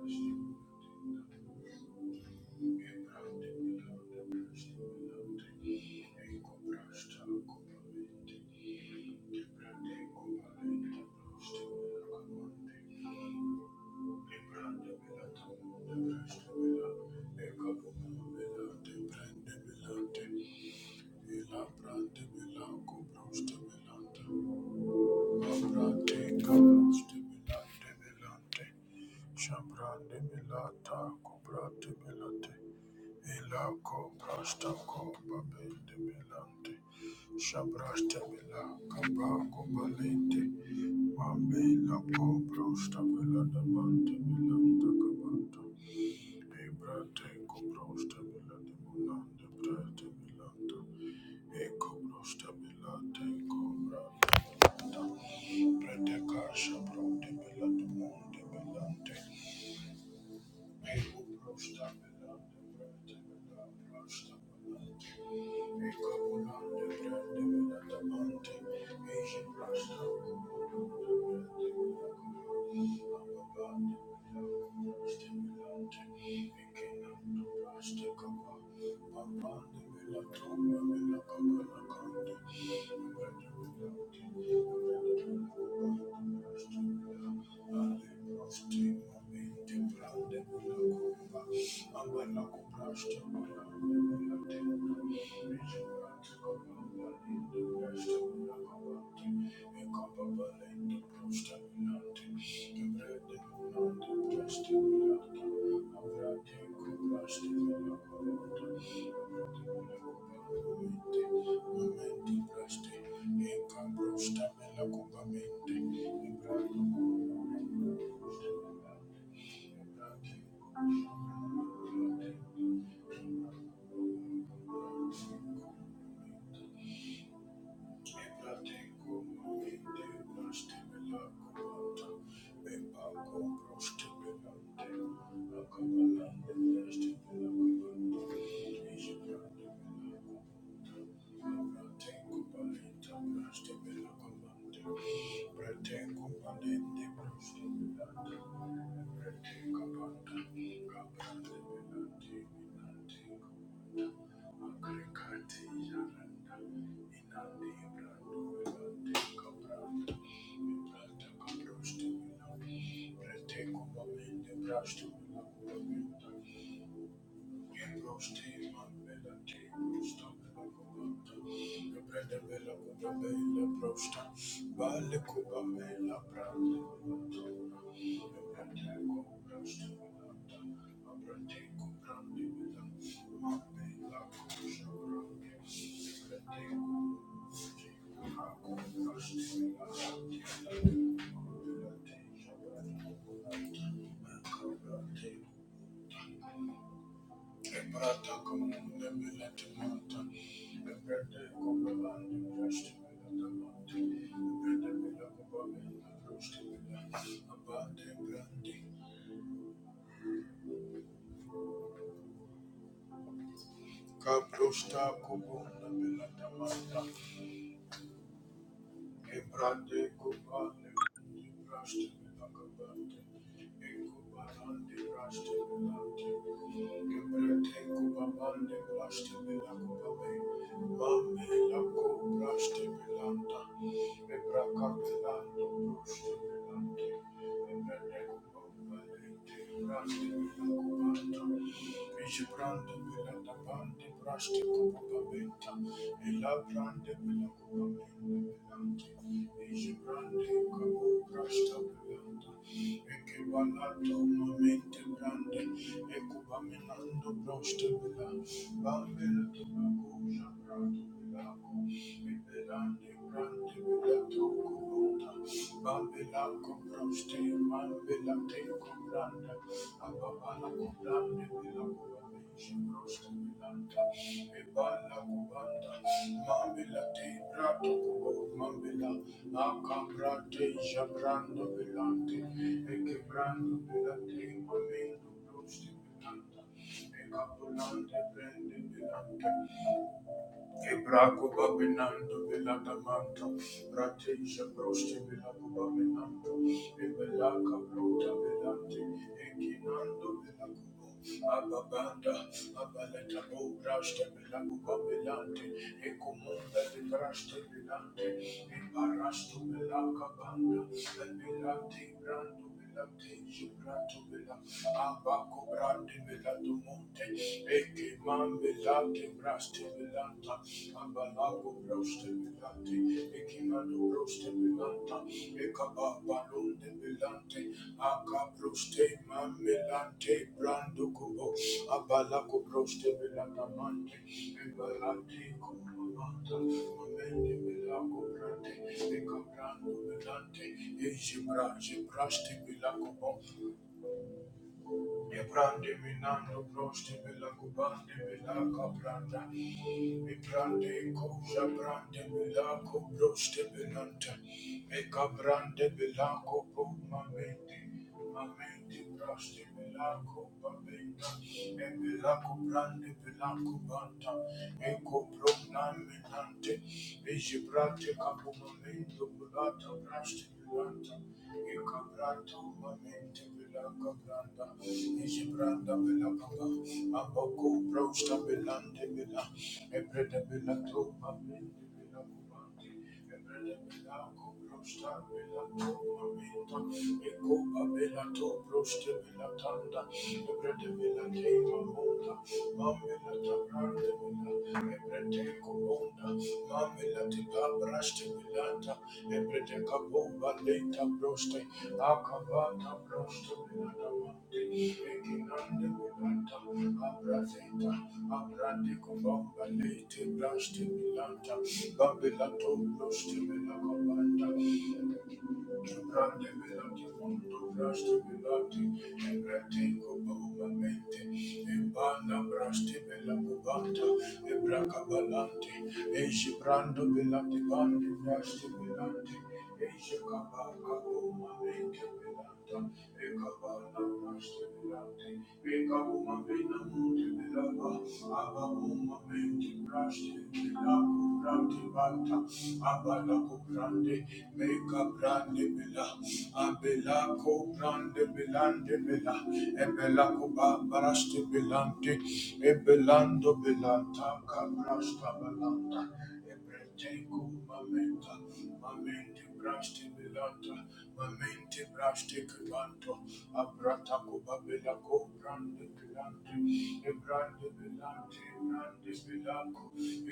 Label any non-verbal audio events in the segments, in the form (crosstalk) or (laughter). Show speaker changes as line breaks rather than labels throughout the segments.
Thank you. Shabrande milata, kubrate milate, Ilako prasta kopa bende milante. Shabrasta mila kapa kobalente. Mambela ko prasta mila damante milanta kabanta. Ebrate ko prasta mila demonande brate milanta. Eko prasta milate ko brate milanta. Brate kasha brate mila demonde milante. Thank you. Thank you. Thank you. Thank you. Thank you. Ebrata comune melete manta, ebrete copelande presti melete manta, ebrete mele copelande presti melete abate brandi, cabrosta copunda melete manta, Ebrande kubane braste nakabante ekubande braste nakabante ebrande kubabande braste nakababe mame lako braste nakanta ebrakabelando braste nakante ebrande kubabande braste nakabanta ebrande nakabante braste kubabenta elabrande nakabante Bambela comproste, mambela te compranda, Thank you. Ebraco Babinando Viladamanta, Rateja Prosti Vilacubaminando, Ebelaca Bruta Vilante, Equinando Vilacubo, Ababanda, Abaleta Bobrasta Vilacubaminante, Ecomunda de Brasta Vilante, Embarasto Vilaca Banda, Vilante Brando Vilante, Gibrato Vila, Abaco Brande Vilatumonte, Equimam Vilante Braste Vilanta, Ambalago broste bilante, ekimano broste bilanta, ekaba balonde bilante, aka broste mamelante, brando kubo, abalago broste bilanta mante, embalante kumamanta, mamende bilago brante, ekabrando bilante, ejibraje braste bilago bo, Ne brande minando proste bella cubande bella capranda. Me prande cosa prande bella cobroste bellanta. Me caprande bella copo mamente. Mamente proste bella copa bella. Me bella coprande bella cubanta. Me copro naminante. Me gibrate capo mamento bulata praste bellanta. Me caprato mamente Belaka Branda, Ijibranda Belakaba, Aboko Brosta Belande Bela, Ebreda Belato, Amende Belakubande, Ebreda Belako Brosta Belato, Amenda, Ekoba Belato Brosta Belatanda, Ebreda Belate Mamonda, Mamela tabrande mila, ebrete kubonda. Mamela tiba braste milata, ebrete kabumba leta broste. Akabata broste milata mande, ekinande milata. Abrazeta, abrande kubomba lete braste milata. Babela to broste milata banda. Brande milata kubonda. Thank you. Abalako brande, a brande bela, abelako brande belande bela, ebelako baraste belante, ebelando belanta, kabrasta belanta, ebrete kumamenta, braste belanta, mamente braste kelanto, abrata kuba Belaco ko brande kelante, e brande belante, brande Belaco,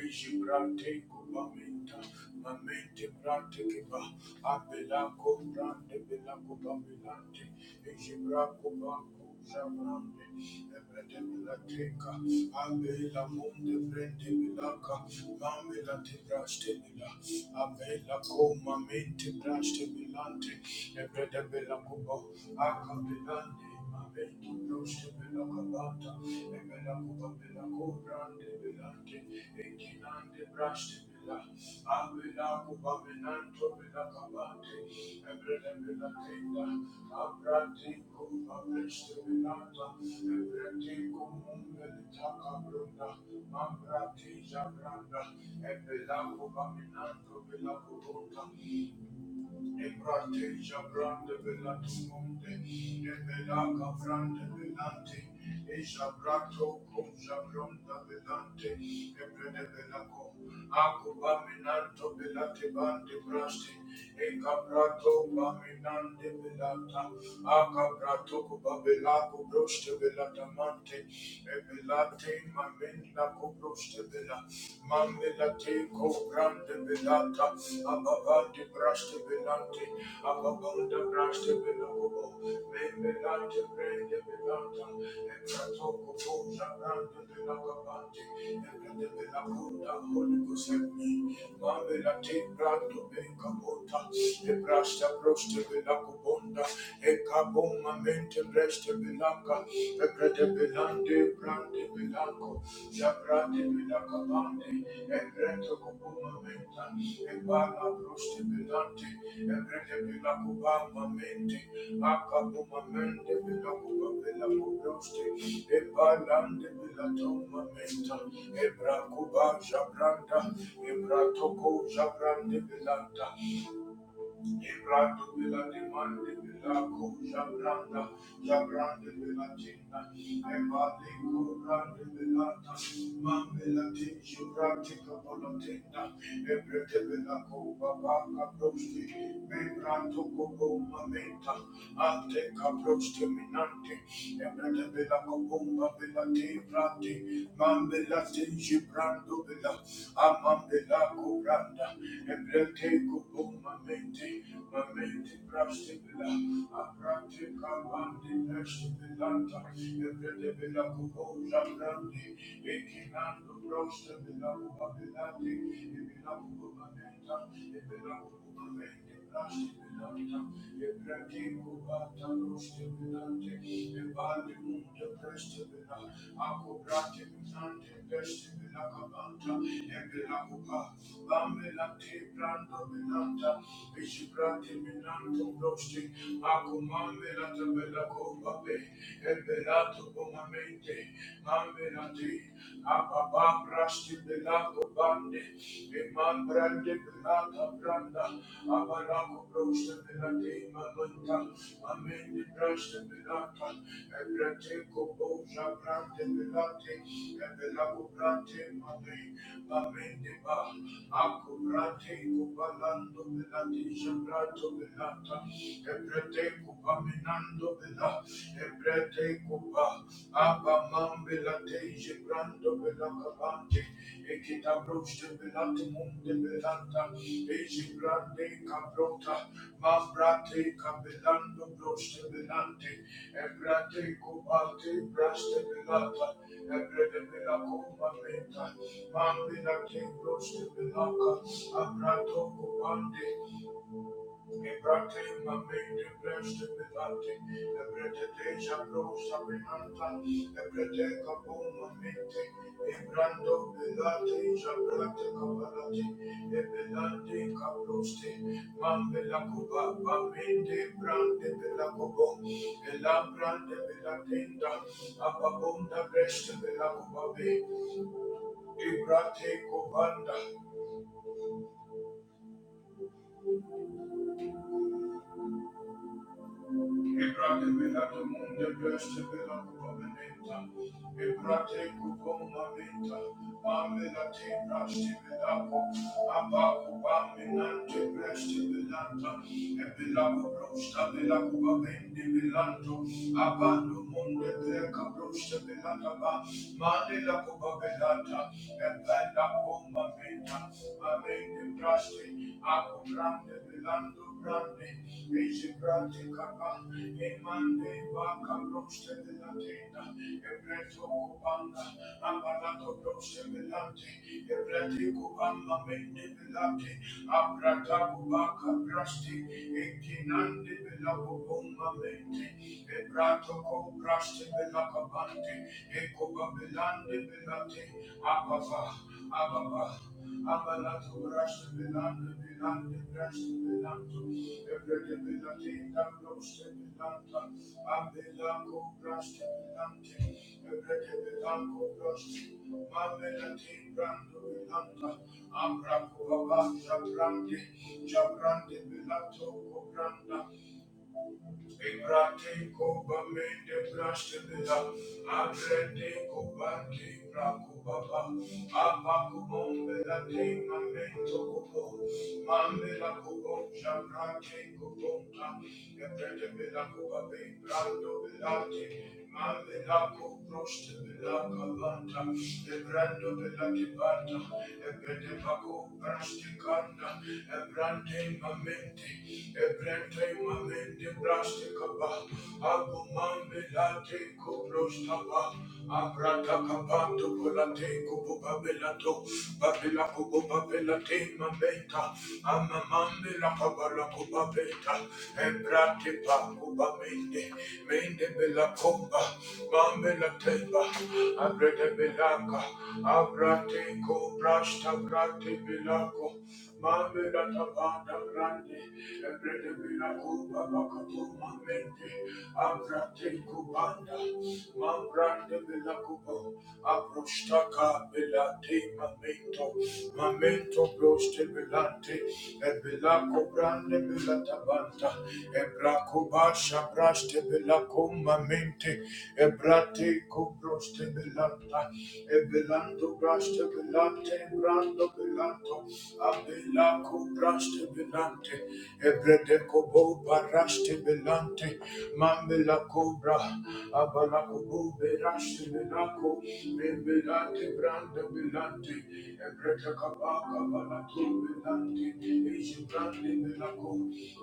eji brate kuba menta, mamente brate keba, abelako brande Belaco ba belante, eji brako Zabrande, Ebrede Milateka, Abela Munde Brende Milaka, Mamela de Braste Mila, Abela Coma Mente Braste Milante, Ebrede Bela Cubo, Aka Belande, Mamento Braste Bela Cabata, Ebela Cuba Bela Cobrande Belante, Ekinande Braste Ambrati Jabranda, Ebelaco Baminanto, Belaco Ebrateja brande belatumonde, ebelaka brande velante, ejabrato koja bronda velante, ebrede belako, akuba minanto belate bande braste, ekabrato baminante velata, akabrato kuba belako broste belatamante, ebelate mamenda kubroste bela, Mamelate ko grande velata, abavante braste velante, abavanda braste velobo, memelate brānde velata, eprato kofoza grande velagabante, ebrende velabunda, Holy Ghost help me. Mamelate brando vengabota, ebrasta broste velagabonda, ekaboma mente breste Belaka, Ekrete Belande, Brande Belako, Jabrande Belaka Bande, Ekreto Kubuma Menta, Ebana Bruste Belante, Ekrete Belako Bama Mente, Akabuma Mende Belako Belako Bruste, Ebalande Belatoma Menta, Ebrakuba Jabranda, Ebratoko Jabrande Belanta, Ibrando vela demande vela ko jabranda jabrande vela tinda evade kurande vela ta man vela tin jabrante kapola tinda ebrete vela ko baba kaprosti membranto kobo mamenta ante kaprosti minante ebrete vela ko bomba vela te brante man vela tin jabrando vela amam vela ko branda Thank you. Thank you. Ababrasti belato bande, eman brande belata branda, abarako broste belate mananta, amende braste belata, ebrate koboza brande belate, ebelako brante mame, amende ba, ako brate kobalando belate, jabrato belata, Ebrete kupa minando bela, ebrete kupa, aba mambe la teje brando bela kabante, ekita broste bela temunde belanta, eje brande kabrota, mambrate kabelando broste belante, ebrete kupa te braste belata, ebrete bela kupa menta, mambe la te broste belaka, abrato kupande, Ebrate mamende blessed belate, ebrete deja brosa benanta, ebrete kapo mamente, ebrando belate, jabrate kabalate, ebelante kabroste, mambela kuba, mamende brande bela kubo, elambrande bela tenda, ababunda blessed bela kubabe, ebrate kubanda, Ebrate velado munde beste velado covenenta. Ebrate cucumba menta. Amela te braste velaco. Abaco baminante breste velanta. Ebelaco brosta velaco babende velanto. Abando munde breca brosta velata ba. Mane la cuba velata. Ebela cumba menta. Amende braste, ako grande belando brande. eje grande capa, emande vaca broste de la tenda, ebreto cubanda, amarato broste belante, ebrete cubamba mende belante, abrata cubaca brasti, ekinande belabo bomba mente, ebrato cubraste belacabante, Ecoba belande belate, apava, abba, Abalato, Rasta, Belanda, Belanda, Rasta, Belanda, Ebrede, Belate, Damroste, Belanda, Abelango, Rasta, Belante, Ebrede, Belango, Rasta, Mamelate, Brando, Belanda, Amrapo, Abba, Jabrande, Jabrande, Belato, Branda, Ebrate koba mende braste bela, abrete koba de brako baba, apa kubombe la de mamento kobo, mambe la kobo jamrate kobonta, ebrete bela koba be brando belate, mambe la kobroste bela kabanta, ebrando bela kibanta, ebrete bako braste kanda, ebrante Mamente. Ebrente mamende braste kaba, abu mambe late kubrostaba, abrata kapanto polate kubu babelato, babela kubu babelate mambeta, ama mambe la kabala kubabeta, ebrate pa kubamende, mende bela kumba, mambe la teba, abrete belaka, abrate kubrasta brate belako, mambe la tabanda grande, Abrostaka belate mamento, mamento broste belante, e belaco brande belatabanta, e braco basha braste belaco mamente, e brate cobroste belanta, e belando braste belante, brando belanto, Abela cobraste belante, ebrede cobo baraste belante, mambela cobra, abala cobo beraste belaco, membelante branda belante, ebrede cabaca balato belante, eji brande belaco,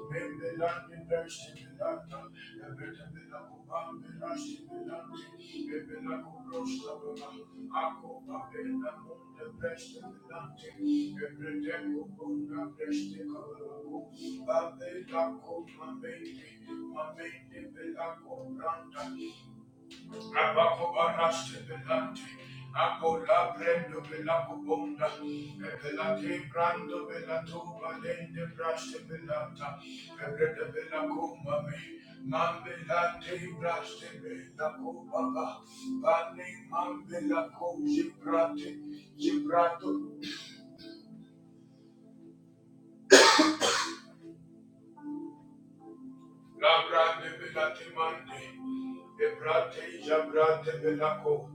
membelante braste belanta, ebrede belaco. Thank you. Abakobaraste belante, akola prendo bela kubonda, bela te brando bela tu valende braste belata, ebrede bela kuma me, mambela te braste bela kubaba, bane mambela kuzi brate, La grande e bella timande, e brate ja brate belaco,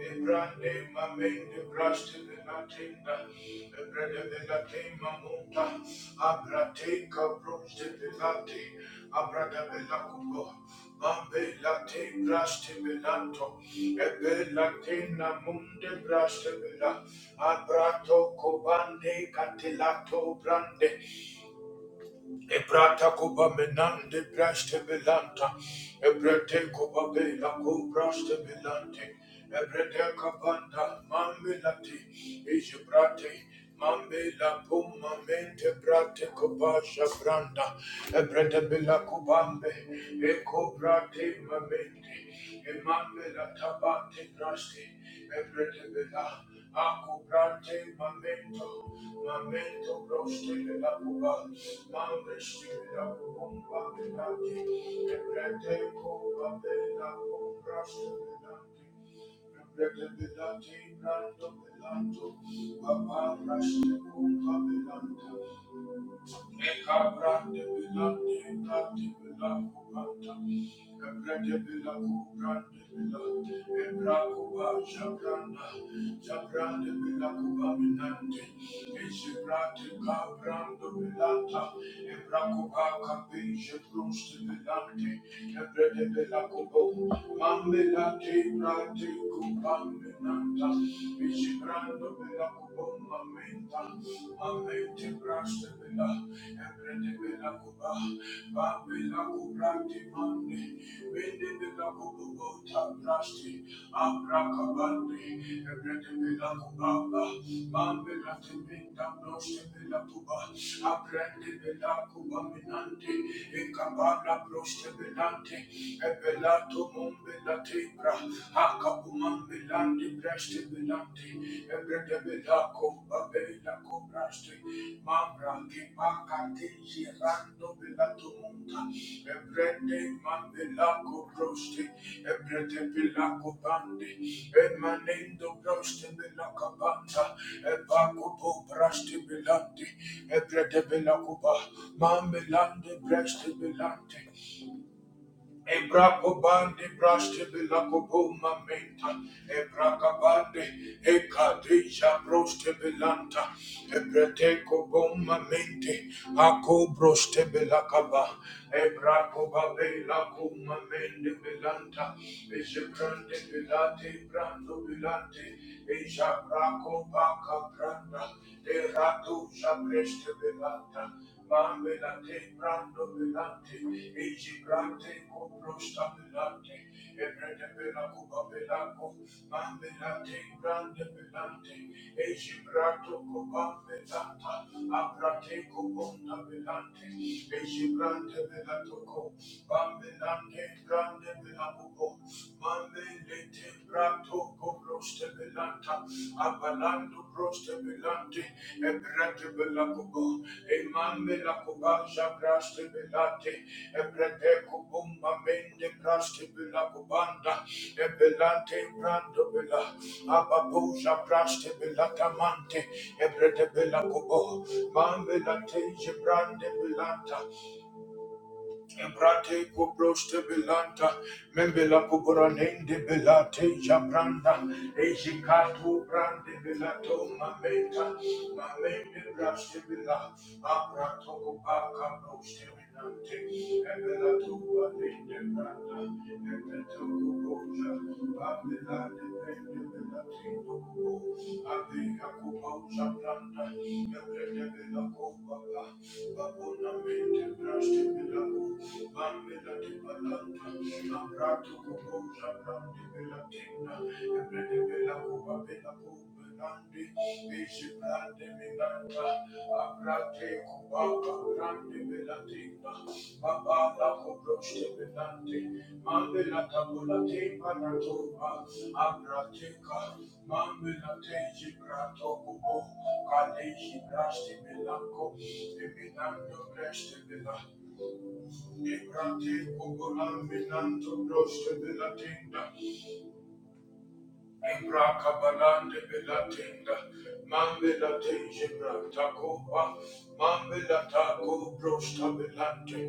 e brande mamende braste bella tenda, e brade bella tema monta, abrate cabroste belate, abrada bella cubo, mambe la te braste belanto, e bella tena munde braste bella, abrato cobande catelato brande, Ebrata kuba menande braste belanta. Ebrete kuba bela ku braste belante. Ebrete kabanda mamelati. Ijibrate mamela puma mente brate kuba shabranda. Ebrete bela kubambe. Eko brate mamente. Emmanuel Tabate Nasti, Ebretebela, Akubrante Mamento, Mamento Roste Vela Cuba, Mamresti Vela Cubumba Venati, Ebrete Cuba bela Cumbraste Venati, Ebrete Velati Branto Velanto, Baba Raste Cumba Velanta, Mamela te brate kupam menanta, bela kubomba menta, amente braste bela, embrede bela kuba, ba bela kubrante mande, bende bela kuba ta braste, abra kabande, embrede bela kuba, ba ba bela te menta braste bela kuba, aprende bela kuba minante, ekabala braste belante, ebela to mumbe la tebra, Hakapuman Bilandi Brashti Bilandi Ebrede Bilako Abela Kobrashti Mambra makati Girando Bilatumunda Ebrede Man Bilako Broshti Ebrede Bilako Bandi Emanendo Broshti Bilaka Banda Ebakupo Brashti Bilandi Ebrede Bilakuba Mambilandi Brashti Bilandi Ebrakobande braste belakoboma menta. Ebrakabande ekadeja broste belanta. Ebreteko boma mente. Ako broste belakaba. Ebrakobabe lakoma mende belanta. Ejebrande belate brando belante. Eja brako baka branda. Erado jabreste belanta. Mamelate, Brando Belante, Eji Grante, Coprosta Belante, Ebrede Bela Cuba Belaco, Mamelate, Brande Belante, Eji Grato Coba Belanta, Abrate Cobonda Belante, Eji Grante Belatoco, Bambelante, Grande Belabuco, Mamelate, Brato Coprosta Belanta, Abalando proste belante, ebrete belacobo, emambe la cobaja braste belate, ebrete cobumba mende braste belacobanda, ebelante brando bela, ababuja braste belatamante, ebrete belacobo, mambe la teje brande belata, Embrate cobroste belanta, membela cobranende belate jabranda, ejicatu brande belato mameta, mamende braste bela, abrato cobaca broste venante, ebelato valende branda, ebeto cobroja, babela depende belate dobo, abea coboja branda, ebrede bela cobaba, babonamente braste bela, Thank you. Ebrate pogolan belanto broste belatinda. Ebra kabalande belatinda. Mambe latinge branta copa. Mambe lataco brosta belante.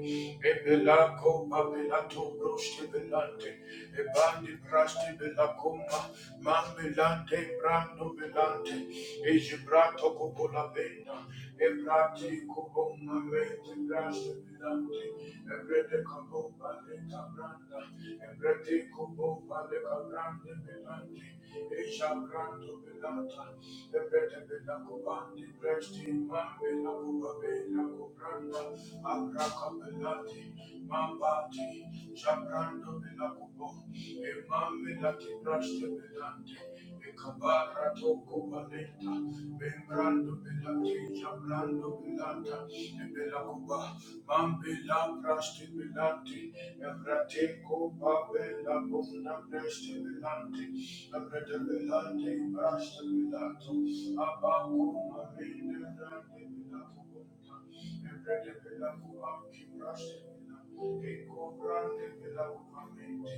Ebela copa belato broste belante. Ebandi braste belacoma. Mambe Ebrando velante, egibrato cupola venda, ebrati cuboma vente, braste velante, ebrete cabomba le cabranda, ebrete cubomba le cabrande velante, ejabrando velante, Thank you. Kuba, Mambila prashti milanti, evrate kopa bela bunda prashti milanti, evrate milanti prashti milanto, abaku mamine rande milaku bunda, evrate milaku anki prashti milanti, eko brande milaku mamine,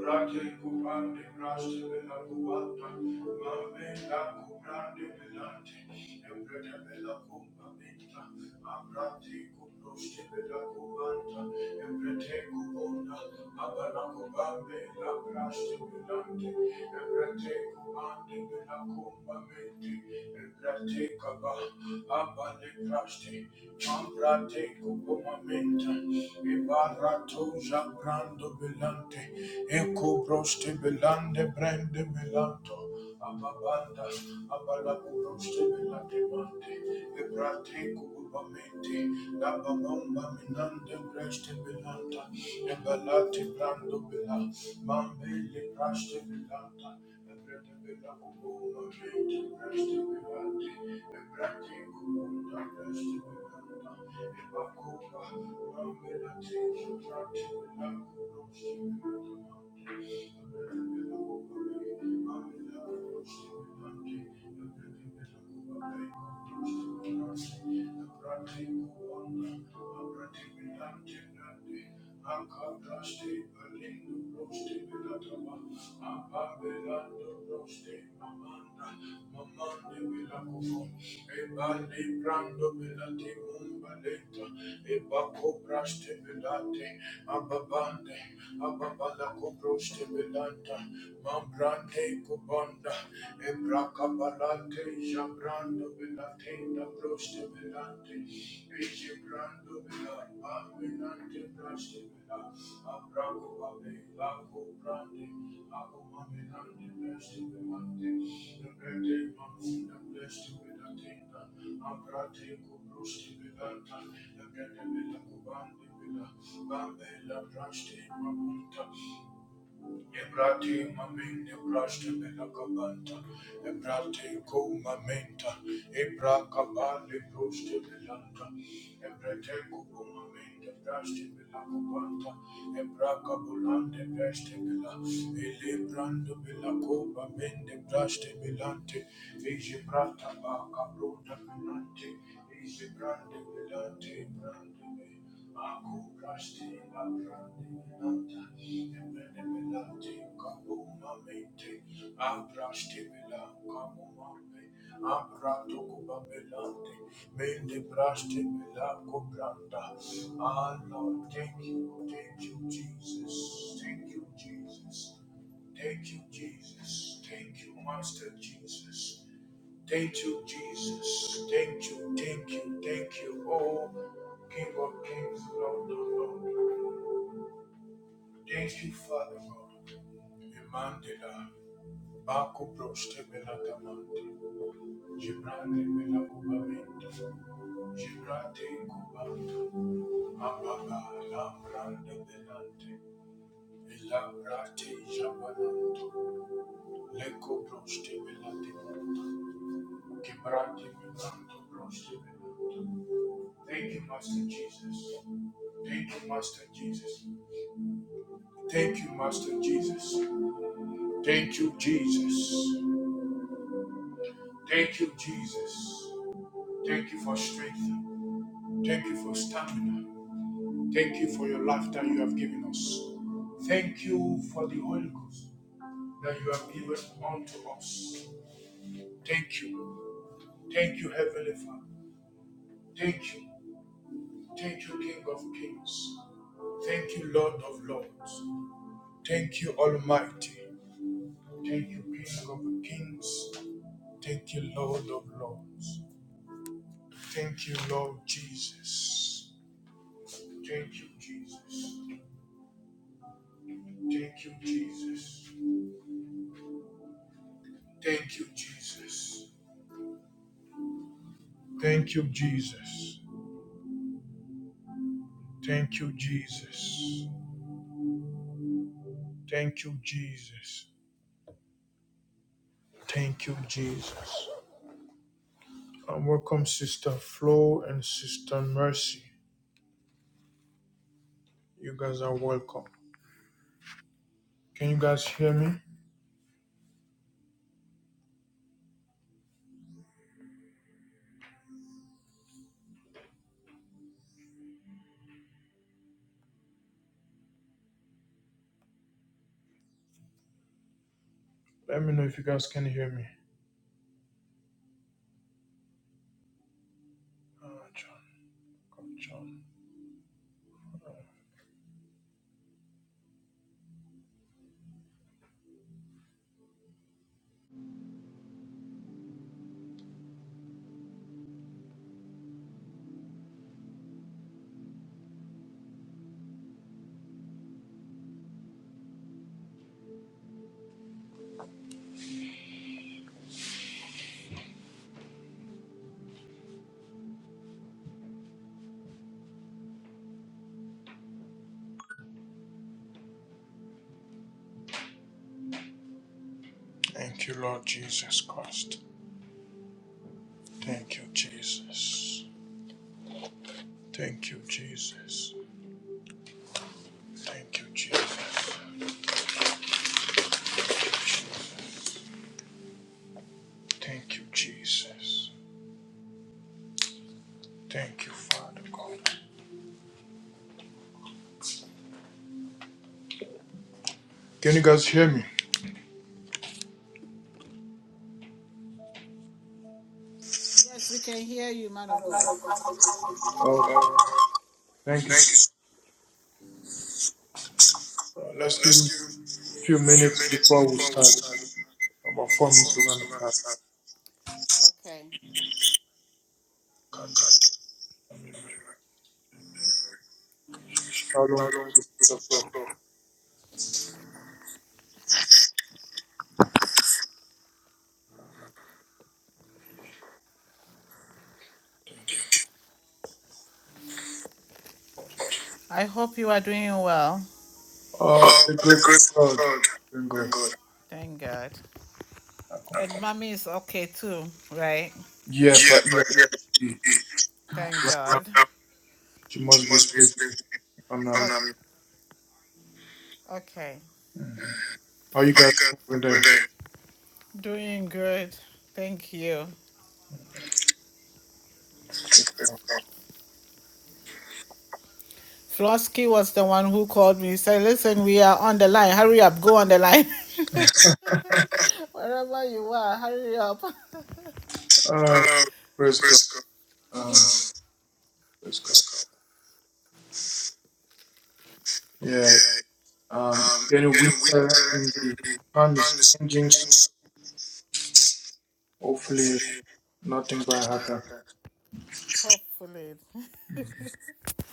Brate kupande braste bela kuwata, mambe la kubrande belante, embrete bela kumba bita, abrate kubroste bela kuwanta, embrete kubonda, abala kubambe la braste belante, embrete kubande bela kumba binte, embrete kaba, abale braste, mambrate kuboma minta, ibarato jabrando belante, Eko broste belande brande melanto ababanda abalabu broste belande mande ebrate kububamente la babomba minande breste belanda ebalate brando bela mambele braste belanda Thank you. Ababande, Ababala Cobroste Belanta, Mambrante Cobanda, Ebra Cabalante, tenda proste velante, ece brando vela, avenante praste vela, abraco vabe, lago brande, ago mamenante praste velante, nebete mamunda praste vela tenda, abrate co proste velanta, nebete vela cubande vela, bambe la praste mamunta, Ebrate mamin ebraste belakabanta, ebrate ko mamenta, ebra kabale proste belanta, ebrate ko mamenta ebraste belakabanta, ebra kabulante ebraste bela, ele brando belako mamende ebraste belante, eje brata ba kabrota belante, eje brande belante, brande Ah, Lord, thank you, thank you, Jesus, thank you, Jesus, thank you, Jesus, thank you, Master Jesus. Thank you, Jesus. Thank you, thank you, thank you, oh King of Kings, Lord of Lord. Thank you, Father God. Emandela, Baku Broste Belatamante, Gibrate Belakubamente, Gibrate Kubanta, Mababa, Lambrande Belante, Elabrate Jabananto, Leko Broste Belatimanta, Gibrate Belanto Broste Belante. Thank you, Master Jesus. Thank you, Master Jesus. Thank you, Master Jesus. Thank you, Jesus. Thank you, Jesus. Thank you for strength. Thank you for stamina. Thank you for your life that you have given us. Thank you for the Holy Ghost that you have given unto us. Thank you. Thank you, Heavenly Father. Thank you. Thank you, King of Kings. Thank you, Lord of Lords. Thank you, Almighty. Thank you, King of Kings. Thank you, Lord of Lords. Thank you, Lord Jesus. Thank you, Jesus. Thank you, Jesus. Thank you, Jesus. Thank you, Jesus. Thank you, Jesus. Thank you, Jesus. Thank you, Jesus. And welcome, Sister Flo and Sister Mercy. You guys are welcome. Can you guys hear me? Let me know if you guys can hear me. Ah, John, come, John. Thank you, Lord Jesus Christ. Thank you, Jesus. Thank you, Jesus. Thank you, Jesus. Thank you, Jesus. Thank you, Father God. Can you guys hear me?
Yes, we can hear you, man of God.
Okay. Thank you. Uh, Let's give him a few minutes before we start. About four minutes we're gonna start.
Okay.
Shalom to you,
I hope you are doing well.
Uh, by the grace of God, thank God.
Thank God. And mommy is okay too, right?
Yeah, but yeah,
Thank
right now
God.
she must be sleeping. If I'm not.
Oh, okay.
How you guys doing today?
Doing good. Thank you. Flosky was the one who called me. He said, Listen, we are on the line. Hurry up. Go on the line. (laughs) Wherever you are, hurry up. (laughs)
Uh, praise God. Um, praise God. Yeah. Um, getting winter in the time is changing, so hopefully nothing bad happen.
Hopefully.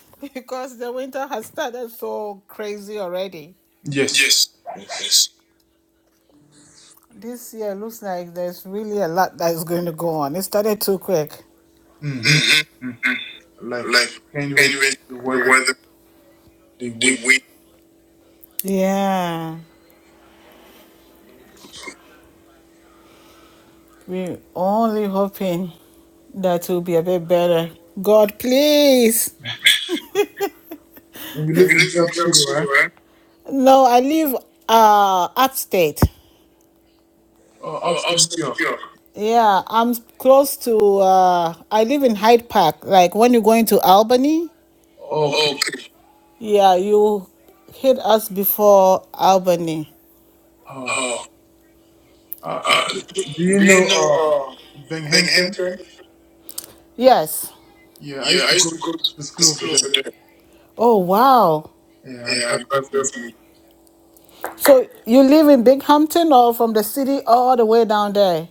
(laughs) because the winter has started so crazy already.
Yes. Yes.
This year looks like there's really a lot that is going to go on. It started too quick.
Mm-hmm. Mm. Like can't even the weather, the wind.
Yeah, we're only hoping that will be a bit better. God, please.
And you live in New York City, right?
No, I live uh upstate.
Oh, upstate New York.
Yeah, I'm close to uh I live in Hyde Park. Like when you're going to Albany,
Okay.
yeah, you hit us before Albany.
Oh. Uh, do you know uh Binghamton?
Yes.
Yeah, I used to go to school over there.
Oh wow.
Yeah, I graduated from.
So you live in Binghamton or from the city all the way down there?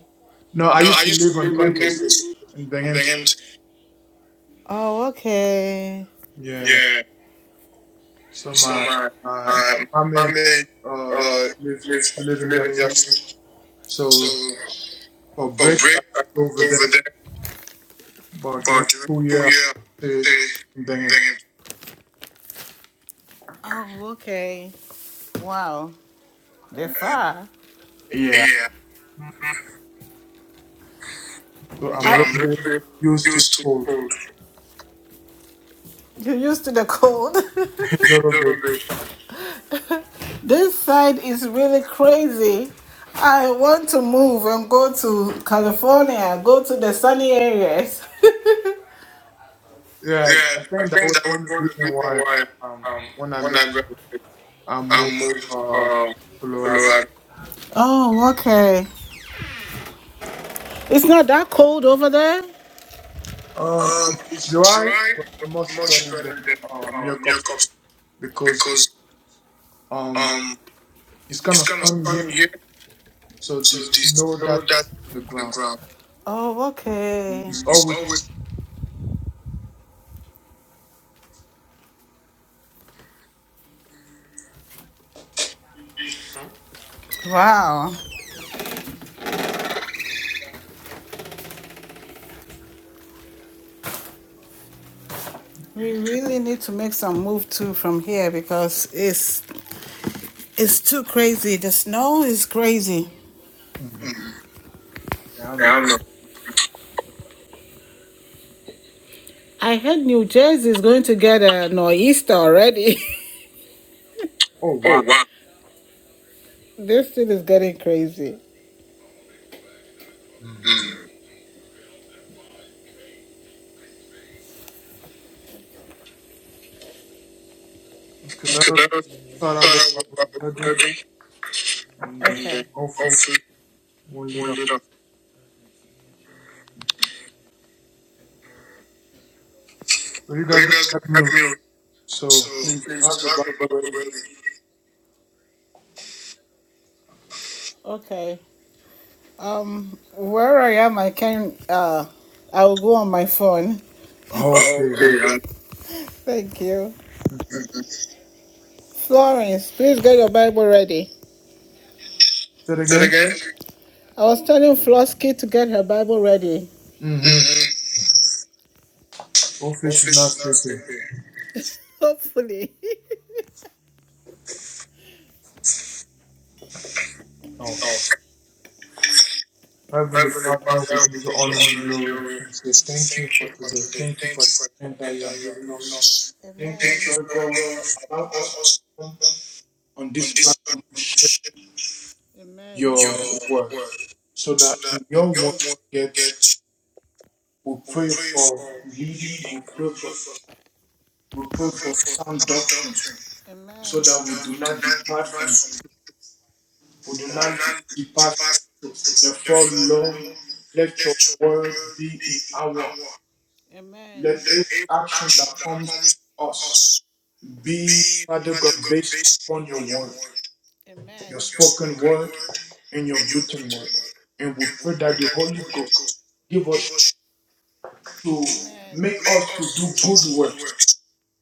No, I used to live on campus in Binghamton.
Oh, okay.
Yeah. So my my my family uh live we live in Jackson. So for break I go over there, but during school year I stay in Binghamton.
Oh, okay. Wow. They far.
Yeah. So I'm a little bit used to the cold.
(laughs) You're used to the cold.
(laughs) A little bit.
(laughs) this side is really crazy. I want to move and go to California, go to the sunny areas. (laughs)
Yeah, I think that was one of the reason why um when I got I moved uh to Colorado.
oh, okay. It's not that cold over there?
Um it's dry but much better than uh New York because um it's kinda sunny here. So the snow that's on the ground
Oh, okay.
is always.
Wow. We really need to make some move too from here because it's it's too crazy. The snow is crazy.
Mm, Yeah, I know.
I heard New Jersey is going to get a nor'easter already.
Oh wow.
(laughs) this thing is getting crazy.
Mm. Okay, let us start out with Bible study, and then
Okay.
hopefully we'll lead up. So you guys gonna help me? read, So please have your Bible ready.
Okay. Um, where I am, I can. Uh, I will go on my phone.
Okay. And,
Thank you,
mhm.
Florence. Please get your Bible ready.
Say it again.
I was telling Flosky to get her Bible ready.
Mm-hmm. Hopefully she's not sleeping.
(laughs) Hopefully. (laughs)
Okay. Heavenly Father, we give you honor and glory. We say thank you for today. Thank you for the strength that you are giving us.
Amen.
Thank you, Father God, for allowing us on this platform to share
Amen.
your word so that in your word we get we pray for leading, we pray for we pray for sound doctrine so
Amen.
that we do not depart from
you.
we do not depart from the truth. Therefore, Lord, let your word be in our heart.
Amen.
let every action that comes from us be Father God based upon your word.
Amen.
your spoken word and your written word. And we pray that the Holy Ghost give us to make us to do good works,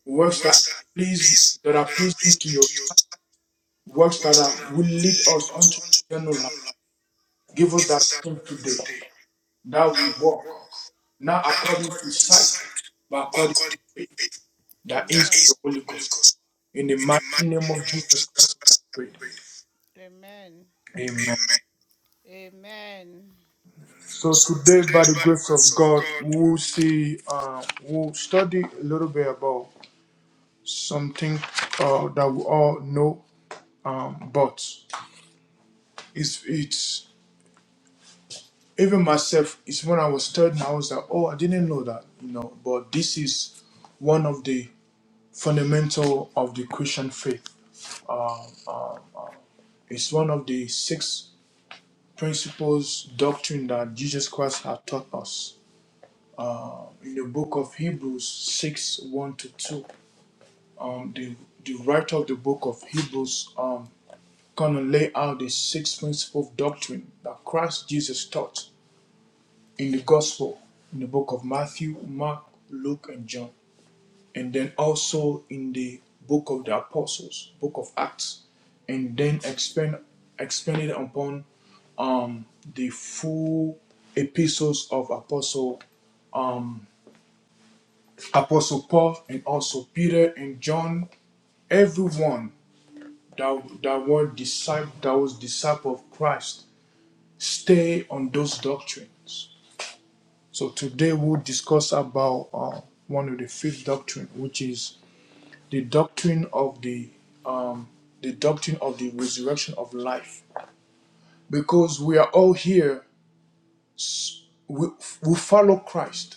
works that please that are pleasing to your sight,
Amen.
works that are, will lead us unto eternal life. Give us that strength today that we walk not according to sight, but according to faith.
That Amen.
That is
That
the Holy Ghost. In the mighty name of Jesus Christ, we have prayed.
Amen.
Amen.
Amen.
So today, by the grace of God, we'll see, uh, we'll study a little bit about something uh, that we all know, um, but it's it's even myself. It's when I was studying, I was like, oh, I didn't know that, you know. But this is one of the fundamental of the Christian faith. It's one of the six principles doctrine that Jesus Christ had taught us in the book of Hebrews six one to two um, the, the writer of the book of Hebrews um, kind of lay out the six principles of doctrine that Christ Jesus taught in the gospel, in the book of Matthew, Mark, Luke, and John, and then also in the book of the apostles, book of Acts, and then expand expanded upon um, the full epistles of apostle um, apostle Paul and also Peter and John. Everyone that, that, were disciple, that was disciple of Christ. Stay on those doctrines. So today we'll discuss about uh, one of the fifth doctrine, which is the doctrine of the um, the doctrine of the resurrection of life. Because we are all here, we, we follow Christ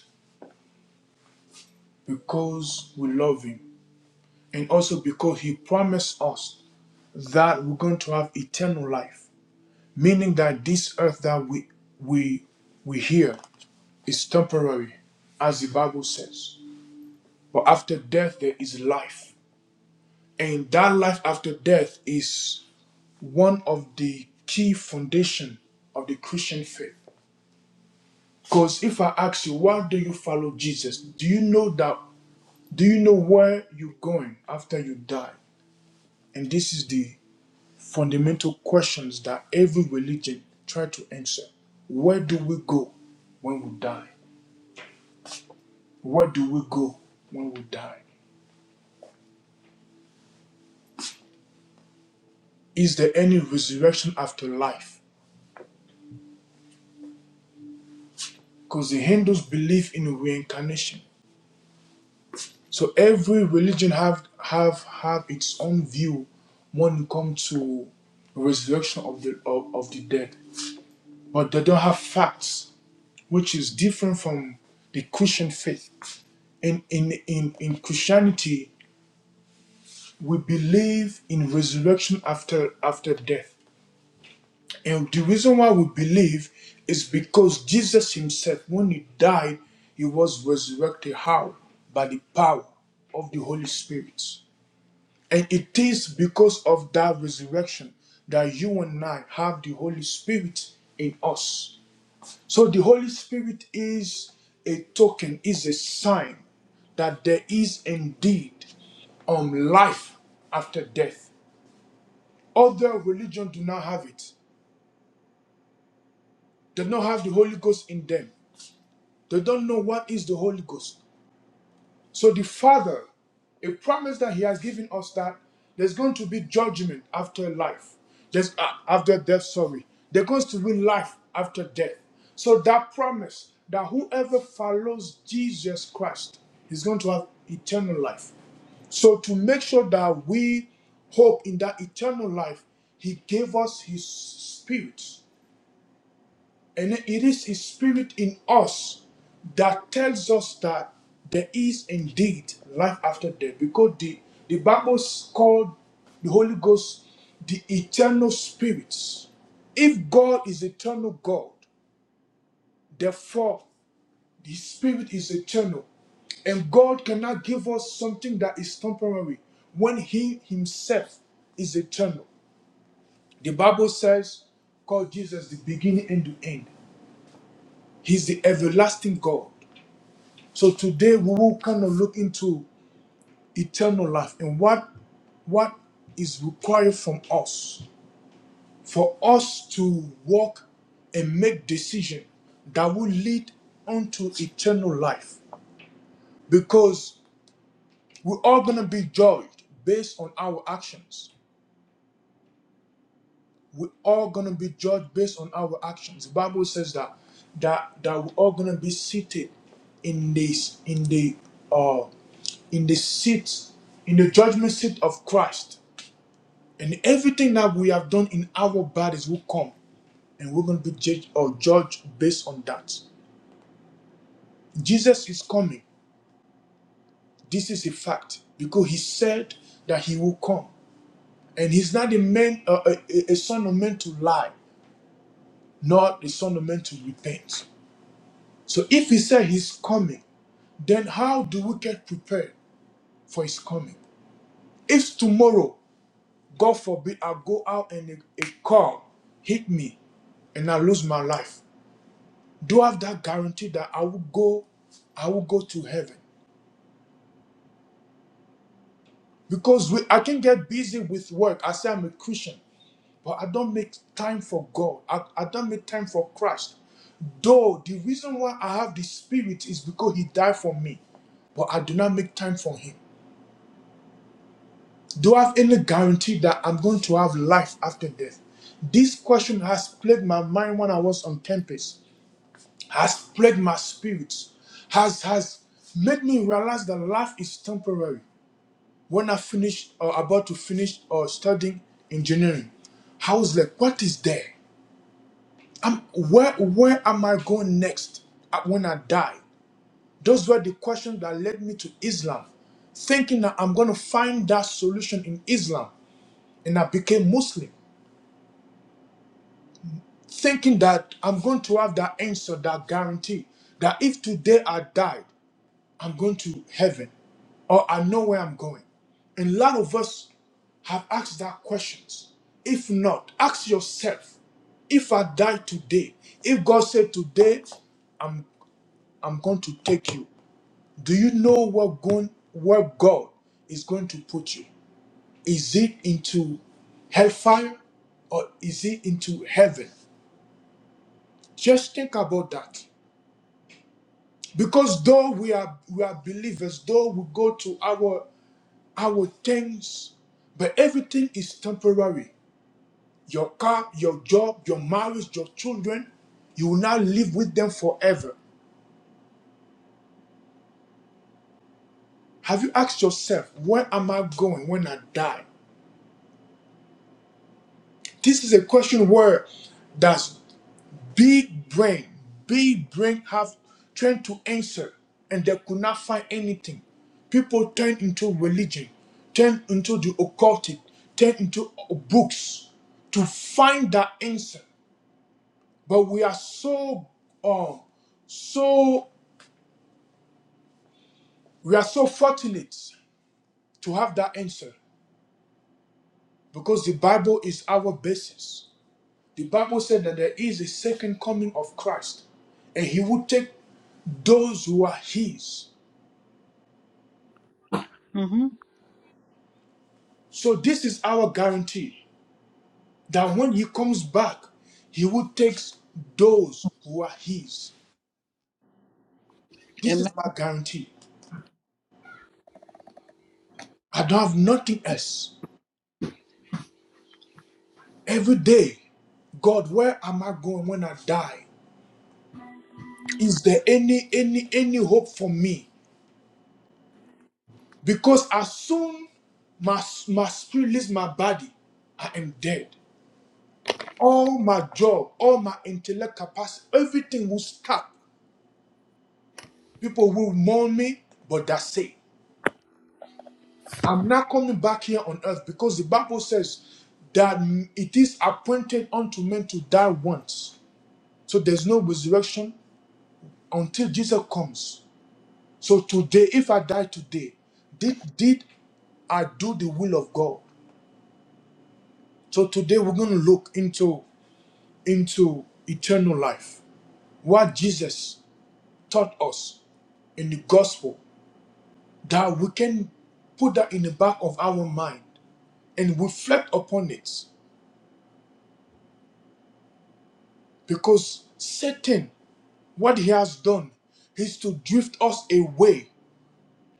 because we love Him, and also because He promised us that we're going to have eternal life. meaning that this earth that we we we hear is temporary as the bible says but after death there is life and that life after death is one of the key foundation of the christian faith because if i ask you why do you follow jesus do you know that do you know where you're going after you die and this is the fundamental questions that every religion try to answer where do we go when we die Where do we go when we die? Is there any resurrection after life? Because the Hindus believe in reincarnation. So every religion have have have its own view when it comes to resurrection of the of, of the dead. But they don't have facts, which is different from the Christian faith. In in in, in Christianity, we believe in resurrection after after death. And the reason why we believe is because Jesus himself, when he died, he was resurrected. How? By the power of the Holy Spirit. And it is because of that resurrection that you and I have the Holy Spirit in us. So the Holy Spirit is a token, is a sign that there is indeed um, life after death. Other religions do not have it. They don't have the Holy Ghost in them. They don't know what is the Holy Ghost. So the Father, a promise that He has given us that there's going to be judgment after life, there's uh, after death. Sorry, there's going to be life after death. So that promise that whoever follows Jesus Christ is going to have eternal life. So to make sure that we hope in that eternal life, He gave us His Spirit and it is His Spirit in us that tells us that there is indeed life after death because the, the Bible called the Holy Ghost the eternal Spirit. If God is eternal God, therefore His Spirit is eternal. And God cannot give us something that is temporary when He Himself is eternal. The Bible says, call Jesus the beginning and the end. He's the everlasting God. So today we will kind of look into eternal life and what what is required from us for us to walk and make decision that will lead unto eternal life because we're all going to be judged based on our actions we're all gonna be judged based on our actions. The Bible says that that that we're all gonna be seated in this in the uh in the seat in the judgment seat of Christ. And everything that we have done in our bodies will come and we're gonna be judged or judged based on that. Jesus is coming. This is a fact because he said that he will come. And he's not a man, uh, a, a a son of man to lie, nor a son of man to repent. So if he said he's coming, then how do we get prepared for his coming? If tomorrow, God forbid, I go out and a, a car hit me and I lose my life, do I have that guarantee that I will go, I will go to heaven? Because we, I can get busy with work. I say I'm a Christian, but I don't make time for God. I, I don't make time for Christ. Though the reason why I have the spirit is because he died for me, but I do not make time for him. Do I have any guarantee that I'm going to have life after death? This question has plagued my mind when I was on campus, has plagued my spirit, has has made me realize that life is temporary. When I finished or about to finish or studying engineering, I was like, what is there? I'm, where where am I going next uh, when I die? Those were the questions that led me to Islam, thinking that I'm going to find that solution in Islam, and I became Muslim. thinking that I'm going to have that answer, that guarantee that if today I died, I'm going to heaven or I know where I'm going. And a lot of us have asked that questions. If not, ask yourself, if I die today, if God said today, I'm I'm going to take you, do you know what going where God is going to put you? Is it into hellfire or is it into heaven? Just think about that. Because though we are we are believers, though we go to our our things, but everything is temporary. Your car, your job, your marriage, your children, you will now live with them forever. Have you asked yourself, where am I going when I die? This is a question where does Big brain, big brain have tried to answer and they could not find anything. People turn into religion, turn into the occultic, turn into books to find that answer. But we are so um so we are so fortunate to have that answer because the Bible is our basis. The Bible said that there is a second coming of Christ and he will take those who are his.
Mm-hmm.
So this is our guarantee that when he comes back, he will take those who are his. This
Amen.
is my guarantee. I don't have nothing else. Every day, God, where am I going when I die? Is there any any any hope for me? Because as soon my my spirit leaves my body, I am dead. All my job, all my intellect capacity, everything will stop. People will mourn me, but that's it. I'm not coming back here on earth because the Bible says that it is appointed unto men to die once. So there's no resurrection until Jesus comes. So today, if I die today, did did I do the will of God? So today we're going to look into into eternal life. What Jesus taught us in the gospel that we can put that in the back of our mind and reflect upon it because Satan What he has done is to drift us away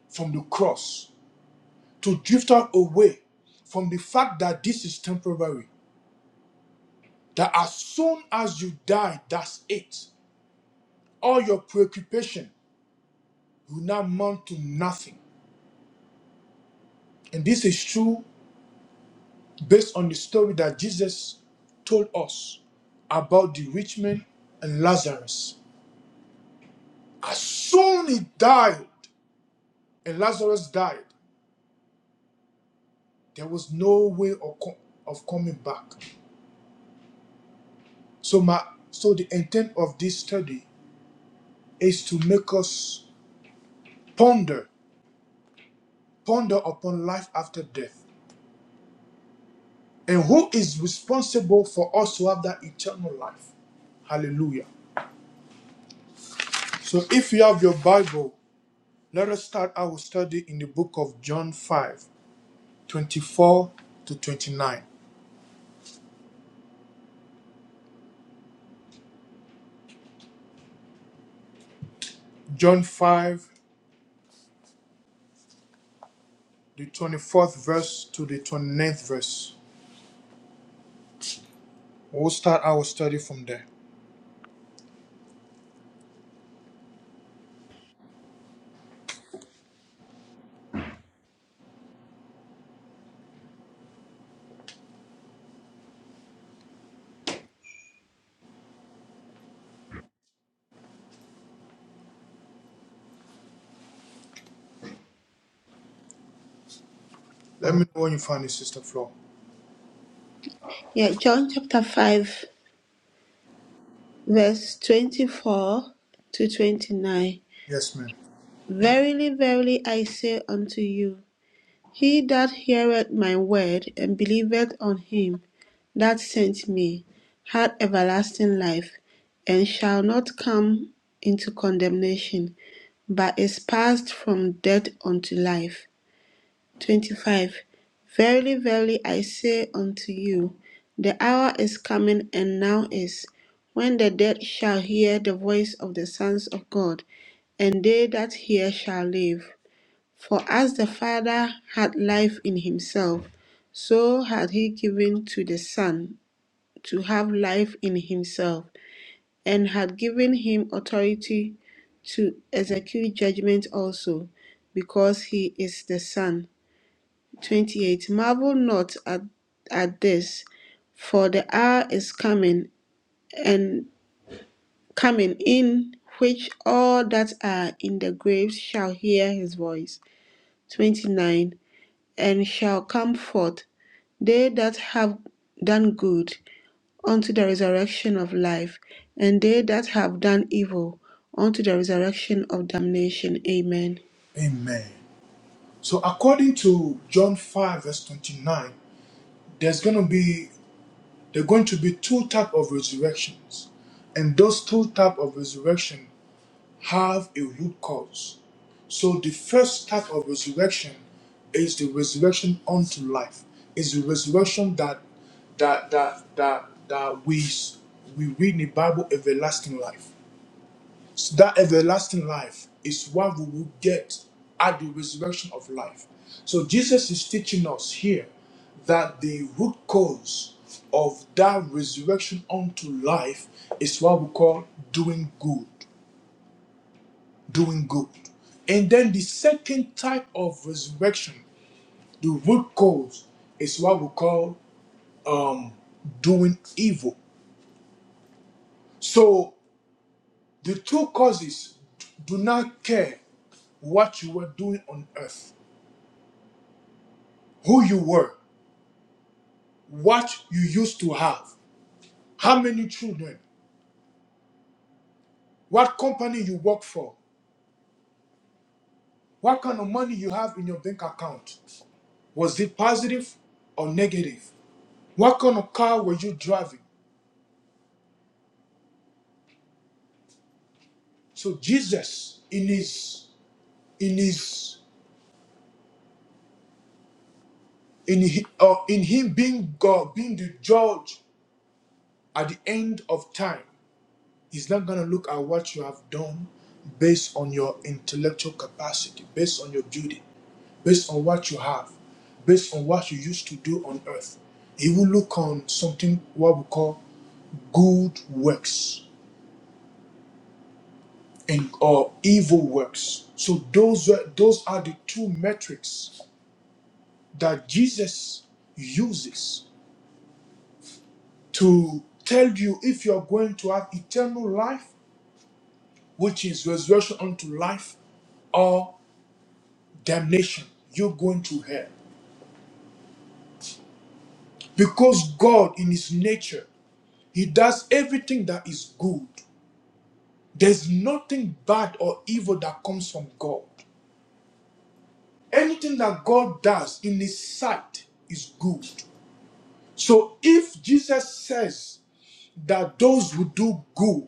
from the cross, to drift us away from the fact that this is temporary, that as soon as you die, that's it. All your preoccupation will now amount to nothing. And this is true based on the story that Jesus told us about the rich man and Lazarus. As soon he died and Lazarus died, there was no way of, co- of coming back. So my so the intent of this study is to make us ponder, ponder upon life after death. And who is responsible for us to have that eternal life? Hallelujah. So if you have your Bible, let us start our study in the book of John 5 24 to 29. John 5, the 24th verse to the twenty ninth verse. We'll start our study from there. Let me know when you find it, Sister Flo.
Yeah, John chapter 5, verse 24 to 29.
Yes, ma'am.
Verily, verily, I say unto you, he that heareth my word and believeth on him that sent me hath everlasting life, and shall not come into condemnation, but is passed from death unto life. 25 Verily, verily, I say unto you, the hour is coming, and now is, when the dead shall hear the voice of the sons of God, and they that hear shall live. For as the Father had life in himself, so had he given to the Son to have life in himself, and had given him authority to execute judgment also, because he is the Son 28 Marvel not at, at this, for the hour is coming and coming in which all that are in the graves shall hear his voice. 29 And shall come forth they that have done good unto the resurrection of life, and they that have done evil unto the resurrection of damnation. Amen.
Amen. So according to John 5 verse 29, there's going to be there are going to be two type of resurrections. And those two type of resurrection have a root cause. So the first type of resurrection is the resurrection unto life. Is the resurrection that that that that that we we read in the Bible everlasting life. So that everlasting life is what we will get at the resurrection of life. So Jesus is teaching us here that the root cause of that resurrection unto life is what we call doing good, doing good. And then the second type of resurrection, the root cause, is what we call um, doing evil. So the two causes do not care what you were doing on earth who you were, what you used to have, how many children, what company you work for, what kind of money you have in your bank account. Was it positive or negative? What kind of car were you driving? So Jesus, in his, in his, in hi- uh, in him being God, being the judge at the end of time, he's not gonna look at what you have done based on your intellectual capacity, based on your beauty. based on what you have, based on what you used to do on earth. He will look on something what we call good works and or evil works. So those were, those are the two metrics that Jesus uses to tell you if you're going to have eternal life, which is resurrection unto life, or damnation. You're going to hell. Because God in his nature, he does everything that is good. There's nothing bad or evil that comes from God. Anything that God does in His sight is good. So if Jesus says that those who do good,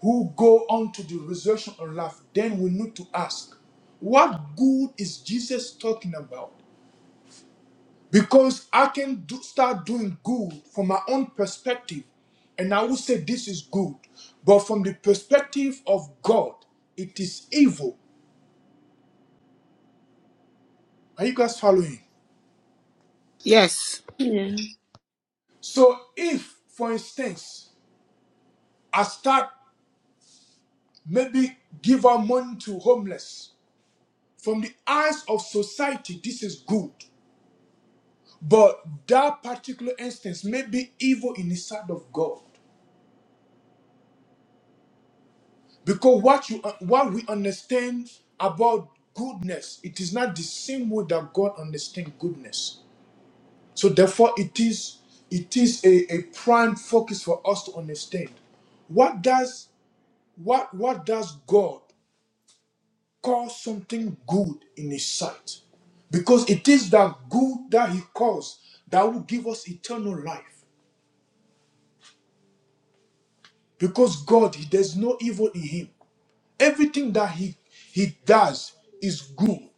who go on to the resurrection of life, then we need to ask, what good is Jesus talking about? Because I can do, start doing good from my own perspective, and I will say this is good. But from the perspective of God, it is evil. Are you guys following?
Yes.
Yeah.
So if, for instance, I start maybe give out money to homeless, from the eyes of society, this is good. But that particular instance may be evil in the sight of God. Because what you what we understand about goodness, it is not the same way that God understands goodness. So therefore it is it is a, a prime focus for us to understand. What does what what does God call something good in his sight because it is that good that he calls that will give us eternal life because god he, there's no evil in him everything that he he does is good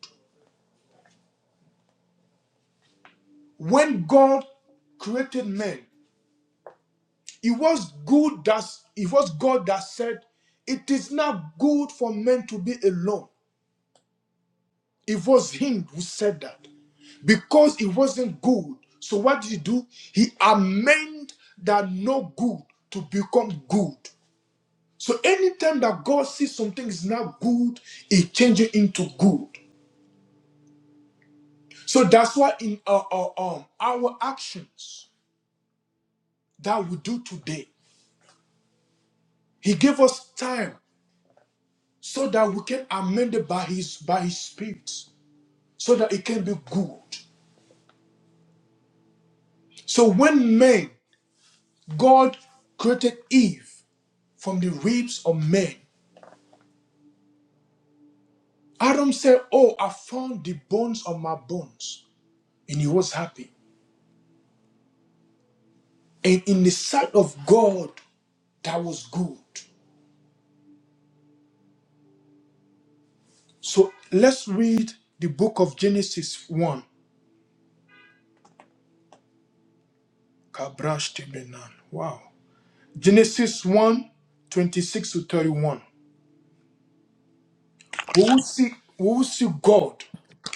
when god created man it was good that it was god that said it is not good for men to be alone It was him who said that. Because it wasn't good. So what did he do? He amended that no good to become good. So anytime that God sees something is not good, he changes it into good. So that's why in our, our, um, our actions that we do today, he gave us time so that we can amend it by his by his spirit, so that it can be good. So when man, God created Eve from the ribs of men. Adam said, Oh, I found the bones of my bones. And he was happy. And in the sight of God, that was good. So let's read the book of Genesis 1. Kabrash Tebenan. Wow. Genesis one, 26 to 31. We will see, we will see God.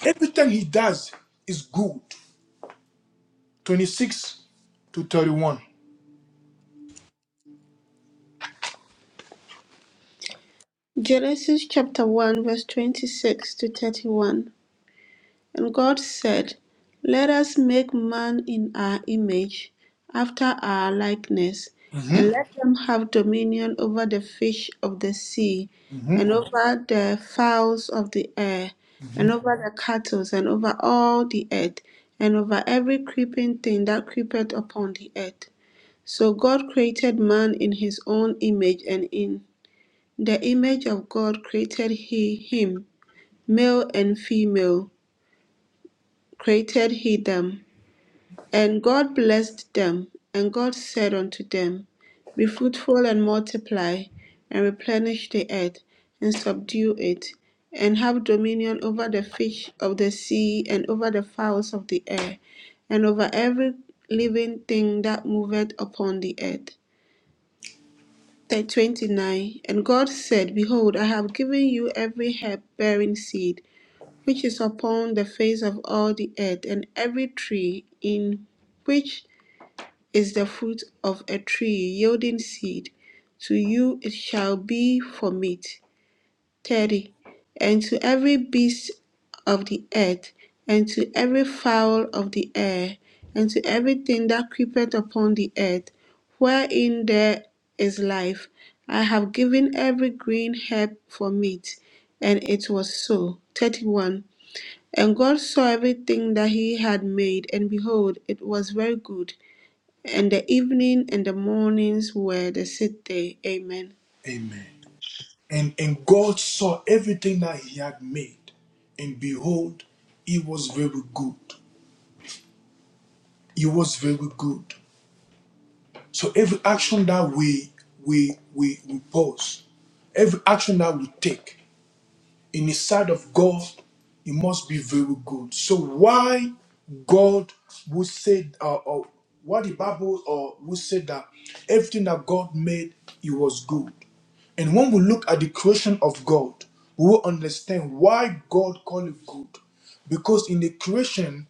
Everything he does is good. 26 to 31.
Genesis chapter 1, verse 26 to 31. And God said, Let us make man in our image, after our likeness,
hmm
and let them have dominion over the fish of the sea,
hmm
and over the fowls of the air, and over the cattle, and over all the earth, and over every creeping thing that creepeth upon the earth. So God created man in his own image, and in the image of God created he him, male and female created he them. And God blessed them, and God said unto them, Be fruitful and multiply, and replenish the earth, and subdue it, and have dominion over the fish of the sea, and over the fowls of the air, and over every living thing that moveth upon the earth. Verse 29 And God said, Behold, I have given you every herb bearing seed, which is upon the face of all the earth, and every tree in which is the fruit of a tree yielding seed. To you it shall be for meat. 30. And to every beast of the earth, and to every fowl of the air, and to everything that creepeth upon the earth, wherein there is life, I have given every green herb for meat. And it was so. 31. And God saw everything that he had made, and behold, it was very good and the evening and the mornings were the sixth day. Amen.
Amen. And, and God saw everything that he had made, and behold, it was very good. It was very good. So every action that we we we, we pause, every action that we take in the sight of God, it must be very good. So why God would say uh, or what the Bible or would say that everything that God made it was good. And when we look at the creation of God, we will understand why God called it good. Because in the creation,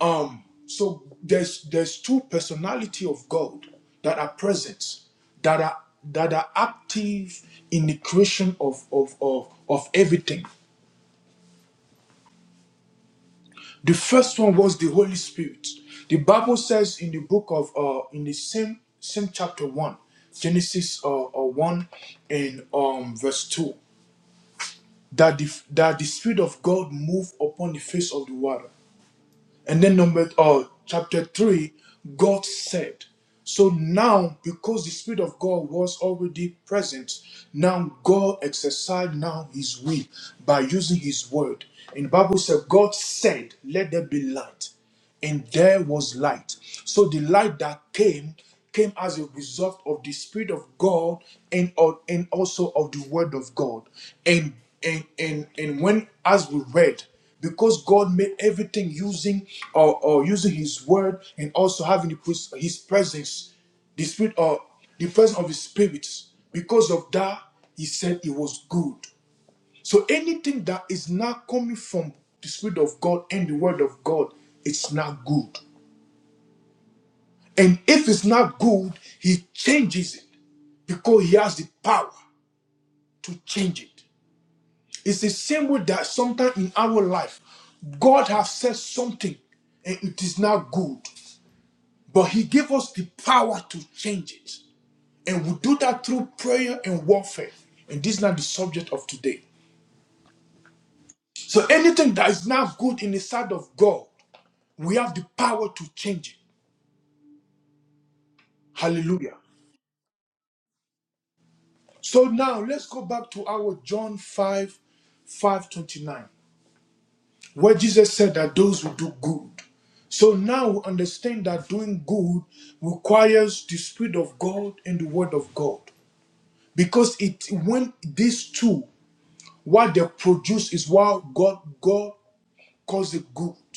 um, so there's there's two personality of God that are present, that are that are active in the creation of of of, of everything. The first one was the Holy Spirit. The Bible says in the book of uh in the same same chapter one, Genesis uh, uh one and um verse two. that the, that the spirit of god moved upon the face of the water and then number uh, chapter 3 god said so now because the spirit of god was already present now god exercised now his will by using his word and the bible said god said let there be light and there was light. So the light that came came as a result of the spirit of God and of- and also of the word of God. And and and and when as we read, because God made everything using or, or using His word and also having the, pres- His presence, the spirit or the presence of His spirit. Because of that, He said it was good. So anything that is not coming from the Spirit of God and the Word of God, it's not good. And if it's not good, He changes it because He has the power to change it. It's the same way that sometimes in our life, God has said something and it is not good, but He gave us the power to change it. And we do that through prayer and warfare. And this is not the subject of today. So anything that is not good in the sight of God, We have the power to change it. Hallelujah. So now let's go back to our John 5 29, where Jesus said that those who do good. So now we understand that doing good requires the Spirit of God and the Word of God. Because it when these two, what they produce is what God God calls it good.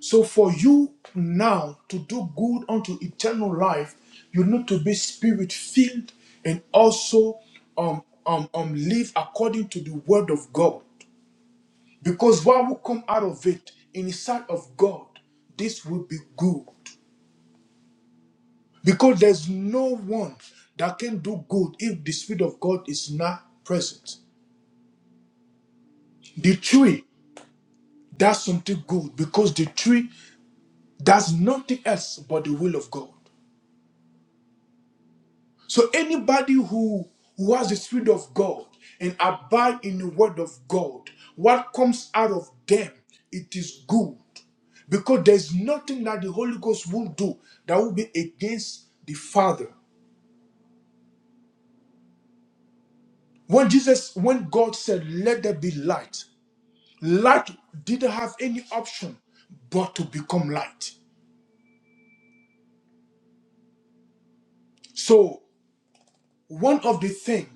So for you now to do good unto eternal life, you need to be spirit filled and also um, um, um, live according to the word of God. Because what will come out of it in the sight of God, this will be good. Because there's no one that can do good if the Spirit of God is not present. The tree does something good because the tree does nothing else but the will of God. So anybody who who has the spirit of God and abide in the word of God, what comes out of them, it is good. Because there's nothing that the Holy Ghost won't do that will be against the Father. When Jesus, when God said, Let there be light, light didn't have any option but to become light. So one of the things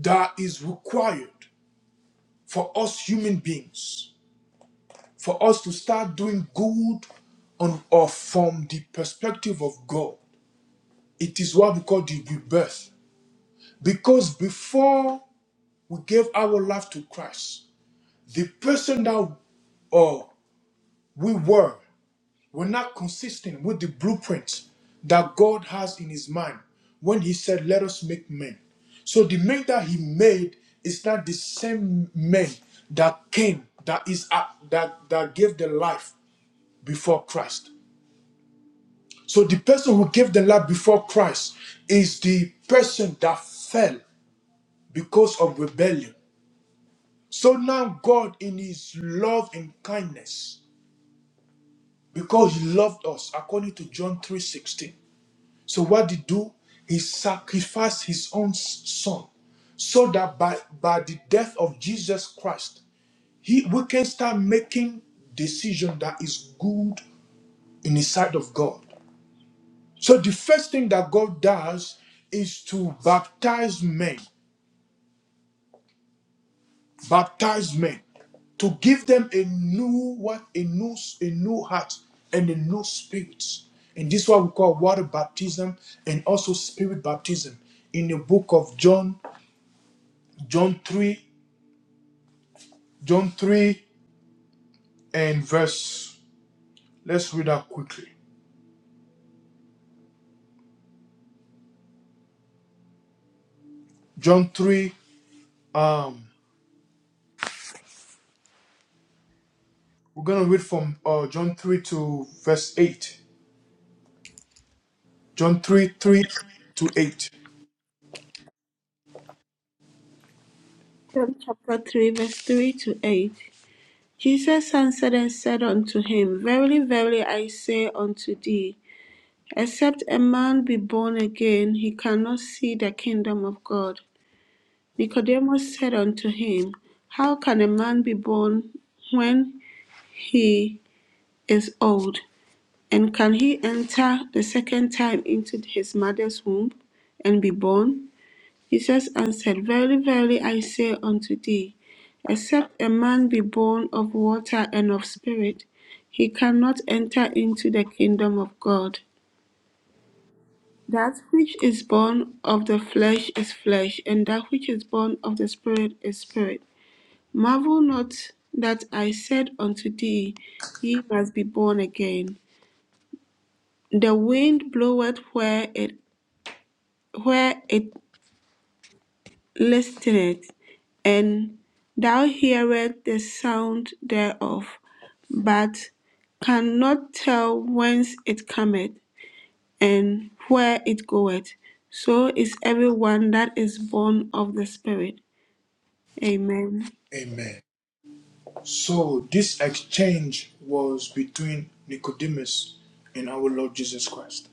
that is required for us human beings for us to start doing good on or from the perspective of God. It is what we call the rebirth. Because before we gave our life to Christ, the person that uh, we were were not consistent with the blueprint that God has in his mind when he said, Let us make men. So the man that he made is not the same man that came, that is uh, that that gave the life before Christ. So the person who gave the life before Christ is the person that fell because of rebellion. So now God in his love and kindness, because he loved us, according to John 3:16. So what did he do? He sacrificed his own s- son so that by, by the death of Jesus Christ, he we can start making decision that is good in the sight of God. So the first thing that God does is to baptize men, baptize men, to give them a new what, a new a new heart and a new spirit. And this is what we call water baptism and also spirit baptism in the book of John, John 3, John 3 and verse. Let's read that quickly. John 3, um, we're gonna read from uh, John 3 to verse 8. John 3, 3 to 8.
John chapter 3, verse 3 to 8. Jesus answered and said unto him, Verily, verily, I say unto thee, except a man be born again, he cannot see the kingdom of God. Nicodemus said unto him, How can a man be born when he is old? And can he enter the second time into his mother's womb and be born? Jesus answered, Verily, verily, I say unto thee, except a man be born of water and of spirit, he cannot enter into the kingdom of God. That which is born of the flesh is flesh, and that which is born of the spirit is spirit. Marvel not that I said unto thee, Ye must be born again. The wind bloweth where it where it listeneth, and thou hearest the sound thereof, but cannot tell whence it cometh and where it goeth. So is everyone that is born of the Spirit. Amen.
Amen. So this exchange was between Nicodemus and our Lord Jesus Christ.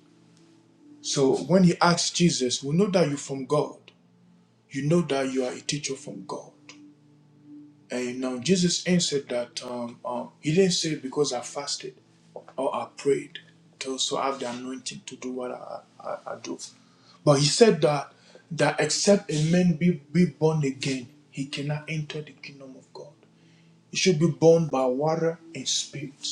So when he asked Jesus, We know that you're from God. You know that you are a teacher from God. And now Jesus answered that um, um, he didn't say because I fasted or I prayed to also have the anointing to do what I, I, I do. But he said that that except a man be, be born again, he cannot enter the kingdom of God. It should be born by water and spirit.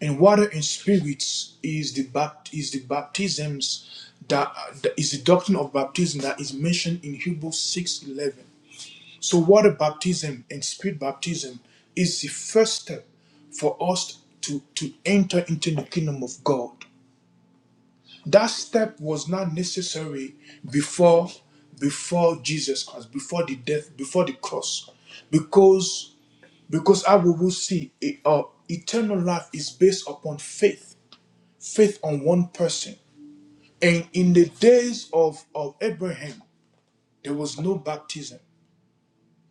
And water and spirit is the bapt- is the baptisms that that is the doctrine of baptism that is mentioned in Hebrews 6:11. So water baptism and spirit baptism is the first step for us to, to enter into the kingdom of God. That step was not necessary before before Jesus Christ, before the death, before the cross, because because how we will see eh, uh, eternal life is based upon faith, faith on one person. And in the days of, of Abraham, there was no baptism.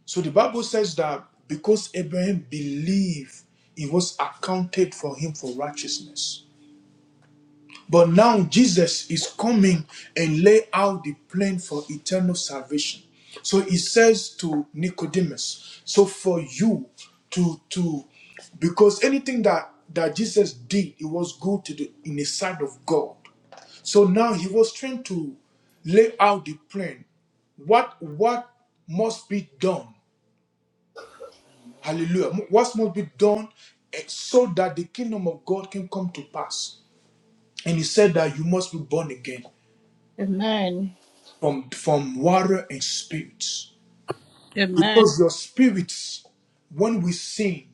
So the Bible says that because Abraham believed, it was accounted for him for righteousness. But now Jesus is coming and lay out the plan for eternal salvation. So he says to Nicodemus, so for you to to because anything that that Jesus did, it was good to the in the sight of God. So now he was trying to lay out the plan. What what must be done? Hallelujah. What must be done eh, so that the kingdom of God can come to pass? And he said that you must be born again.
Amen.
from from water and spirits
Amen.
because your spirits when we sinned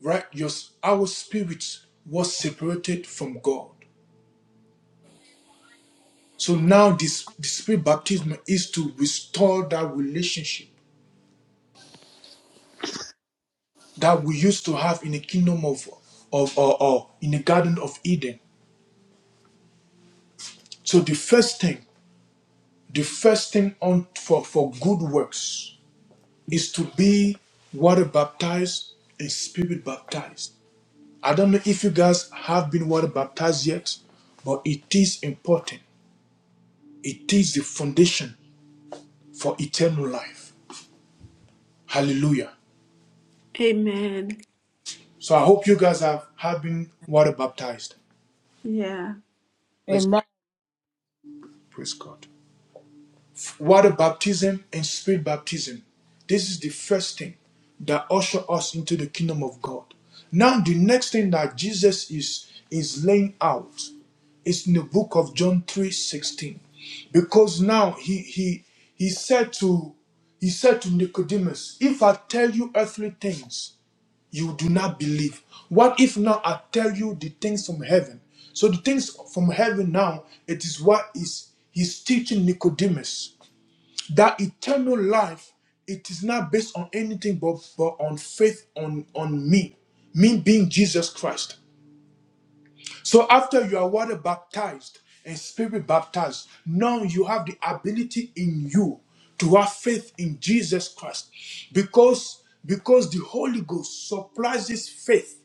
right your our spirits was separated from god so now this the spirit baptism is to restore that relationship that we used to have in the kingdom of of or, or in the garden of eden so the first thing the first thing on for for good works is to be water baptized and spirit baptized I don't know if you guys have been water baptized yet, but it is important. It is the foundation for eternal life. Hallelujah.
Amen.
So I hope you guys have, have been water baptized.
Yeah.
Praise,
Amen.
praise God. Water baptism and spirit baptism. This is the first thing that usher us into the kingdom of God. Now, the next thing that Jesus is is laying out is in the book of John 3 16, Because now he he he said to he said to Nicodemus, If I tell you earthly things, you do not believe. What if now I tell you the things from heaven? So the things from heaven now, it is what is he's teaching Nicodemus that eternal life it is not based on anything but, but on faith on on me me being jesus christ so after you are water baptized and spirit baptized now you have the ability in you to have faith in jesus christ because because the holy ghost supplies this faith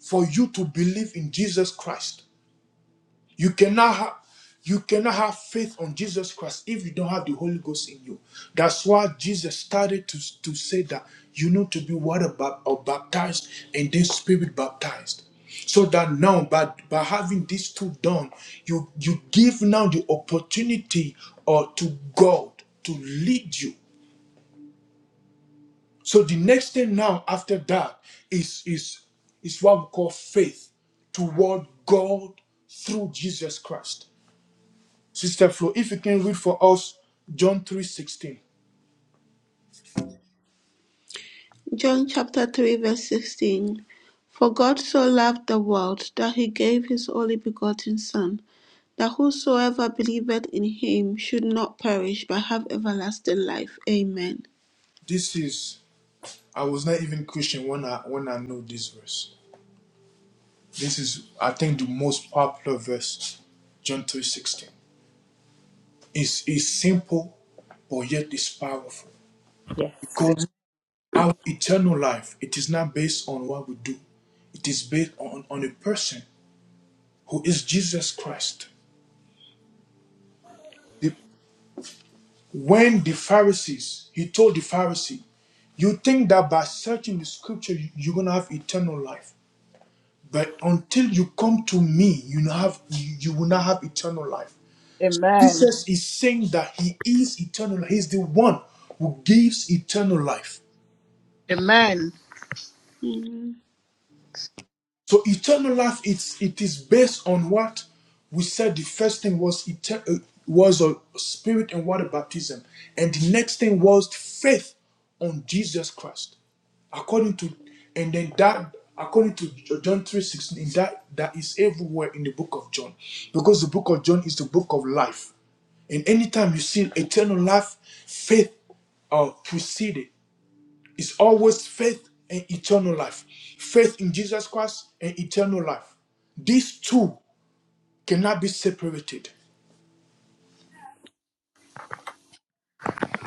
for you to believe in jesus christ you cannot have you cannot have faith on Jesus Christ if you don't have the Holy Ghost in you. That's why Jesus started to, to say that you need to be water bap- or baptized and then spirit baptized. So that now by, by having these two done, you you give now the opportunity or to God to lead you. So the next thing now after that is is is what we call faith toward God through Jesus Christ. Sister Flo, if you can read for us John 3:16.
John chapter 3 verse 16 For God so loved the world that he gave his only begotten son that whosoever believeth in him should not perish but have everlasting life amen
This is I was not even Christian when I when I know this verse. This is I think the most popular verse, John 3:16. It's it's simple, but yet it's powerful.
Yes.
Because our eternal life, it is not based on what we do. It is based on, on a person who is Jesus Christ. The When the Pharisees, he told the Pharisee, you think that by searching the scripture you- you're gonna have eternal life. But until you come to me, you not have you you will not have eternal life.
Amen.
Jesus is saying that he is eternal, he's the one who gives eternal life.
Amen.
Mhm.
So eternal life, it's it is based on what we said. The first thing was eter- uh, was a spirit and water baptism, and the next thing was faith on Jesus Christ, according to, and then that according to John three sixteen. and That that is everywhere in the book of John, because the book of John is the book of life, and anytime you see eternal life, faith uh, preceded. It's always faith and eternal life. Faith in Jesus Christ and eternal life. These two cannot be separated.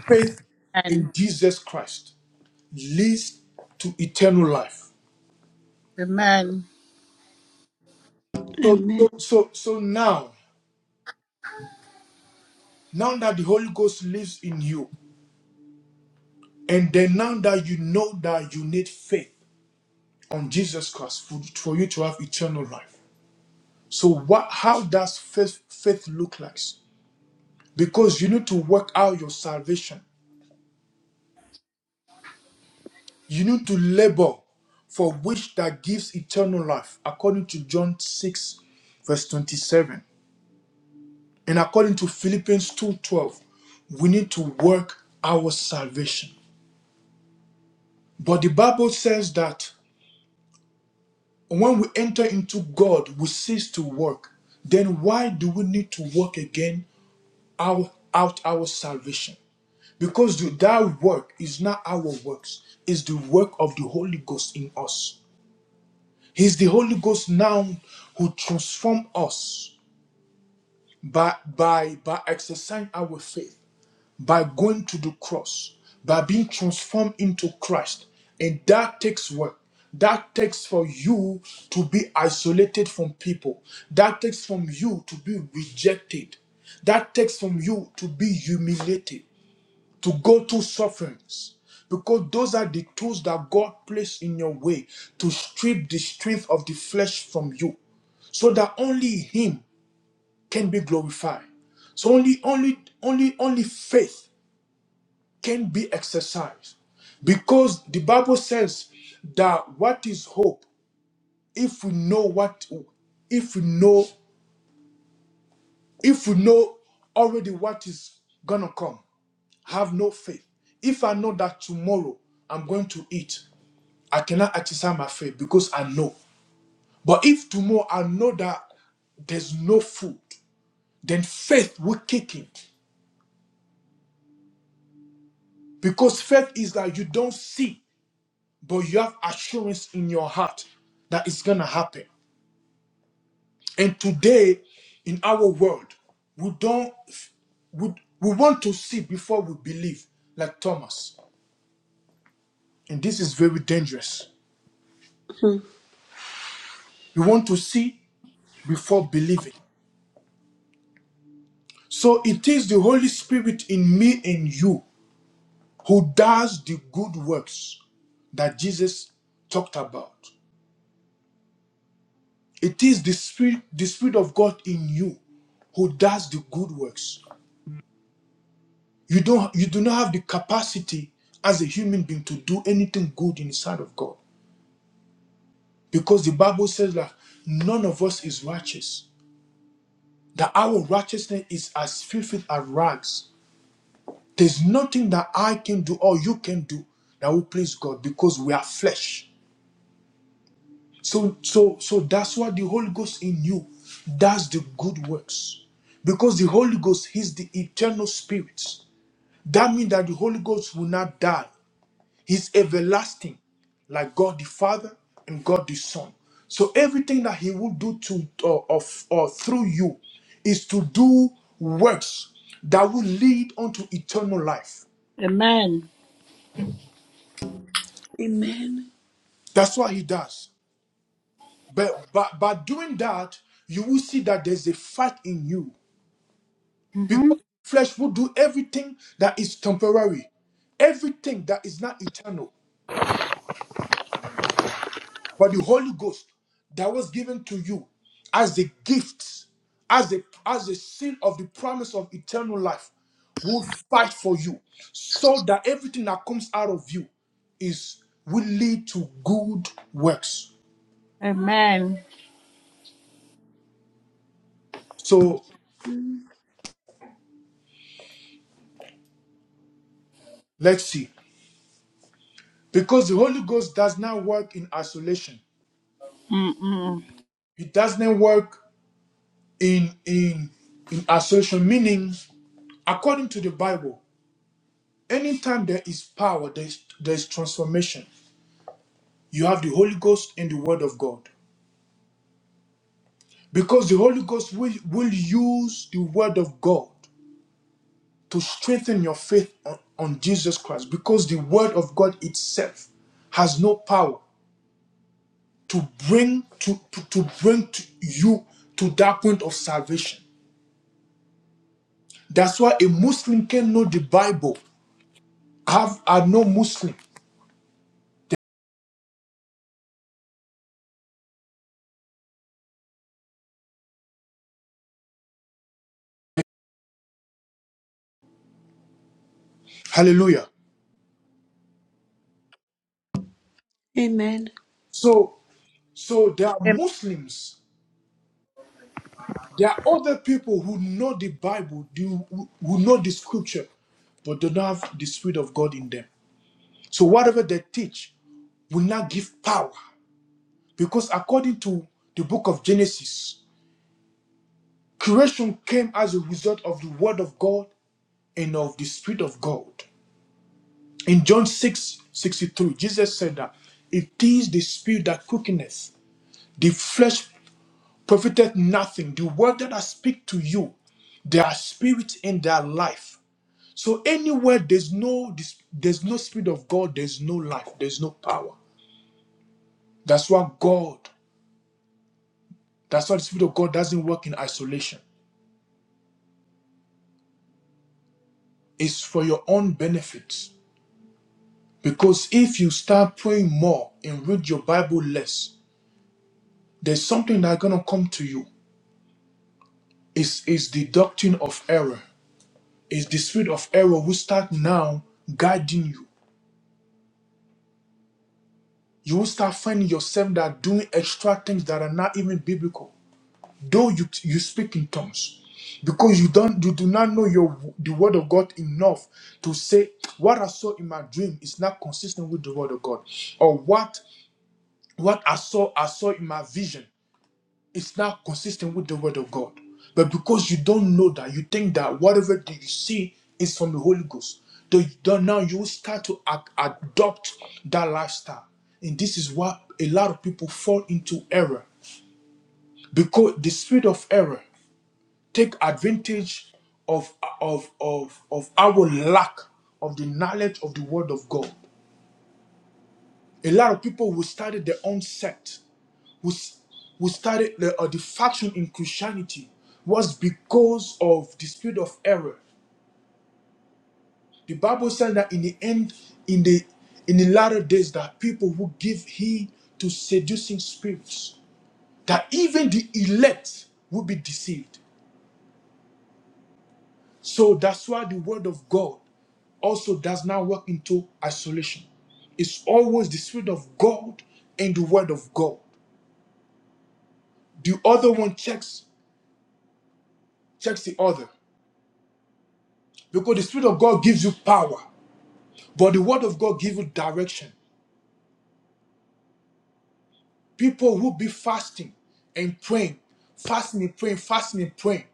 Faith
Amen.
in Jesus Christ leads to eternal life.
Amen.
So,
amen
so, so, so now, now that the Holy Ghost lives in you, and then now that you know that you need faith on Jesus Christ for, for you to have eternal life. So, what? How does faith faith look like? Because you need to work out your salvation You need to labor for which that gives eternal life, according to John 6, verse 27. And according to Philippians 2:12, we need to work our salvation. But the Bible says that when we enter into God, we cease to work. Then why do we need to work again our, out our salvation? Because the, that work is not our works, it's the work of the Holy Ghost in us. He's the Holy Ghost now who transforms us by, by, by exercising our faith, by going to the cross, by being transformed into Christ. And that takes work. That takes for you to be isolated from people. That takes from you to be rejected. That takes from you to be humiliated to go through sufferings because those are the tools that God placed in your way to strip the strength of the flesh from you so that only him can be glorified so only only only only faith can be exercised because the bible says that what is hope if we know what if we know if we know already what is gonna come have no faith if i know that tomorrow i'm going to eat I cannot exercise my faith because I know. But if tomorrow I know that there's no food, then faith will kick in. Because faith is that you don't see, but you have assurance in your heart that it's gonna happen. And today in our world, we don't we, we want to see before we believe, like Thomas. And this is very dangerous.
Mhm.
You want to see before believing. So it is the Holy Spirit in me and you who does the good works that Jesus talked about. It is the spirit, the spirit of God in you who does the good works. You don't you do not have the capacity as a human being to do anything good in the sight of God. Because the Bible says that none of us is righteous. That our righteousness is as filthy as rags. There's nothing that I can do or you can do that will please God because we are flesh. So, so, so that's why the Holy Ghost in you does the good works. Because the Holy Ghost is the eternal spirit. That means that the Holy Ghost will not die. He's everlasting, like God the Father and God the Son. So everything that He will do to or, or, or through you is to do works that will lead unto eternal life.
Amen.
amen
That's what he does. But by, by doing that, you will see that there's a fight in you.
Mm-hmm.
Because flesh will do everything that is temporary, everything that is not eternal. But the Holy Ghost that was given to you as a gift, as a as a seal of the promise of eternal life, will fight for you so that everything that comes out of you is will lead to good works.
Amen.
So
Mhm.
let's see. Because the Holy Ghost does not work in isolation.
Mm-mm.
It doesn't work in in in assertion meaning according to the bible anytime there is power there is, there is transformation you have the holy ghost and the word of god because the holy ghost will, will use the word of god to strengthen your faith on, on jesus christ because the word of god itself has no power to bring to, to, to bring to you to that point of salvation that's why a muslim can know the bible have are no muslim Hallelujah.
amen
So, so there are
Am-
Muslims. There are other people who know the Bible, do who know the Scripture, but do not have the Spirit of God in them. So whatever they teach will not give power, because according to the Book of Genesis, creation came as a result of the Word of God and of the Spirit of God. In John 6 63, Jesus said that it is the Spirit that quickeneth; the flesh profiteth nothing. The word that I speak to you, there are spirits in their life. So anywhere there's no dis- there's no spirit of God, there's no life, there's no power. That's why God, that's why the spirit of God doesn't work in isolation. It's for your own benefit. Because if you start praying more and read your Bible less, there's something that's gonna come to you. It's, it's the doctrine of error. It's the spirit of error who start now guiding you you will start finding yourself that doing extra things that are not even biblical though you you speak in tongues because you don't you do not know your the word of god enough to say what i saw in my dream is not consistent with the word of god or what what i saw i saw in my vision it's not consistent with the word of God. But because you don't know that, you think that whatever that you see is from the Holy Ghost. Then you now you will start to a- adopt that lifestyle. And this is why a lot of people fall into error. Because the spirit of error take advantage of, of, of, of our lack of the knowledge of the word of God. A lot of people who started their own sect, who, s- who started the, uh, the faction in Christianity, was because of the spirit of error. The Bible says that in the end, in the in the latter days, there are people who give heed to seducing spirits, that even the elect will be deceived. So that's why the word of God also does not work into isolation. It's always the Spirit of God and the Word of God. The other one checks Checks the other. Because the Spirit of God gives you power, but the Word of God gives you direction. People who be fasting and praying, fasting and praying, fasting and praying,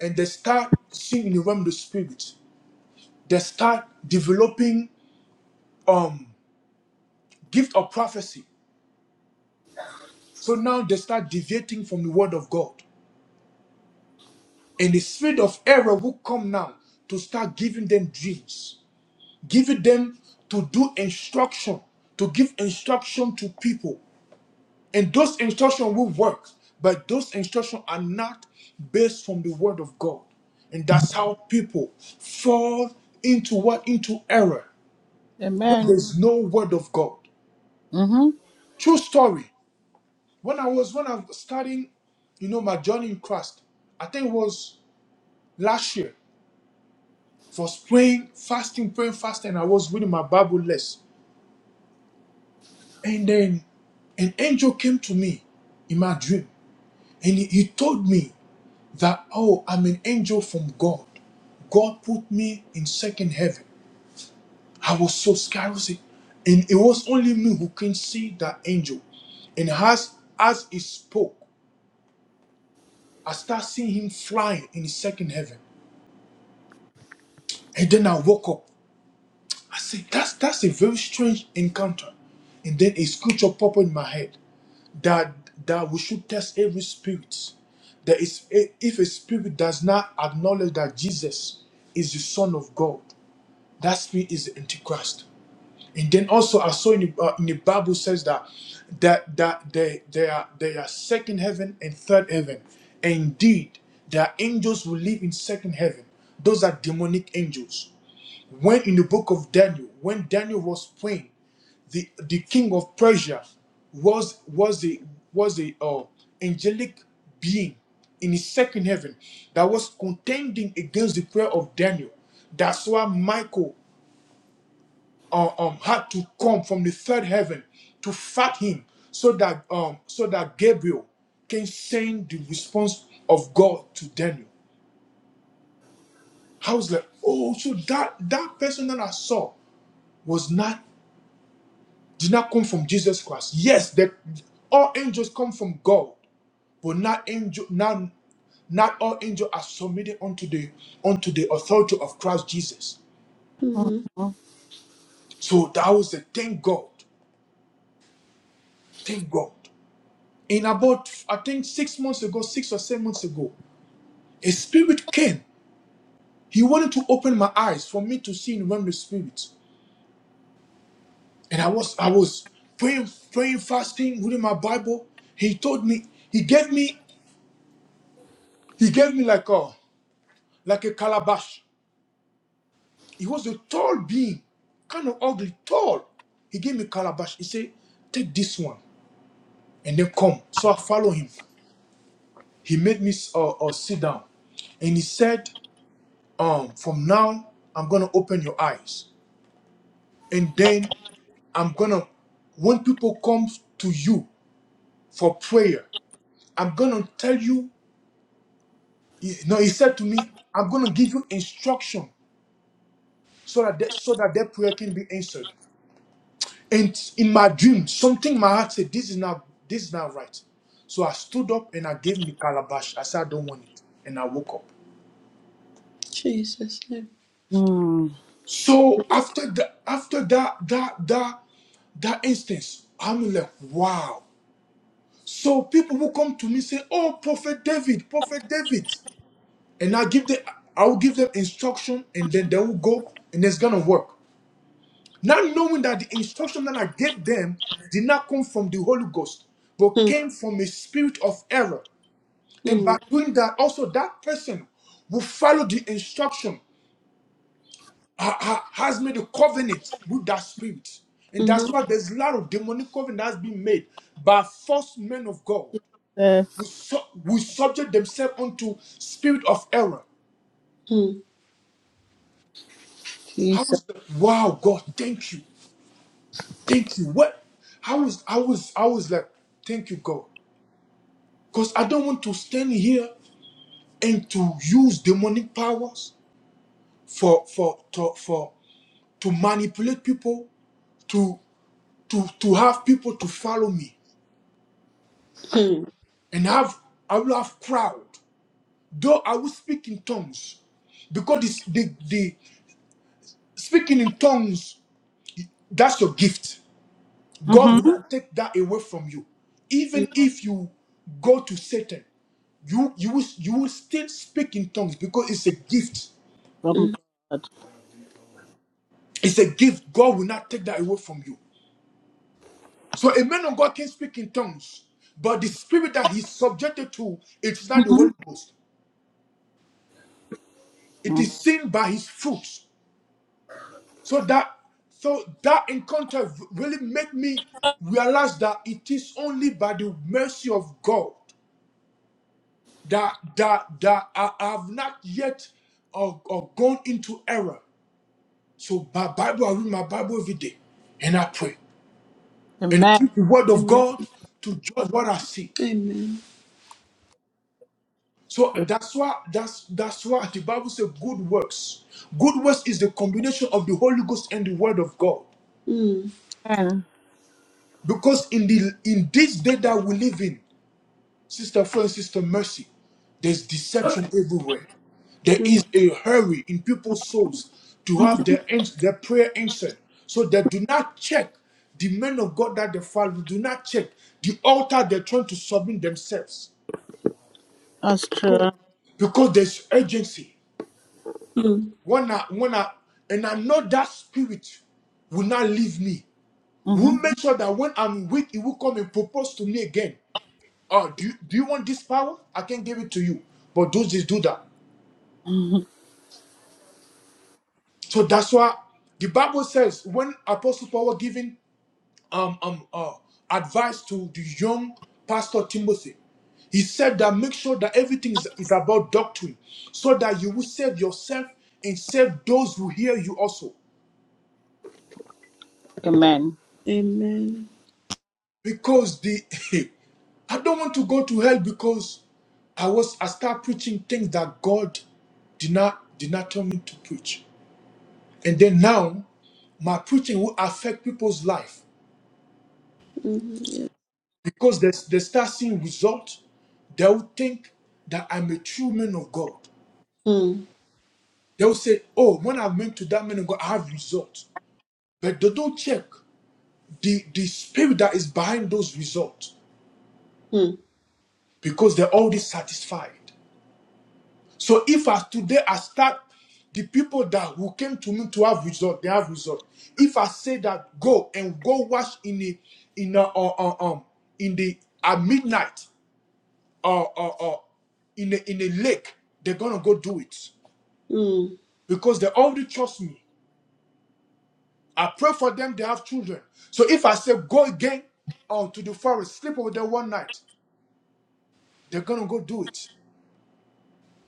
and they start seeing in the realm of the Spirit. They start developing um gift of prophecy. So now they start deviating from the Word of God. And the spirit of error will come now to start giving them dreams, giving them to do instruction, to give instruction to people And those instructions will work, but those instructions are not based from the word of God. And that's how people fall into what? Into error where
Amen.
there's no word of God.
Mm-hmm.
True story. When I was when I was starting, you know, my journey in Christ, I think it was last year. I was praying, fasting, praying, fasting. I was reading my Bible less. And then an angel came to me in my dream and he, he told me that oh i'm an angel from god god put me in second heaven i was so scared I was like- and it was only me who can see that angel and as as he spoke i start seeing him flying in the second heaven and then i woke up i said that's that's a very strange encounter and then a scripture popped in my head that that we should test every spirit that is if a spirit does not acknowledge that jesus is the son of god That spirit is the Antichrist. And then also I saw in the, uh, in the Bible says that that that they they are they are second heaven and third heaven. Indeed, there are angels who live in second heaven. Those are demonic angels. When in the book of Daniel, when Daniel was praying, the the king of Persia was was a was a uh, angelic being in his second heaven that was contending against the prayer of Daniel. That's why Michael uh, um, had to come from the third heaven to fight him so that um, so that Gabriel can send the response of God to Daniel. I was like, oh, so that that person that I saw was not did not come from Jesus Christ. Yes, that all angels come from God, but not angel not not all angels are submitted unto the unto the authority of Christ Jesus.
Mhm.
Mm-hmm.
So that was a thank God, thank God. in about I think six months ago, six or seven months ago, a spirit came. He wanted to open my eyes for me to see in the realm of the spirit. And I was I was praying, praying, fasting, reading my Bible. He told me, he gave me, he gave me like a like a calabash. He was a tall being, kind of ugly, tall. He gave me calabash. He said, take this one and then come. So I follow him. He made me uh, uh, sit down. And he said, Um, from now, I'm gonna open your eyes, and then I'm gonna, when people come to you for prayer, I'm gonna tell you. He- No, he said to me, I'm gonna give you instruction so that that- so that their prayer can be answered. And in my dream, something in my heart said, "This is not this is not right." So I stood up and I gave him the calabash. I said, "I don't want it," and I woke up.
Jesus name
Mm.
So after the after that, that, that, that instance, I'm like, wow. So people who come to me say, "Oh, Prophet David, Prophet David," and I give them, I will give them instruction, and then they will go, and it's gonna work. Not knowing that the instruction that I gave them did not come from the Holy Ghost, but came from a spirit of error. And
Mhm.
by doing that, also that person who followed the instruction ha- ha- has made a covenant with that spirit. And that's
Mhm.
why there's a lot of demonic covenant that's been made by false men of God.
Yes,
will, su- will subject themselves unto spirit of error.
Mhm.
How
Jesus.
is that? wow, God? Thank you, thank you. What? I was, I was, I was like, thank you, God, because I don't want to stand here and to use demonic powers for for to, for to manipulate people to to to have people to follow me
Mhm.
and have I will have crowd. Though I will speak in tongues, because it's the the speaking in tongues that's your gift God will
Mm-hmm.
not take that away from you. Even if you go to Satan, you you will, you will still speak in tongues because it's a gift.
From
Mhm.
God.
It's a gift. God will not take that away from you. So a man of God can speak in tongues, but the spirit that he's subjected to, it's not the Holy Ghost. It
Mm.
is seen by his fruits. So that so that encounter really made me realize that it is only by the mercy of God that that that I, have not yet or, or gone into error. So my Bible, I read my Bible every day, and I pray, and I
Amen.
read the Word
Mhm.
of
amen
God to judge what I see.
amen
So that's why that's that's why the Bible says good works. Good works is the combination of the Holy Ghost and the Word of God.
Mhm.
Amen.
Because in the in this day that we live in, Sister friend, sister, mercy. There's deception everywhere. There
Mhm.
is a hurry in people's souls to
Mhm.
have their, ans- their prayer answered. So they do not check the men of God that they follow, do not check the altar they're trying to submit themselves.
That's
Because,
true.
because there's urgency.
Mhm.
When I, when I, and I know that spirit will not leave me. We'll make sure that when I'm weak, it will come and propose to me again. Oh, do you, do you want this power? I can give it to you. But don't just do that.
Mm-hmm.
So that's why the Bible says when Apostle Paul was giving um, um, uh, advice to the young pastor Timothy, he said that make sure that everything is, is about doctrine so that you will save yourself and save those who hear you also.
Amen.
amen
Because the (laughs) I don't want to go to hell because I was I start preaching things that God did not did not tell me to preach. And then now my preaching will affect people's life.
Mhm.
Because they, they start seeing results, they will think that I'm a true man of God.
Mhm.
They will say, Oh, when I went to that man of God, I have results. But they don't check the, the spirit that is behind those results because they're already satisfied. So if as today I start the people that who came to me to have result, they have result. If I say that go and go wash in the in the, uh, uh, um in the at midnight or, or, or in, a, in a lake, they're going to go do it
Mhm.
because they already trust me. I pray for them, they have children. So if I say, go again out to the forest, sleep over there one night, they're going to go do it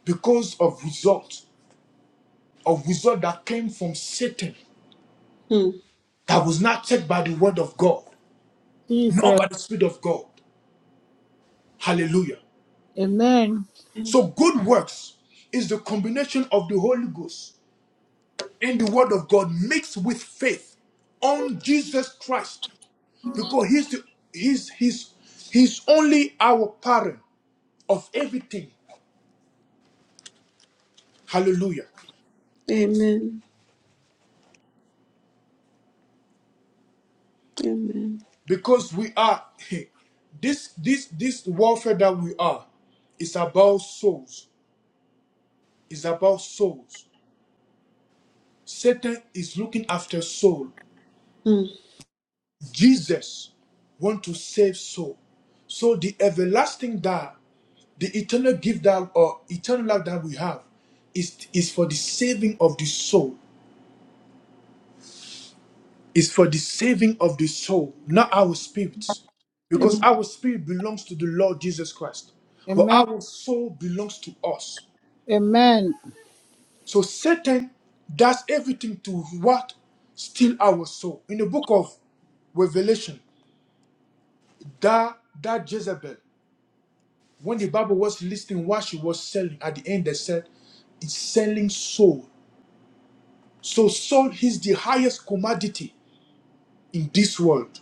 because of result, of result that came from Satan
Mhm.
that was not checked by the word of God, nor
Jesus.
by the spirit of God. Hallelujah.
Amen.
Amen.
So good works is the combination of the Holy Ghost and the word of God mixed with faith on Jesus Christ because he's the, he's he's he's only our parent of everything hallelujah
Amen.
because we are (laughs) this this this warfare that we are is about souls is about souls satan is looking after soul
Mm.
jesus want to save soul so the everlasting that the eternal gift that or eternal life that we have is is for the saving of the soul is for the saving of the soul, not our spirit.
Amen.
Because
Amen.
our spirit belongs to the Lord Jesus Christ, but
Amen.
our soul belongs to us.
Amen.
So Satan does everything to what? Steal our soul. In the book of Revelation, that, that Jezebel, when the Bible was listing what she was selling, at the end they said, it's selling soul. So soul is the highest commodity in this world.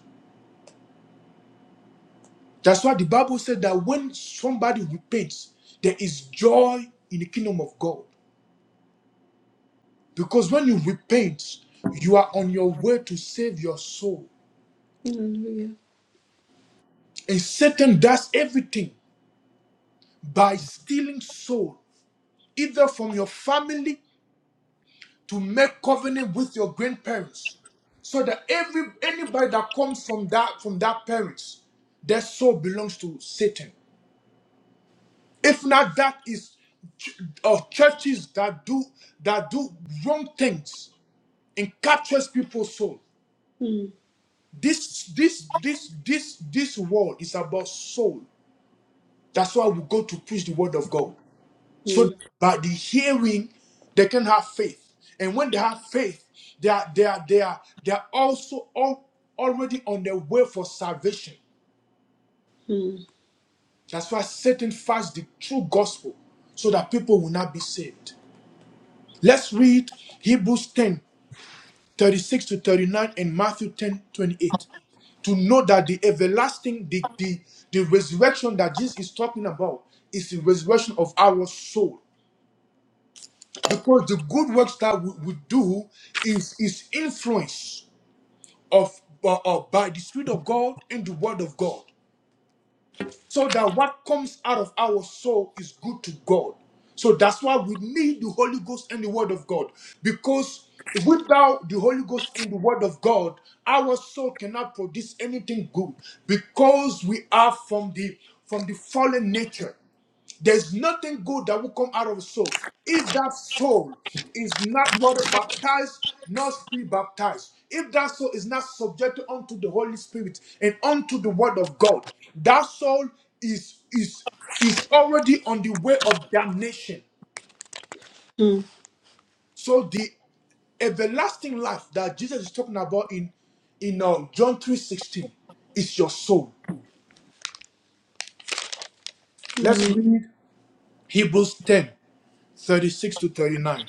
That's why the Bible said that when somebody repents, there is joy in the kingdom of God. Because when you repent, you are on your way to save your soul.
Hallelujah.
And Satan does everything by stealing soul, either from your family to make covenant with your grandparents. So that every anybody that comes from that from that parents, their soul belongs to Satan. If not, that is ch- uh, churches that do that do wrong things and captures people's soul.
Mm,
This this this this this world is about soul. That's why we go to preach the word of God. So that
mm,
by the hearing, they can have faith. And when they have faith, they are they are they are they are also all already on their way for salvation.
mm,
That's why Satan fights the true gospel so that people will not be saved. Let's read Hebrews 10 36 to 39 and Matthew 10 28 to know that the everlasting, the, the, the resurrection that Jesus is talking about is the resurrection of our soul. Because the good works that we, we do is, is influenced of uh, uh, by the Spirit of God and the Word of God. so that what comes out of our soul is good to God. So that's why we need the Holy Ghost and the Word of God. Because without the Holy Ghost and the Word of God, our soul cannot produce anything good because we are from the from the fallen nature. There's nothing good that will come out of a soul. If that soul is not water baptized, not spirit baptized, if that soul is not subjected unto the Holy Spirit and unto the word of God, that soul is is is already on the way of damnation.
mm.
So the everlasting life that Jesus is talking about in in uh, John 3:16 is your soul. Let's
Amen.
read Hebrews 10 36 to 39.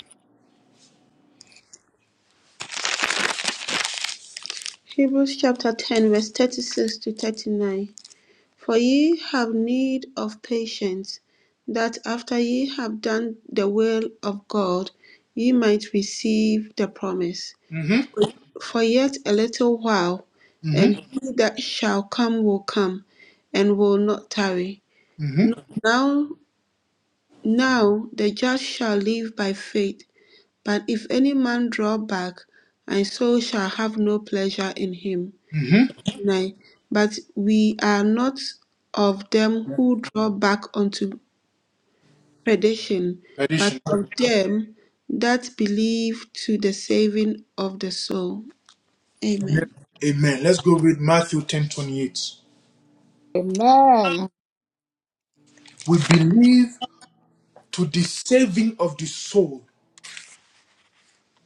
Hebrews chapter 10, verse 36 to 39. For ye have need of patience, that after ye have done the will of God, ye might receive the promise.
hmm
For yet a little while, and
hmm
he that shall come will come, and will not tarry. No- Now. Now the just shall live by faith, but if any man draw back, my soul shall have no pleasure in him.
hmm
9. But we are not of them who draw back unto perdition, but
Addition.
of them that believe to the saving of the soul. Amen.
Amen. Let's go read Matthew ten twenty eight.
Amen.
We believe to the saving of the soul.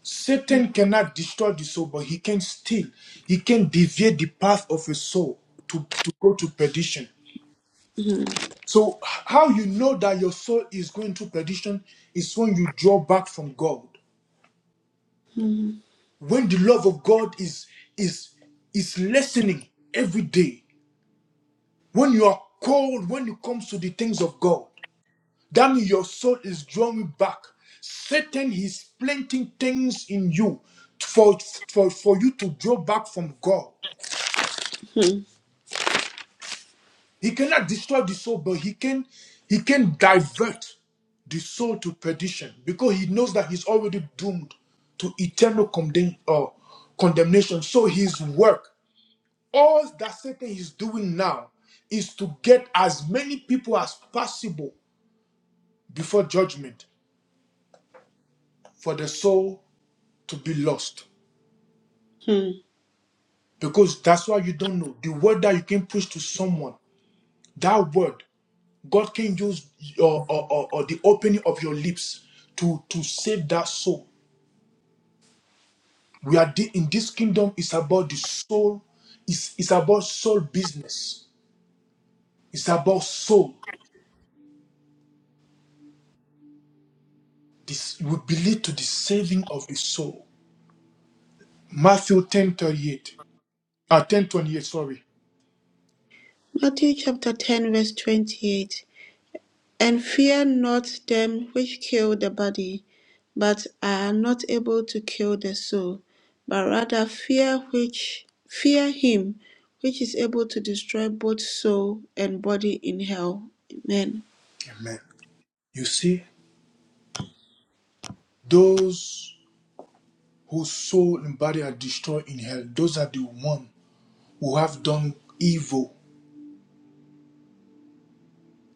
Satan cannot destroy the soul, but he can steal. He can deviate the path of a soul to, to go to perdition.
Mhm.
So, h- how you know that your soul is going to perdition is when you draw back from God.
Mhm.
When the love of God is is is lessening every day. When you are cold, when it comes to the things of God. That means your soul is drawing back. Satan is planting things in you for, for, for you to draw back from God. He cannot destroy the soul, but he can he can divert the soul to perdition because he knows that he's already doomed to eternal condemn, uh, condemnation. So his work, all that Satan is doing now, is to get as many people as possible before judgment for the soul to be lost.
Mhm.
Because that's why you don't know. The word that you can preach to someone, that word, God can use your, or, or, or the opening of your lips to, to save that soul. We are de- in this kingdom, it's about the soul, it's, it's about soul business, it's about soul. This will be lead to the saving of the soul. Matthew ten thirty eight 38, uh, 10 twenty-eight, sorry.
Matthew chapter 10, verse 28. And fear not them which kill the body, but are not able to kill the soul, but rather fear which fear him which is able to destroy both soul and body in hell. Amen.
Amen. You see, those whose soul and body are destroyed in hell, those are the one who have done evil,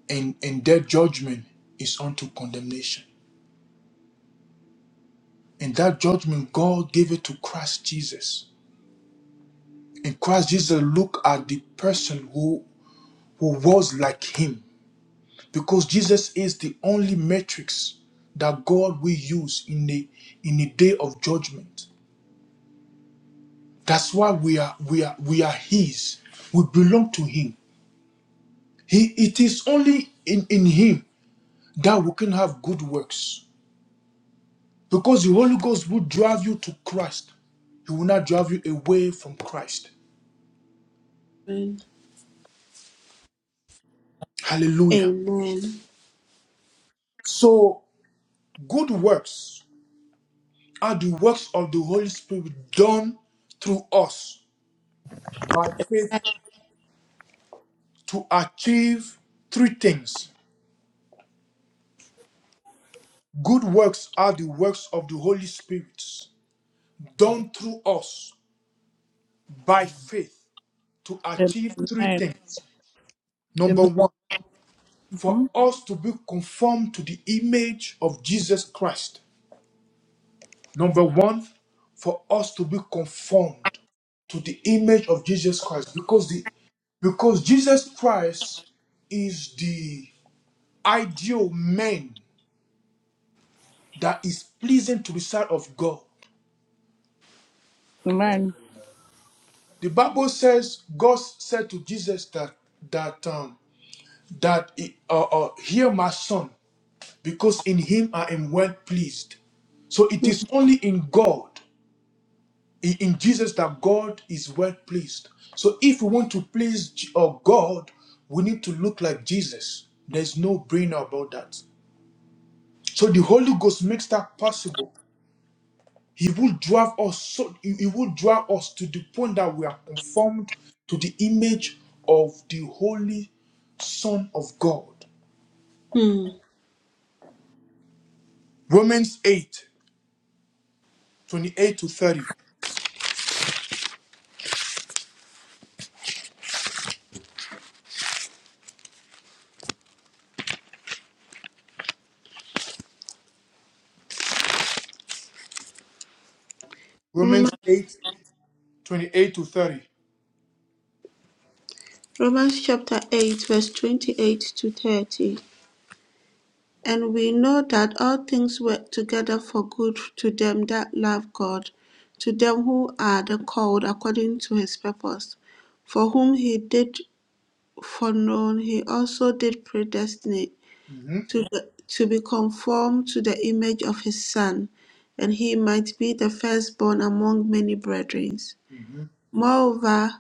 and, and their judgment is unto condemnation. And that judgment, God gave it to Christ Jesus. And Christ Jesus looked at the person who, who was like him. Because Jesus is the only matrix that God will use in the in the day of judgment. That's why we are we are we are his. We belong to him. He it is only in, in him that we can have good works Because the Holy Ghost will drive you to Christ. He will not drive you away from Christ.
Amen.
Hallelujah.
Amen.
So, good works are the works of the Holy Spirit done through us by faith to achieve three things. Good works are the works of the Holy Spirit done through us by faith to achieve
Amen.
three things. Number
Amen.
one, for
Mhm.
us to be conformed to the image of Jesus Christ. Number one, for us to be conformed to the image of Jesus Christ because the because Jesus Christ is the ideal man that is pleasing to the sight of God.
Amen.
The Bible says God said to Jesus that that um that uh, uh, hear my son because in him I am well pleased. So it is only in God in in Jesus that God is well pleased. So if we want to please J- or God, we need to look like Jesus. There's no brainer about that. So the Holy Ghost makes that possible. He will drive us so he he will drive us to the point that we are conformed to the image of the Holy Son of God.
Hmm.
Romans eight twenty-eight to 30. Romans
Roma-
8 28 to 30.
Romans chapter 8, verse 28 to 30. And we know that all things work together for good to them that love God, to them who are the called according to his purpose, for whom he did foreknow, he also did predestinate
Mhm,
to, the, to be conformed to the image of his Son, and he might be the firstborn among many brethren.
mhm.
Moreover,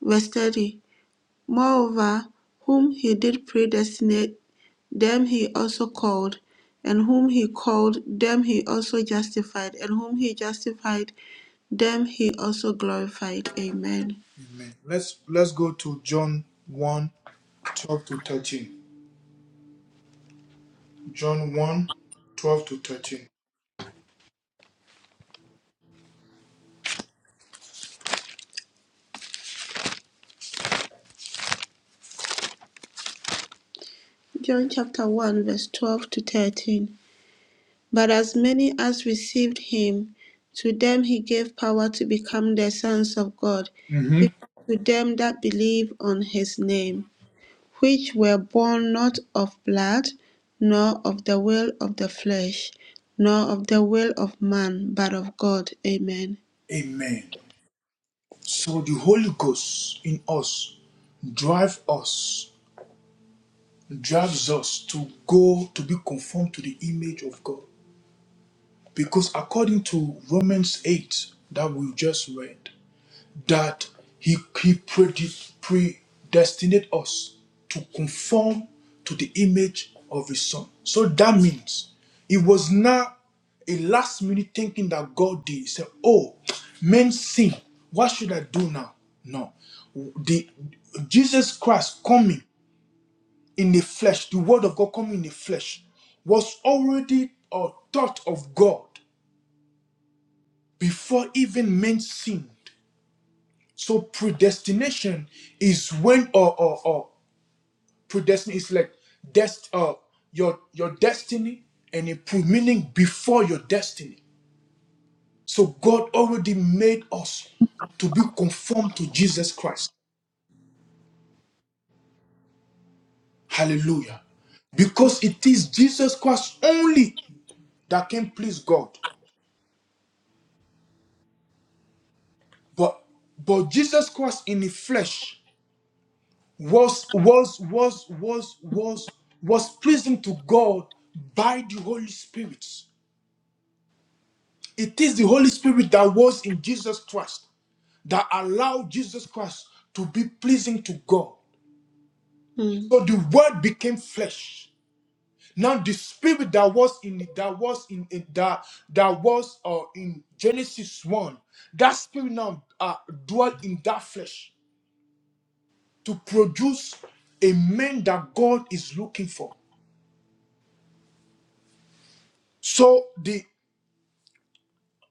verse 30, moreover, whom he did predestinate, them he also called, and whom he called, them he also justified, and whom he justified, them he also glorified. Amen.
Amen. Let's let's go to John 1 12 to 13. John one, 12 to 13.
John chapter 1, verse 12 to 13. But as many as received him, to them he gave power to become the sons of God,
Mm-hmm.
even to them that believe on his name which were born not of blood, nor of the will of the flesh, nor of the will of man, but of God. Amen.
Amen. So the Holy Ghost in us drive us, drives us to go to be conformed to the image of God. Because according to Romans 8 that we just read, that he, he predi- predestinate us to conform to the image of his son. So that means it was not a last minute thinking that God did. He said, Oh, men sin. What should I do now? No. The Jesus Christ coming in the flesh, the word of God coming in the flesh, was already a thought of God before even men sinned. So predestination is when or or, or predestination is like dest uh, your your destiny and a pre- meaning before your destiny. So God already made us to be conformed to Jesus Christ. Hallelujah. Because it is Jesus Christ only that can please God. But but Jesus Christ in the flesh was was was was was was pleasing to God by the Holy Spirit. It is the Holy Spirit that was in Jesus Christ that allowed Jesus Christ to be pleasing to God.
Mm.
So the word became flesh. Now the spirit that was in that was in in- that that was uh, in Genesis 1, that spirit now uh, dwell in that flesh to produce a man that God is looking for. So the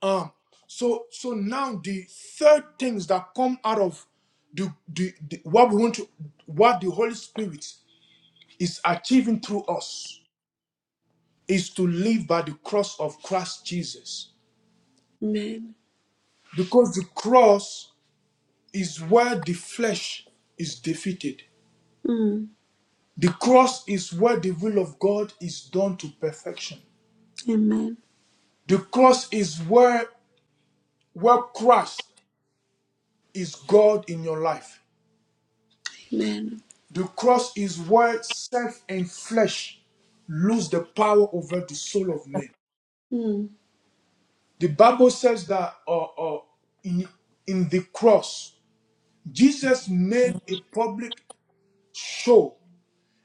Um, so so now the third things that come out of the, the, the what we want to what the Holy Spirit is achieving through us is to live by the cross of Christ Jesus.
Amen.
Because the cross is where the flesh is defeated.
Mm.
The cross is where the will of God is done to perfection.
Amen.
The cross is where where Christ is God in your life.
Amen.
The cross is where self and flesh lose the power over the soul of man.
Mm.
The Bible says that uh, uh, in, in the cross, Jesus made a public show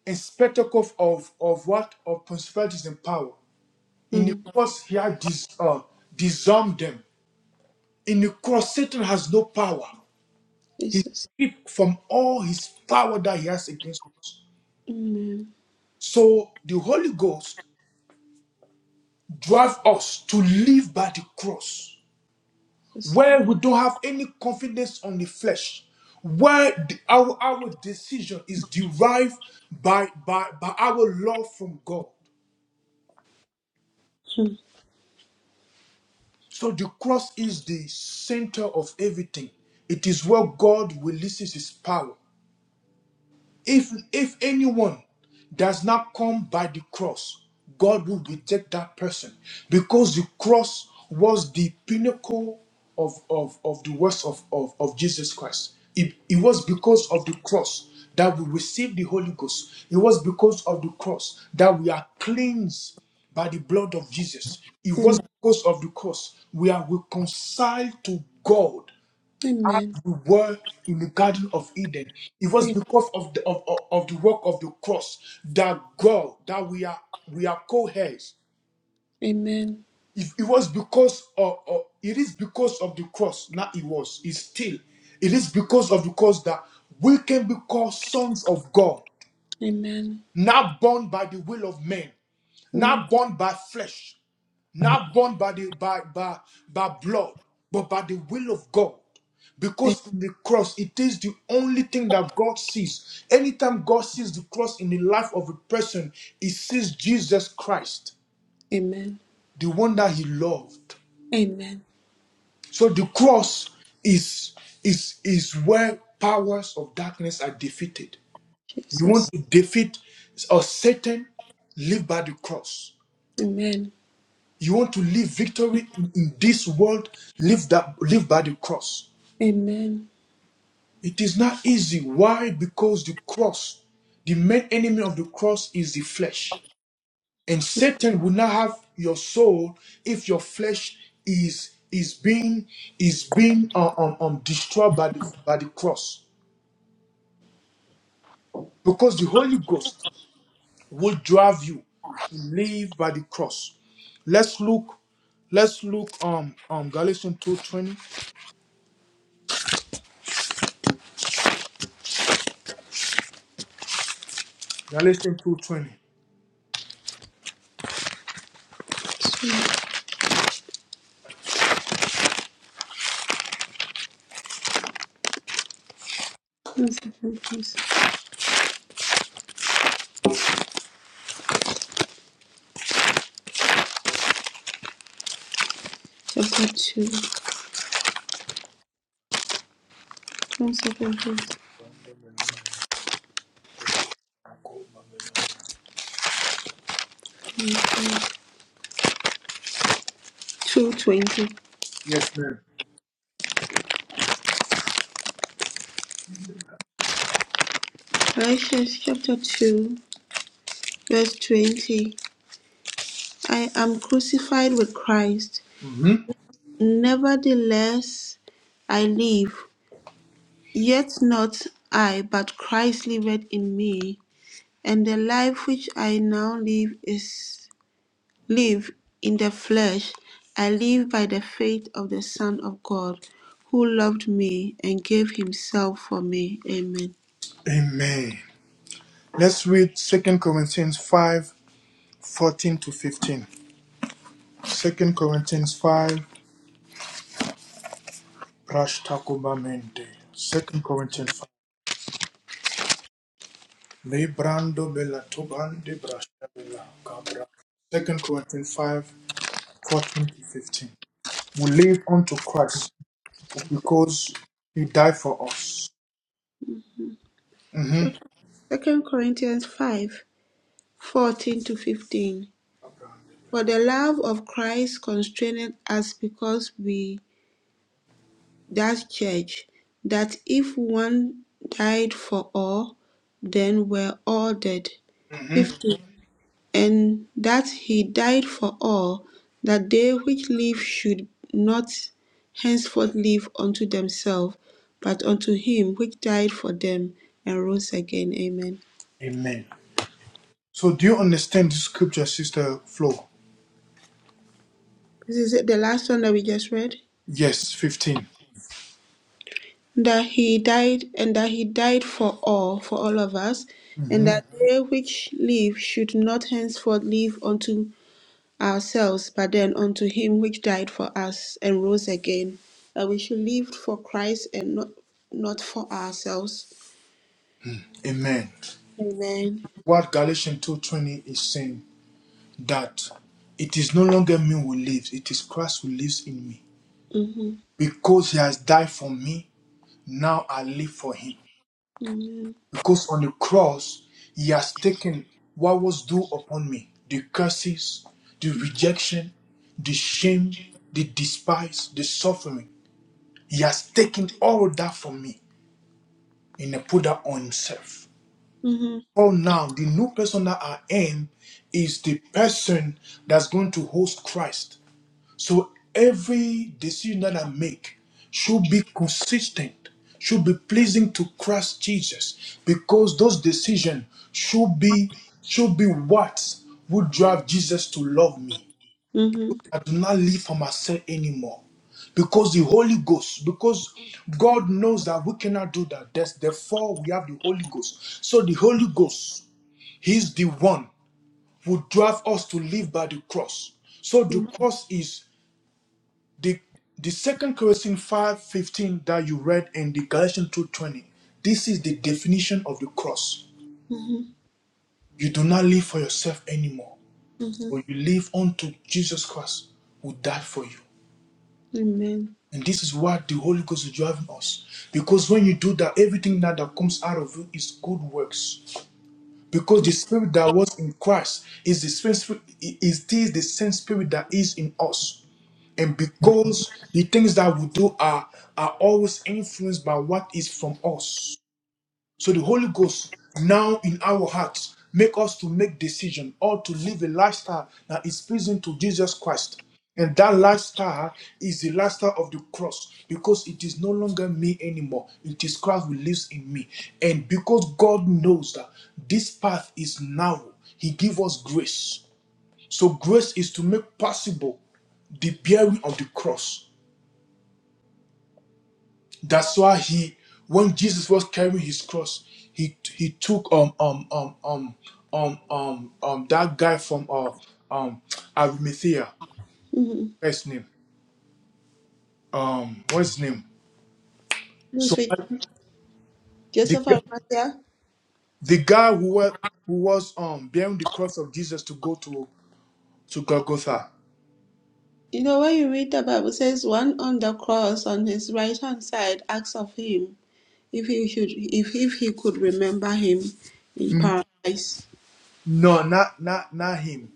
and spectacle of, of what? Of principalities and power. In the
Mm.
cross, he had dis, uh, disarmed them. In the cross, Satan has no power. He
Jesus.
stripped from all his power that he has against. us.
Amen.
So the Holy Ghost drive us to live by the cross,
Jesus.
where we don't have any confidence on the flesh, where the- our, our decision is derived by, by, by our love from God.
Mm.
So the cross is the center of everything. It is where God releases his power. If if anyone does not come by the cross, God will reject that person because the cross was the pinnacle of, of, of the works of, of, of Jesus Christ. It, it was because of the cross that we received the Holy Ghost. It was because of the cross that we are cleansed by the blood of Jesus. It was
Amen.
because of the cross we are reconciled to God as
Amen.
we were in the Garden of Eden. It was because of the of, of, of the work of the cross that God that we are we are co-heirs.
Amen.
If it was because of, of it is because of the cross, not it was, it's still. It is because of the cross that we can be called sons of God,
Amen.
not born by the will of men,
Mm.
not born by flesh not born by the by by by blood, but by the will of God. Because in the cross, it is the only thing that God sees. Anytime God sees the cross in the life of a person, he sees Jesus Christ,
Amen.
the one that he loved.
Amen.
So the cross is is is where powers of darkness are defeated. You want
Jesus.
to defeat or Satan, live by the cross.
Amen.
You want to live victory in in this world, live that live by the cross.
Amen.
It is not easy. Why? Because the cross, the main enemy of the cross is the flesh. And Satan will not have your soul if your flesh is is being is being um, um, um, destroyed by the by the cross. Because the Holy Ghost will drive you to live by the cross. Let's look, let's look um um Galatians 2:20. Galatians 2:20.
Sweet. One second, please. Chapter 2. One second, please. 2:20.
Yes, ma'am.
Galatians chapter 2, verse 20. I am crucified with Christ.
hmm
Nevertheless, I live. Yet not I, but Christ liveth in me. And the life which I now live is live in the flesh. I live by the faith of the Son of God, who loved me and gave himself for me. Amen.
Amen. Let's read 2 Corinthians 5 14 to 15. 2 Corinthians 5 Brash Mende. 2 Corinthians 5. Le Bella Tuban de Brash Cabra. 2 Corinthians 5 fourteen to 15. We live unto Christ because he died for us. hmm
Second Corinthians 5. 14 to 15. For the love of Christ constraineth us because we that judge that if one died for all, then were all dead.
hmm
15. And that he died for all, that they which live should not henceforth live unto themselves, but unto him which died for them and rose again. Amen.
Amen. So, do you understand this scripture, Sister Flo?
This is it, the last one that we just read.
Yes, 15.
that he died and that he died for all for all of us and
hmm
that they which live should not henceforth live unto ourselves but then unto him which died for us and rose again that we should live for christ and not not for ourselves
Amen.
amen
what Galatians 2.20 is saying, that it is no longer me who lives, it is Christ who lives in me.
mm-hmm.
Because he has died for me, now I live for him.
amen
Because on the cross, he has taken what was due upon me, the curses, the rejection, the shame, the despise, the suffering. He has taken all that from me and put that on himself.
mm-hmm.
Oh, now the new person that I am is the person that's going to host Christ. So every decision that I make should be consistent, should be pleasing to Christ Jesus, because those decisions should be should be what would drive Jesus to love me.
Mm-hmm.
I do not live for myself anymore. Because the Holy Ghost, because God knows that we cannot do that. That's, therefore, we have the Holy Ghost. So the Holy Ghost He's the one who drives us to live by the cross. So the
Mm-hmm.
cross is the the second Corinthians 5:15 that you read in the Galatians 2:20. This is the definition of the cross.
Mm-hmm.
You do not live for yourself anymore, but
Mm-hmm.
you live unto Jesus Christ who died for you.
amen
And this is what the Holy Ghost is driving us. Because when you do that, everything now that comes out of you is good works. because the spirit that was in Christ is the spirit is this the same spirit that is in us. And because the things that we do are are always influenced by what is from us. So the Holy Ghost now in our hearts make us to make decision or to live a lifestyle that is pleasing to Jesus Christ. And that lifestyle is the lifestyle of the cross because it is no longer me anymore. It is Christ who lives in me. And because God knows that this path is narrow, He gives us grace. So grace is to make possible the bearing of the cross that's why he, when Jesus was carrying his cross, he he took um um um um um um um that guy from uh um Arimathea.
mm-hmm.
What's his name? Um, what's his name?
this
So
week
the
joseph
gu-
Arimathea,
the guy who was who was um bearing the cross of Jesus to go to to Golgotha.
You know, when you read the Bible, it says one on the cross on his right hand side asks of him if he should if, if he could remember him in paradise.
No, not not not him.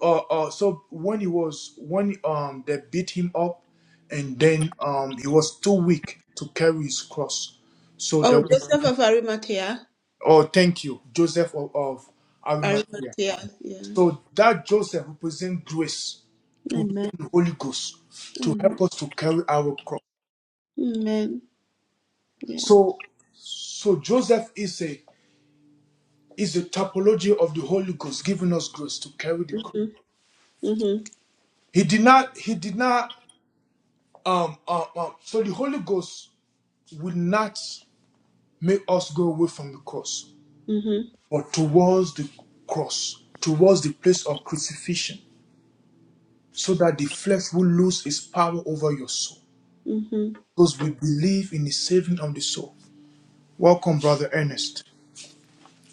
Uh, uh, so when he was when um they beat him up, and then um he was too weak to carry his cross. So
Oh,
there was
Joseph of Arimathea.
oh thank you Joseph of, of Arimathea.
Arimathea, yeah.
So that Joseph represents grace,
Amen.
represents the Holy Ghost to
Amen.
help us to carry our cross.
Amen. Yeah.
So so Joseph is a is a typology of the Holy Ghost giving us grace to carry the cross.
Mm-hmm. Mm-hmm.
He did not. He did not. Um, um, um, so the Holy Ghost will not make us go away from the cross,
Mm-hmm.
but towards the cross, towards the place of crucifixion, so that the flesh will lose its power over your soul.
Mm-hmm.
Because we believe in the saving of the soul. Welcome, Brother Ernest.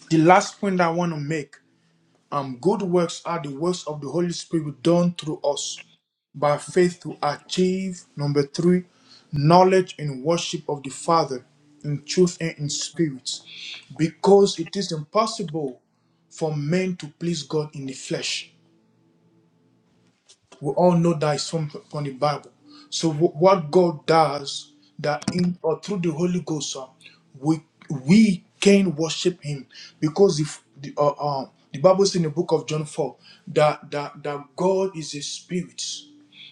The last point I want to make Um, good works are the works of the Holy Spirit done through us by faith to achieve, number three, knowledge and worship of the Father in truth and in spirit, because it is impossible for men to please God in the flesh. We all know that it's from from the Bible. So wh- what God does that in or through the Holy Ghost, uh, we we can worship Him because if the uh, uh, the Bible says in the book of John four that that that God is a spirit,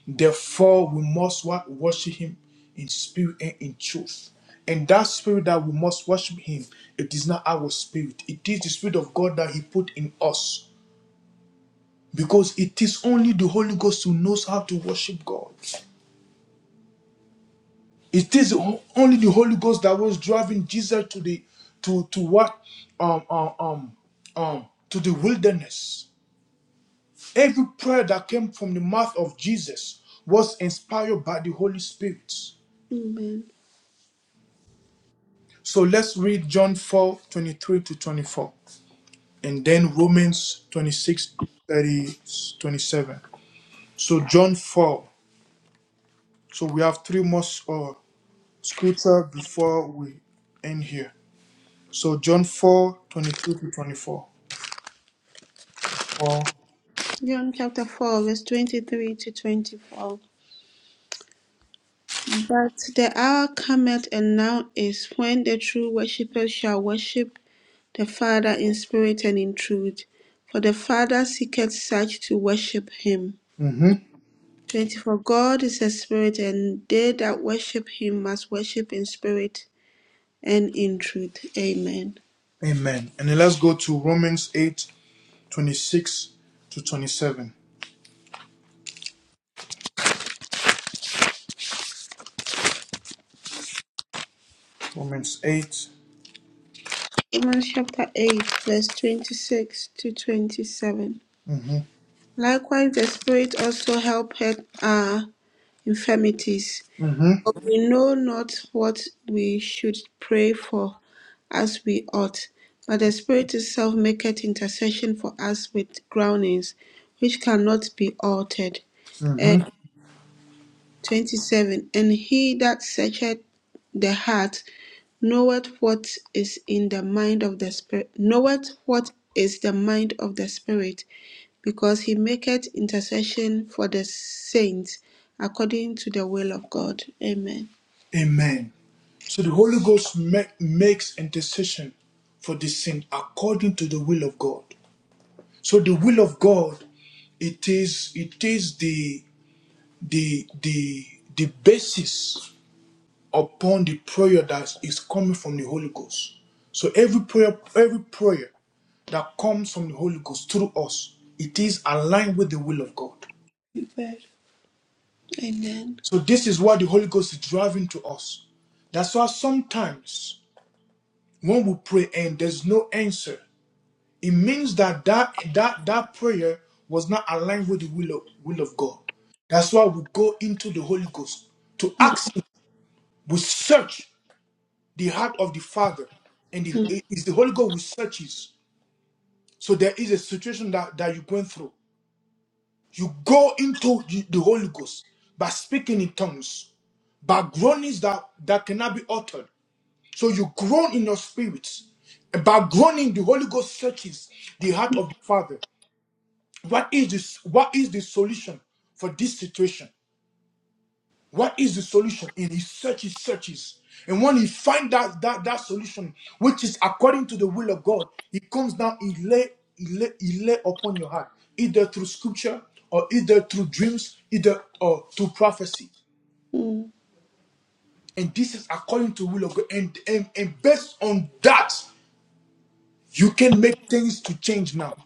therefore we must what worship Him in spirit and in truth. And that spirit that we must worship Him, it is not our spirit. It is the spirit of God that He put in us because it is only the Holy Ghost who knows how to worship God. It is only the Holy Ghost that was driving Jesus to the to to what um um um, um to the wilderness. Every prayer that came from the mouth of Jesus was inspired by the Holy Spirit.
Amen.
So let's read John 4 23 to 24 and then Romans 26 30 27. So John 4. So we have three more uh, scripture before we end here. So John 4 22 to 24. 4
John chapter 4, verse 23 to 24. But the hour cometh and now is when the true worshippers shall worship the Father in spirit and in truth, for the Father seeketh such to worship him.
Mm-hmm.
24 God is a spirit, and they that worship him must worship in spirit and in truth. Amen.
Amen. And then let's go to Romans 8 26 to 27. Romans 8.
Romans chapter 8, verse 26 to 27.
Mm-hmm.
Likewise, the Spirit also helpeth our infirmities,
Mm-hmm.
we know not what we should pray for as we ought, but the Spirit itself maketh intercession for us with groanings which cannot be altered.
Mm-hmm.
And 27 And he that searcheth the heart knoweth what is in the mind of the Spirit, knoweth what is the mind of the Spirit, because he maketh intercession for the saints according to the will of God. Amen.
Amen. So the Holy Ghost make, makes intercession for the sin according to the will of God. So the will of God, it is it is the the the the basis upon the prayer that is coming from the Holy Ghost. So every prayer, every prayer that comes from the Holy Ghost through us, it is aligned with the will of God.
Amen.
So this is what the Holy Ghost is driving to us. That's why sometimes when we pray and there's no answer, it means that that, that, that prayer was not aligned with the will of, will of God. That's why we go into the Holy Ghost to
Mm,
ask Him. We search the heart of the Father and
mm,
the, is the Holy Ghost who searches. So there is a situation that, that you're going through. You go into the, the Holy Ghost by speaking in tongues, by groanings that, that cannot be uttered. So you groan in your spirit. By groaning, the Holy Ghost searches the heart of the Father. What is this? What is the solution for this situation? What is the solution? And he searches, searches. And when he finds that, that, that solution, which is according to the will of God, he comes down, he lay, he lay, he lay upon your heart, either through scripture or either through dreams, either or through prophecy.
mm.
And this is according to the will of God. And, and, and based on that, you can make things to change now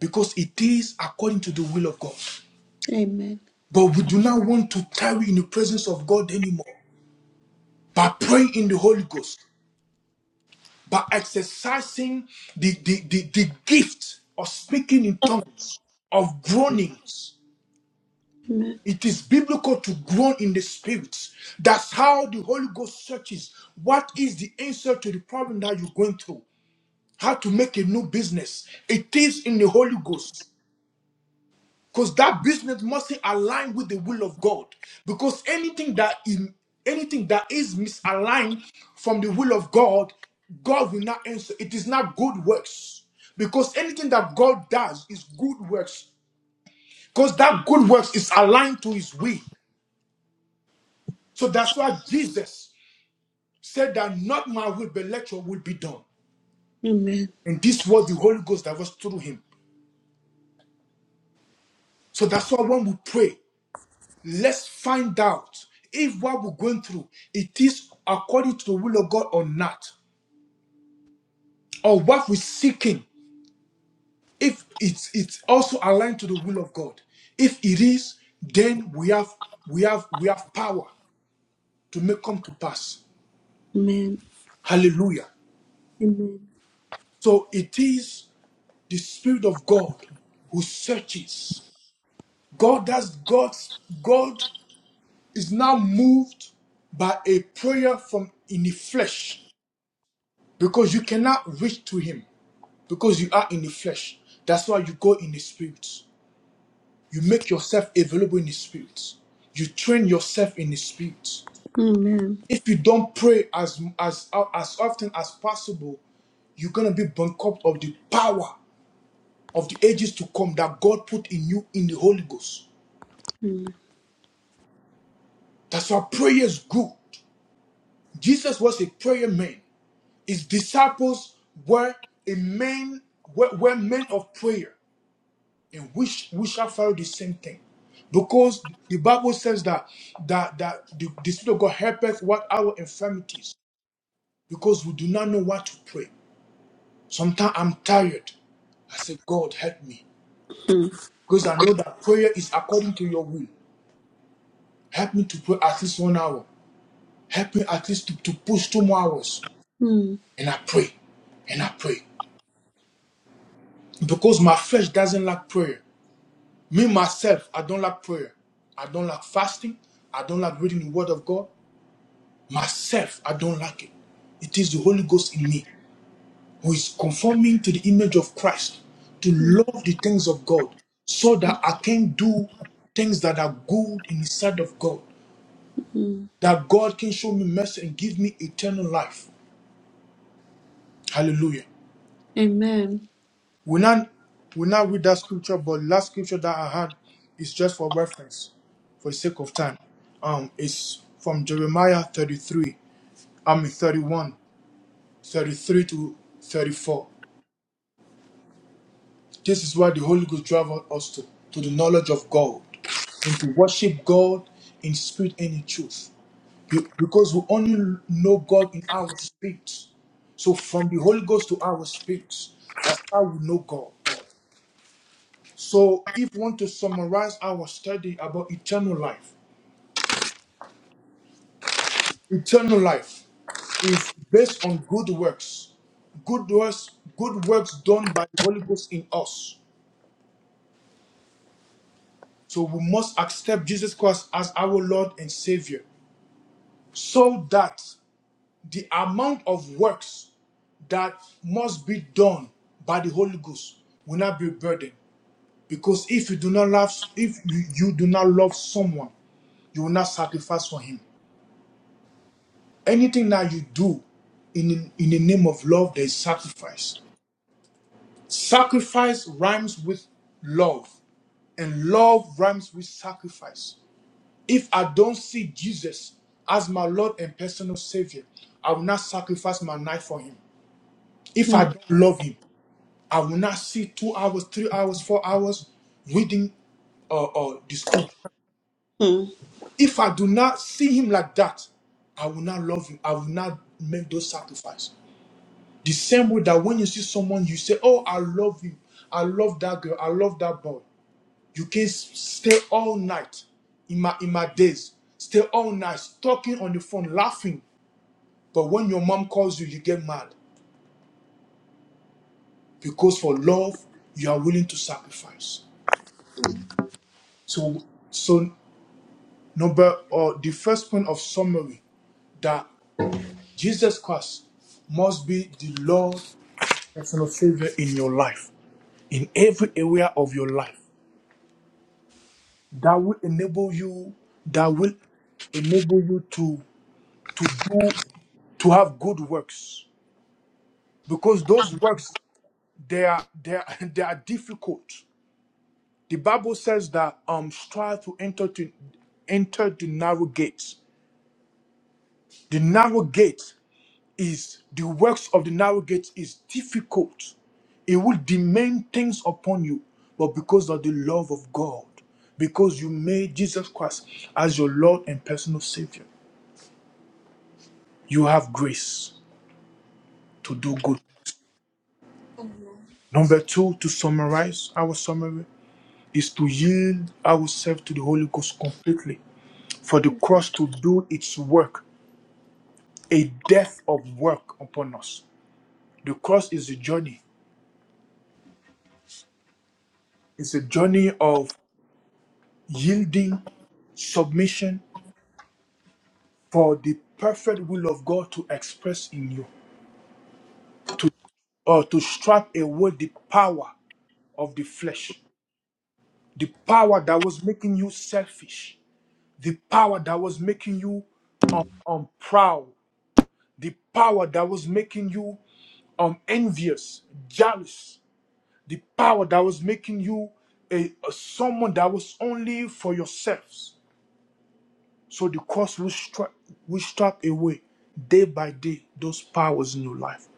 because it is according to the will of God.
Amen.
But we do not want to tarry in the presence of God anymore by praying in the Holy Ghost. by exercising the, the, the, the gift of speaking in tongues, of groanings.
Amen.
It is biblical to groan in the spirit. That's how the Holy Ghost searches what is the answer to the problem that you're going through, how to make a new business. It is in the Holy Ghost. because that business must align with the will of God. Because anything that in anything that is misaligned from the will of God, God will not answer. It is not good works. Because anything that God does is good works. Because that good works is aligned to his will. So that's why Jesus said that not my will, but let your will be done.
Amen.
And this was the Holy Ghost that was through him. So that's why when we pray. Let's find out if what we're going through it is according to the will of God or not, or what we're seeking if it's it's also aligned to the will of God. If it is, then we have we have we have power to make come to pass.
Amen.
Hallelujah.
Amen.
So it is the Spirit of God who searches. God does God's God is now moved by a prayer from in the flesh because you cannot reach to him. because you are in the flesh. That's why you go in the spirit. You make yourself available in the spirit. You train yourself in the spirit.
Amen.
If you don't pray as as as often as possible, you're gonna be bankrupt of the power of the ages to come that God put in you in the Holy Ghost.
Mm,
That's why prayer is good. Jesus was a prayer man. His disciples were a man were, were men of prayer. and we, sh- we shall follow the same thing. Because the Bible says that that, that the, the Spirit of God helpeth what our infirmities, because we do not know what to pray. Sometimes I'm tired. I say, God, help me.
mm,
Because I know that prayer is according to your will. Help me to pray at least one hour. Help me at least to, to push two more hours.
mm,
And I pray. And I pray. Because my flesh doesn't like prayer. Me, myself, I don't like prayer. I don't like fasting. I don't like reading the Word of God. Myself, I don't like it. It is the Holy Ghost in me who is conforming to the image of Christ to
mm,
love the things of God so that I can do things that are good in the sight of God,
mm.
that God can show me mercy and give me eternal life. Hallelujah.
Amen.
We now, we now read that scripture, but last scripture that I had is just for reference for the sake of time. Um, it's from Jeremiah 33, I mean 31, 33 to 34. This is why the Holy Ghost drives us to, to the knowledge of God and to worship God in spirit and in truth. Be- Because we only know God in our spirit. So from the Holy Ghost to our spirit, that's how we know God. So if we want to summarize our study about eternal life, eternal life is based on good works. Good works, good works done by the Holy Ghost in us. So we must accept Jesus Christ as our Lord and Savior so that the amount of works that must be done by the Holy Ghost will not be a burden, Because if you do not love, if you, you do not love someone, you will not sacrifice for him. Anything that you do in, in the name of love, there is sacrifice. Sacrifice rhymes with love, and love rhymes with sacrifice. If I don't see Jesus as my Lord and personal Savior, I will not sacrifice my life for him. If I
Mm,
don't love him, I will not sit two hours, three hours, four hours reading uh, uh, the scripture.
mm,
If I do not see him like that, I will not love him. I will not make those sacrifices. The same way that when you see someone, you say, Oh, I love you. I love that girl. I love that boy. You can s- stay all night in my in my days. Stay all night talking on the phone, laughing. But when your mom calls you, you get mad. Because for love, you are willing to sacrifice. So, so number or the first point of summary that Jesus Christ must be the Lord personal savior in your life, in every area of your life, that will enable you, that will enable you to to do to have good works. Because those works they are they are (laughs) they are difficult. The Bible says that um strive to enter to enter the narrow gates. The narrow gate is the works of the narrow gate is difficult. It will demand things upon you, but because of the love of God, because you made Jesus Christ as your Lord and personal Savior, you have grace to do good. Number two, to summarize our summary, is to yield ourselves to the Holy Ghost completely for the cross to do its work, a death of work upon us. The cross is a journey. It's a journey of yielding submission for the perfect will of God to express in you, to or to strip away the power of the flesh, the power that was making you selfish, the power that was making you um, um proud, the power that was making you um envious, jealous, the power that was making you a, a someone that was only for yourselves So the cross will, strip will strip away day by day those powers in your life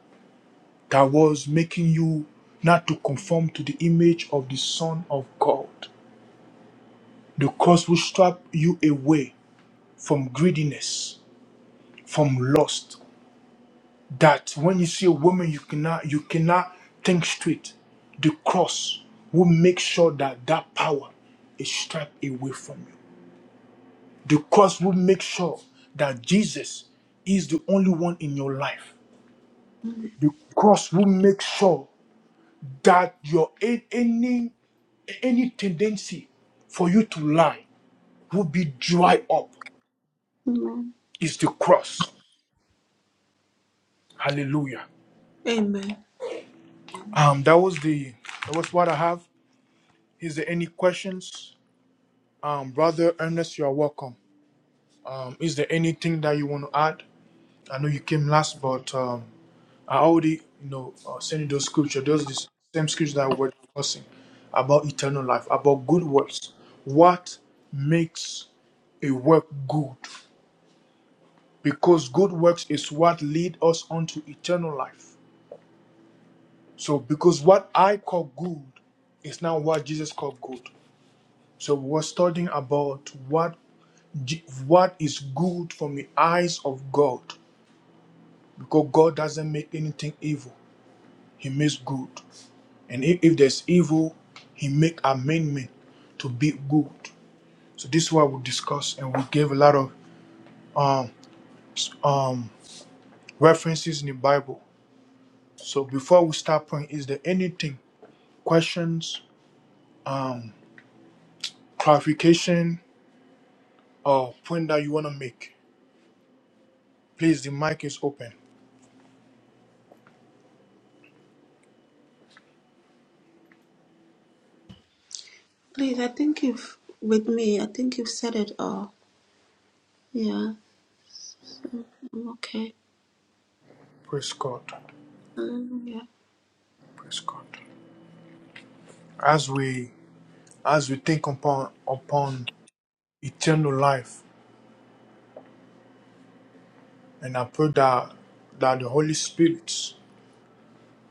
that was making you not to conform to the image of the Son of God. The cross will strip you away from greediness, from lust. That when you see a woman you cannot you cannot think straight. The cross will make sure that that power is stripped away from you. The cross will make sure that Jesus is the only one in your life
mm.
because we make sure that your a- any any tendency for you to lie will be dry up
Amen.
is the cross hallelujah
Amen.
um that was the that was what i have is there any questions um brother ernest you are welcome um is there anything that you want to add i know you came last but um, I already, you know, uh, sent you those scripture, those the same scripture that we're discussing about eternal life, about good works. What makes a work good? Because good works is what lead us unto eternal life. So, because what I call good is not what Jesus called good. So, we're studying about what Je- what is good from the eyes of God, because God doesn't make anything evil; He makes good. And if, if there's evil, he make amendment to be good. So this is what we discuss, and we gave a lot of um, um, references in the Bible. So before we start praying, is there anything, questions, um, clarification, or point that you want to make? Please, the mic is open.
Please, I think you've with me. I think you've said it all. Yeah. So I'm okay.
Praise God.
Hallelujah.
Praise God. As we as we think upon upon eternal life, and I pray that that the Holy Spirit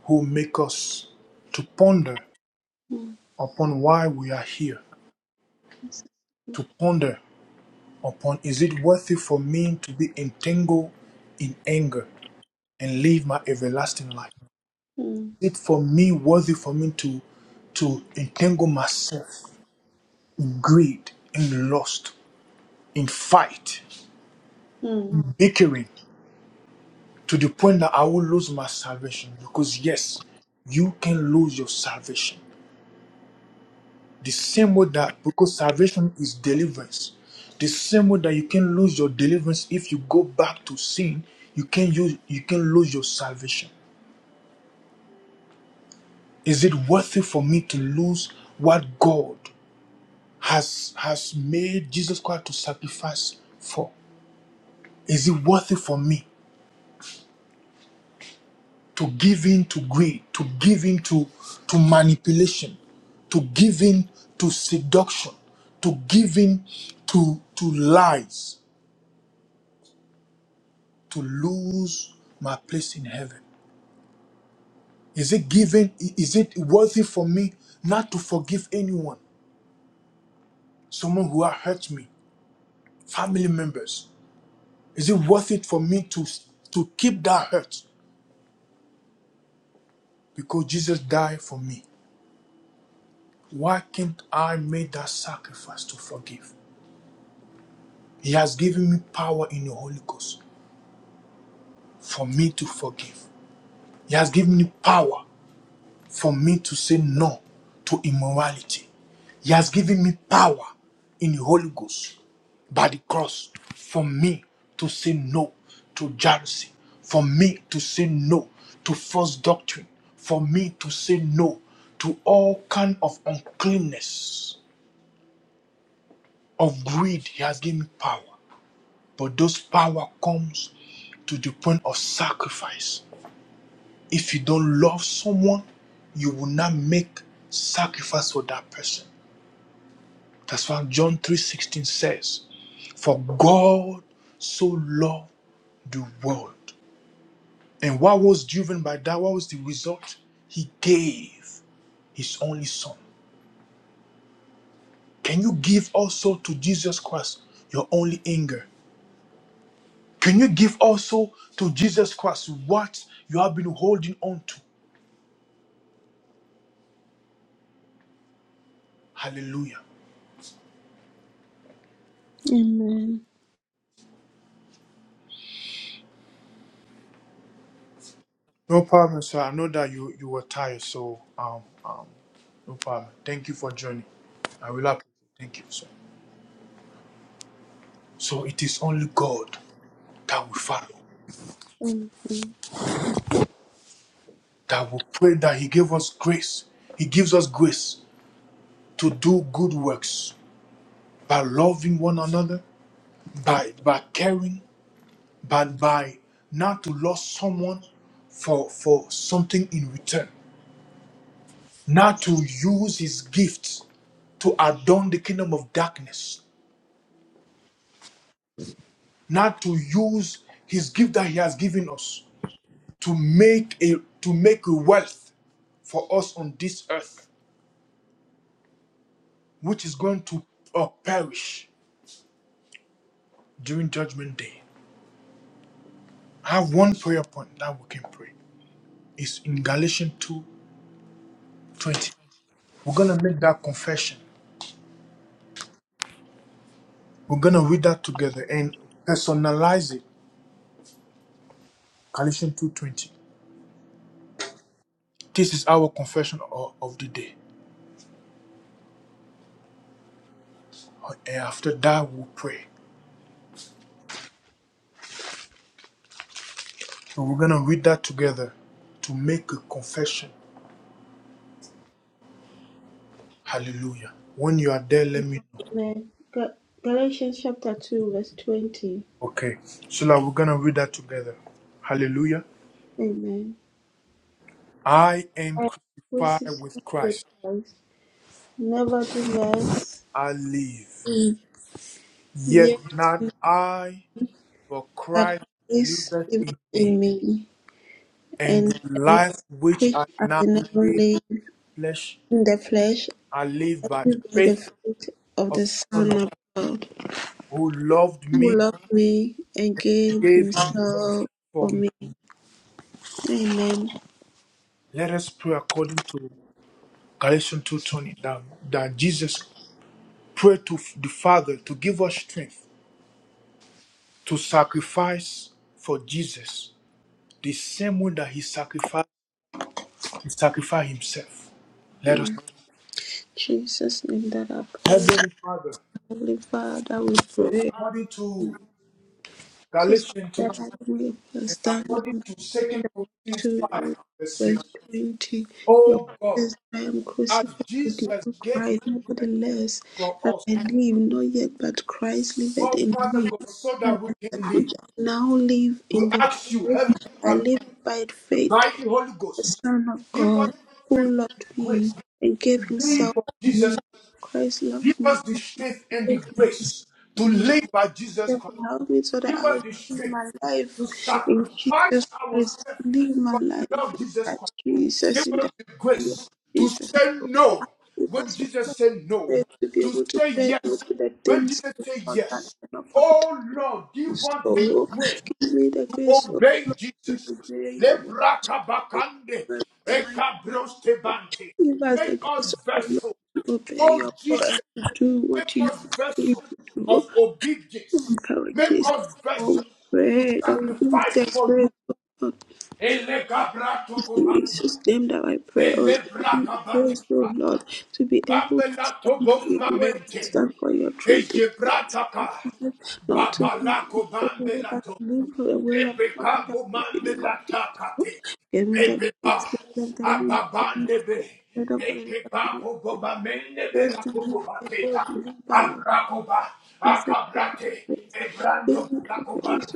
who make us to ponder
Mm,
upon why we are here, to ponder upon is it worthy for me to be entangled in anger and live my everlasting life?
mm,
Is it for me worthy for me to to entangle myself in greed, in lust, in fight,
mm.
bickering to the point that I will lose my salvation? Because yes, you can lose your salvation. The same way that, because salvation is deliverance, the same way that you can lose your deliverance if you go back to sin, you can use you can lose your salvation. Is it worth it for me to lose what God has has made Jesus Christ to sacrifice for? Is it worth it for me to give in to greed, to give in to, to manipulation, to give in to seduction, to give in to to lies? to lose my place in heaven? Is it given? Is it worthy for me not to forgive anyone, someone who has hurt me, family members? Is it worth it for me to to keep that hurt because Jesus died for me? Why can't I make that sacrifice to forgive? He has given me power in the Holy Ghost for me to forgive. He has given me power for me to say no to immorality. He has given me power in the Holy Ghost by the cross for me to say no to jealousy, for me to say no to false doctrine, for me to say no to all kind of uncleanness of greed. He has given me power, but those power comes to the point of sacrifice. If you don't love someone, you will not make sacrifice for that person. That's why John 3:16 says, "For God so loved the world." And what was driven by that? What was the result? He gave his only son. Can you give also to Jesus Christ your only anger? Can you give also to Jesus Christ what you have been holding on to? Hallelujah.
Amen.
No problem, sir. I know that you, you were tired, so um, um, no problem. Thank you for joining. I will appreciate it. Thank you, sir. So it is only God that we follow, that we pray that He gave us grace. He gives us grace to do good works by loving one another, by by caring, by by not to lose someone for for something in return, not to use His gifts to adorn the kingdom of darkness, not to use His gift that He has given us to make a to make a wealth for us on this earth which is going to uh, perish during judgment day. I have one prayer point that we can pray. It's in Galatians 220 We're going to make that confession. We're going to read that together and personalize it. Galatians 2 20. This is our confession of, of the day. And after that, we'll pray. So we're going to read that together to make a confession. Hallelujah. When you are there, let me know.
Amen. Ga- Galatians chapter two, verse twenty.
Okay. So now we're going to read that together. Hallelujah.
Amen.
I am
I am crucified
crucified with
with
Christ.
Christ. Nevertheless,
I live. Yet
yet
not I, but
not
Christ
is
liveth
living
in me.
in me,
And
and
the
the life
life which
which
I
I
now
now
live,
live
flesh,
in the flesh,
I live
I
by
live by the
faith
faith of
of
the
the Son
Son
of
of
God,
God,
who loved me,
who loved me and gave
gave himself
himself for
for me.
me. Amen.
Let us pray according to Galatians 2.20 that, that Jesus prayed to the Father to give us strength to sacrifice for Jesus the same way that he sacrificed He sacrificed himself. Let us.
In Jesus' name that I pray.
Heavenly Father,
Holy Father, we
we pray
pray.
according to
This
Galatians 2 two,
therapy
and
was done
according
on
to
the church
Second
of
Corinthians 5,
two
verse 15.
verse twenty. Your word
Oh God,
says, I am
as
crucified with you,
Jesus
O
gave him
Christ, nevertheless,
for
that
us,
I live, not yet, but Christ liveth
oh
in
Father
me.
God, so
And
that we
that
can live,
which I now live
we
in the
ask you,
flesh,
Heavenly
I
Father,
live by faith,
by the Holy
the
Ghost,
Son of
give us
God,
the
who
strength and the
loved me
grace
and gave
to live
himself
for
for
Jesus.
me. Christ
Give
loved me
us the strength
and
and the
gave himself
grace
for
to
me
live by Jesus Christ
help me so that
Give
I
us
will
the
live
strength
my
to
life in
sacrifice
Jesus
ourselves
Christ. Live my
for
life
the love of
in
Jesus Christ.
Christ
Give
Jesus. In the
us the
name of
grace to
Jesus,
say no
give
when
us all
Jesus said no,
faith to be
to
able to
say
pray to
yes
the
when
things
Jesus
of
said
God that
yes.
are not profitable.
Oh Lord, give us the
So,
grace
give me the
to
grace of
obey Jesus.
to obey your word.
Lebrakabakande,
in the mighty name.
ekabrostebante.
Give us
Make
the
us
grace of to
vessel,
obey
oh
your
Jesus
word to do
Make
what you
us
want me
vessels
to do.
of obedience.
Father
Make us
Jesus, oh
vessels
we
to
pray that you give
sacrifice
thanks
for
praise
you.
O Lord.
Elegabrato
In
kobambe,
Jesus' name that I pray, oh Lord, give me
elebrakabate,
grace, oh Lord, to be able to
bambelato
stand for your word, to
bommamente,
stand for your truth. In Jesus'
egebrataka,
name, Not to live
babalako
oh Lord, but
bambelato.
to live for the will of God in
Ebeka
the
bumambe
name of
la
Jesus.
takate.
Give me the grace,
Ebeba
Spirit of the living God, give me the
ababande be.
grace, Spirit of the living God, give
Ekeba
me the
koboba mende be
grace
la
to live for
koboba
your
teta.
word, to live by your
Abrakoba
Jesus, give me
akabrate.
the grace.
Ebrando la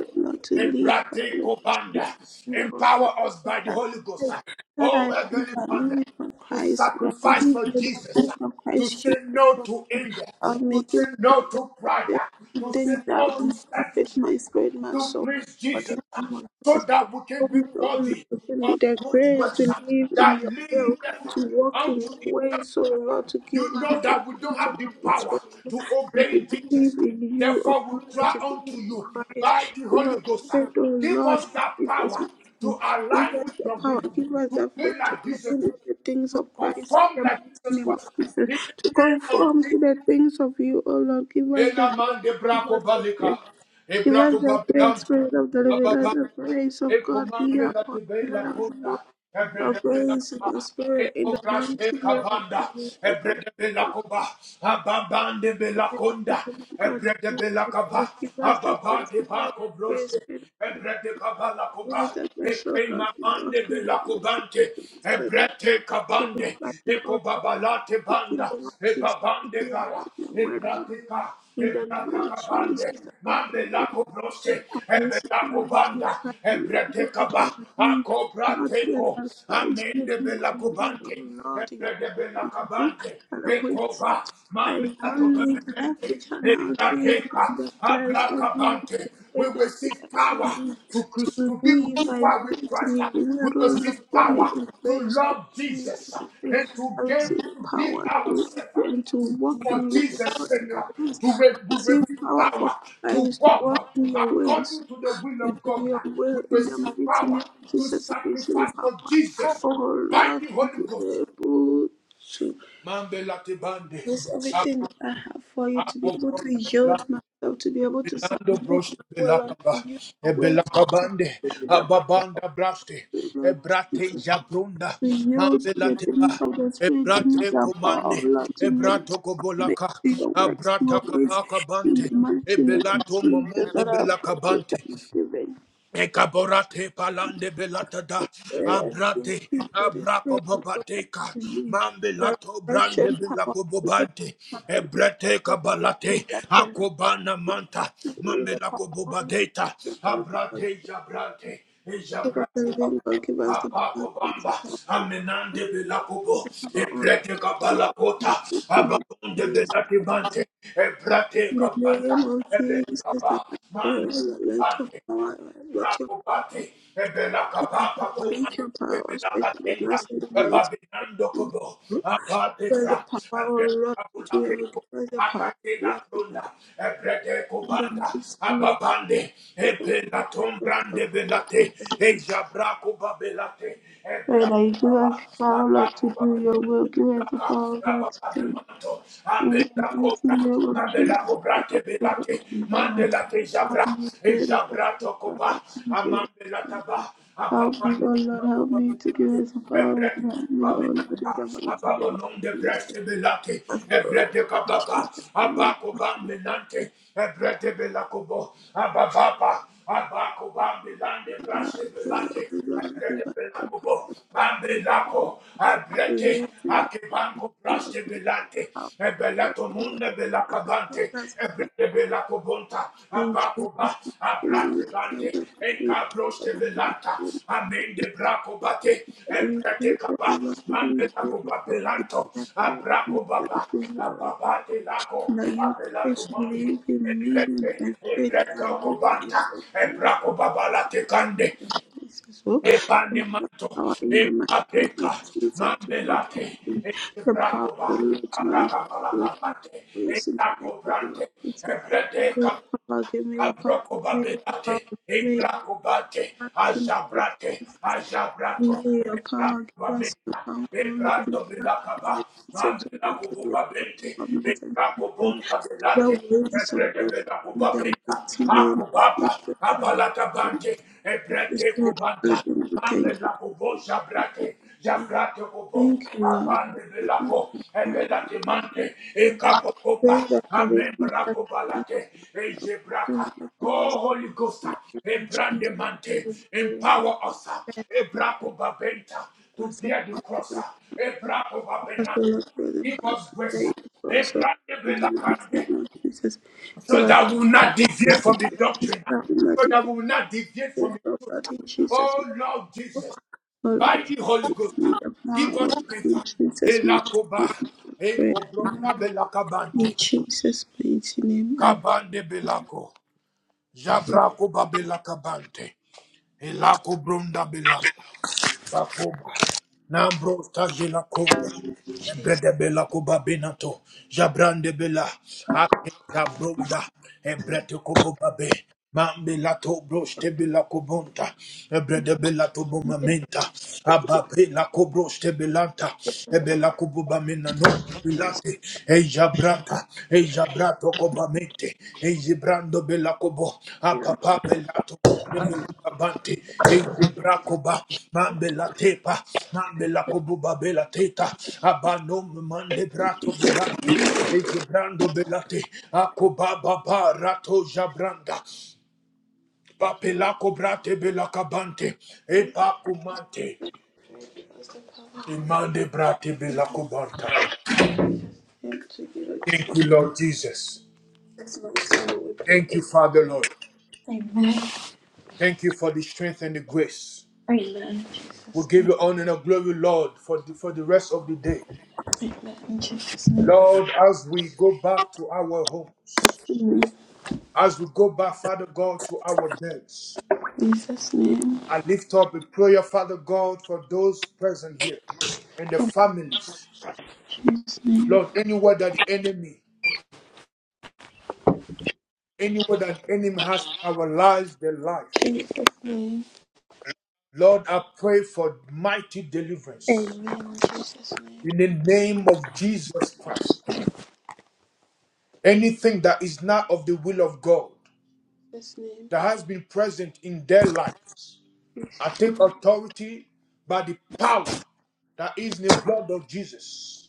O Lord, to live by
Ebrate
your
kobanda.
continual you, O
Empower us by the
that
Holy Ghost.
life that
Oh
I live,
Heavenly
I
Father,
live it for
to
Christ, and I
sacrifice
live
for
with the
Jesus
faith of
to
Christ
say
Jesus.
no
O
to
Lord.
anger,
I'll
to
make
say
him
no to pride,
say
to say
things that
no
will
to
not profit
selfishness,
my spirit, my
to
soul,
please
but
Jesus
in the name of
so
Jesus.
that we
Oh
can be
Lord,
worthy
give me
of
the
good
grace to
works uh,
live in
that
your
lead
will,
us
to
uh,
walk
unto
in your ways,
eternity.
so Lord, to give
You know
myself
that we don't
into
have the
the
power
spirit
to
and to
obey Jesus.
believe in you, O
Therefore, we
Lord,
cry
to believe
unto
in
you
Christ.
by the
Give
Holy
us the
Ghost. uh,
faith, O
Give
Lord,
us that
Jesus.
power
we
to
you. Give
align
us
with
the
your
power,
will,
give us
to
the
be
faith to
like Jesus,
believe in the things
to
of Christ.
conform
In the
like
mighty
Jesus
name of
Christ.
Jesus,
In
to
the name of
conform to
Jesus.
the things of you, O Lord. Give us the
Ela
grace,
mande
give
brako
us the
balika,
grace.
e
Give us
brako
the great
babilanto,
spirit of the living and
ababa
the grace of
e
God be
comande la
upon you,
tibe la
let us walk
conda e brede
of
de la
grace in the
coba e
spirit in the
cobrash e
mighty name of
cabanda e brede de la
Jesus.
coba ababande de la
Heavenly Father,
conda
Lord
e
God,
brede de la coba
the grace, give us the grace,
ababande
give us
ba
the grace,
cobroste
Spirit
e
of the Lord.
brede caba la
Give us
coba
the grace,
e
so Lord,
crema
we walk
bande
in
de
the
la
Lord, to
cobante
the
e
Spirit.
brete
To live
cabande
like you,
e
O
cobabalate
to feel
banda
the Lord
e
Jesus, to
babande
be
gara
about your
e
word, O Lord.
bratica
In the name of
Ebrakabande,
Jesus, I pray.
Mambelako Brose,
I crucify
Ebelako
the two
Banda,
name to let my
Ebretekaba,
live, not let
Akobrateko,
my spirit
Amende
to live in me, O
Belakobante,
Lord, in
Ebrede
the book
Belakabante,
and await.
Ekoba,
I now
Mambelato
live life
Bemente,
which are now doing
Ebrateka,
in the flesh and live
Abrakabante.
by
We
faith
will
that you
receive
can help
power
me
to, crucif-
to
to be
live by
crucified with
faith in
Christ.
you. We are
We will
all Lord,
receive
you made
power
in
to
grace to
love
live
Jesus
by faith.
and to
I
give
receive
to give
power to live
ourselves
and to walk
for
in your
Jesus'
in
sake,
your
uh,
ways.
to, re-
I
to
receive
receive
power for
power, to
Christ to
walk
walk in
uh,
your ways,
according to the will
to
of
do
God.
your
uh, We
will in the
receive
mighty
power
name of
to
Jesus. I receive
sacrifice for
power.
Jesus
Oh
by
Lord,
the
to
Holy
be
Ghost.
able to.
Mambela tebande,
Use everything that I have for you to be able to yield myself, to be able to
Bilando
submit my
broste
will
belakaba,
unto you,
e
my way to
belakabande,
the power of
ababanda braste,
the
e
Lord
brate
Jesus,
jabrunda,
to yield to the
mambelateba,
things of the
e
Spirit, to need
brate
the power
komande,
of love, to
e
be able
brato
to submit
kobolaka,
to your works, to your
abrata
ways,
kabaka
in
bante,
the
e
mighty name
belato
of Jesus,
mamunde
that I pray with
belakabante,
thanksgiving.
Ekaborate palande belatada
Prayer and
abrate
thank you for this
abrako
prayer, of God, that
babateka
you give me the
mambelato brande
direction, power,
belako
and
bobante
the
ebrete
blessing
kabalate
of
akobana manta
May the power
mambelako
of
bobadeta
the living God,
abrate jabrante
Spirit of the
ejabrako
living
babate
God, give us the power to
apako bamba
overcome all
amenande belakobo
the power of
ebrete
evil. In
kabalakota
the mighty name of
ababonde
Jesus,
belate bante ebrate
in the
kabanta
name of Jesus,
ebelakaba
that I pray, O Lord, let your
mambe
power, let your power,
Rabobati, Ebelakabaka Kuma,
let your power, especially the
Ebelakatinda,
us in the mighty
Ebabinando
name.
Kobo,
Give us
Abadekra,
the power, O Lord, to do it.
Ebelakabulakeko,
Give us the power, O
Akakela
Lord, to do it.
Prunda, Ebrede
In the
Kubanda,
mighty name
Ababande,
of Jesus, I pray,
Ebelatom
O
Brande Belate,
Lord,
Ejabra Kubabelate,
Lord,
Ebra
I give us the power, Lord, to do your will. Give us the power, Lord, to do
manto,
in the
Abela
mighty
Cobra,
name of
Mandela
Jesus.
Cobra
I pray, oh
Tebelate,
Lord.
Mandela Tejabra,
Help me, Spirit of God.
Ejabra
Father.
Tocoba,
Help me, Spirit
Amandela
of God. Father.
Taba,
Help me, oh
Ababande
Lord. Help
Coba
me to give
Belate,
us the power, Lord.
Ebrete
Help me,
Coba
oh Lord,
Menata,
in the mighty name
Ababonon de
of Jesus.
Breste Belate,
That's all
Ebrete Cababa,
Jesus' name.
Abacoba Menante, Ebrete Belacobo, Abababa, Abacoba Belande
And I
Braste
pray,
Belate,
oh Lord, give
Ebrete
us the power
Belacobo, Bambelaco,
to use
Abrete.
in your voice,
Akibango
Lord.
braste belante,
Power
e
to work
ebelato
in
munde
your
belacabante,
presence.
ebrete belacobonta,
In Jesus'
abacoba,
name, We choose
abrate
to
e
be
encabroste belanta, amende bracobate,
Thank you,
ebrete
O
caba,
Lord, in heaven,
mandelacoba belanto, abracobaba, ababate laco,
that you
abelato
place
monte,
live in me and my faith have
Ebreto
you faith
cobanta, ebraco babala tecande,
Jesus. So, give us
Epanemato,
power in the mighty name of
Ebrapeka,
Jesus to God.
Mambelate,
The power of
Ebracoba,
the Lord to manifest your
Abracabalacabate,
grace in the mighty name of
Etacobrante,
Jesus. Give me
Ebredeca,
a power, give me a power, give me a
Abrocobabelate,
power.
Ebracobate,
mighty name of
Azabrate,
Jesus. Thank
Azabrato,
you, your
e
power. Give us your
prakubabenta,
power,
e
Almighty
prando
God.
belakaba,
Almighty, so
mande
to look at your power,
lakububabente,
Almighty
e
God.
prakubonda
The
belate, e
ways of
breke
God in the
belakubabenta,
mighty name of
akubaba,
Jesus. Father,
abalatabante, e
Yes,
breke
Lord,
kubanta,
hallelujah.
mande
Thank you.
lakubo jabrate, jabrate kubo,
Thank you.
abande
Lord.
belako, e
Uh,
belate mante, e kapokopa,
Pray that you may be
amen
us.
brakubalate, e jebraka,
Lord, Give us
Oh, Holy Ghost,
the power, Jesus,
Ebrandemante,
to do it.
empower us,
Thank
Ebrapo Babenta,
Give
to
us
bear the cross,
Us,
Ebrapo
O
Babenante.
Lord, through the
Give
path
us
you
grace,
paved for us, O Lord, in the
Ebrandebelakande,
mighty name of Jesus. Give
so
us
that we will not
the
deviate from the
grace to
doctrine,
stand in the
so that we
defense
will not deviate from it.
of God in Jesus' name.
Oh, Lord Jesus,
O
by
Lord,
the Holy Ghost,
in the power
give
of
us
God
strength,
in Jesus' mighty name,
Elakoba,
I pray.
Ekobrona
In
Belakabante,
Jesus' mighty name, I
Kabande Belako,
pray.
Jabrako Babelakabante. Elako bronda bela bakoba. Nambro tajela konda.
In Jesus,
Ebrede bela koba benato. Jabrande bela. Ake jabronda. Ebrete kobo babe. Mambela to broste bela kobonta. Ebrede bela to bomamenta. Abape la kobroste belanta. Ebela kobo bamena non bilate. e Ejabranta. Zabrato cobamente, e zibrando belacobo, a papà pelato monte belacabante, e zibracoba, mambe la tepa, mambe la cobuba bela teta, abanom mande brato bilante, e zibrando belate, a cobaba rato jabranda, papelaco brate belacabante, e pacumante,
give us the
e
power of
mande brate belacobanta.
him to give it to
Thank
us.
you, Lord Jesus.
That's my son, we
Thank
pray.
you, Father Lord.
Amen.
Thank you for the strength and the grace.
Amen. In
We
Jesus'
give
name.
you honor and glory, Lord, for the, for the rest of the day.
Amen. In Jesus' name.
Lord, as we go back to our homes,
Amen.
as we go back, Father God, to our beds,
In Jesus' name.
I lift up a prayer, Father God, for those present here and the
In
families.
Jesus' name.
Lord, anywhere that the enemy, anywhere that the enemy has paralyzed their life,
Jesus' name.
Lord, I pray for mighty deliverance
Amen. In Jesus' name.
in the name of Jesus Christ. Anything that is not of the will of God
Jesus' name.
that has been present in their lives, I
Jesus'
take
name.
authority by the power that is in the blood of Jesus.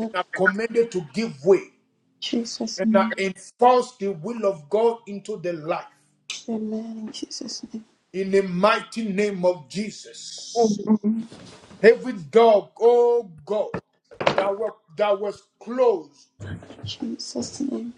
And I command it to give way.
Jesus'
And I
name.
enforce the will of God into their life.
Amen. In Jesus' name.
In the mighty name of Jesus. Every dog, oh God, that, were, that was closed
Jesus' name.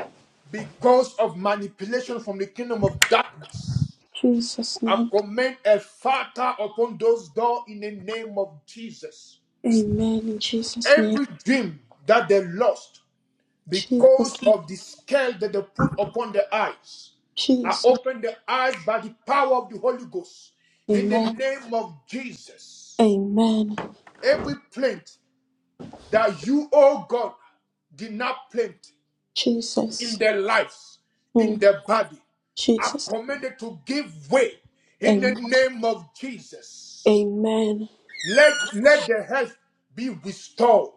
because of manipulation from the kingdom of darkness.
Jesus'
I
name.
command a fire upon those doors in the name of Jesus.
Amen. In Jesus' name.
Every dream that they lost
Jesus'
because
name.
of the scale that they put upon their eyes, I
Jesus.
open the eyes by the power of the Holy Ghost in the
Amen.
name of Jesus.
Amen.
Every plant that you, oh God, did not plant in
Jesus.
their lives,
Hmm.
in their body, I
Jesus.
command it to give way in the
Amen.
name of Jesus.
Amen.
Let, let the health be restored.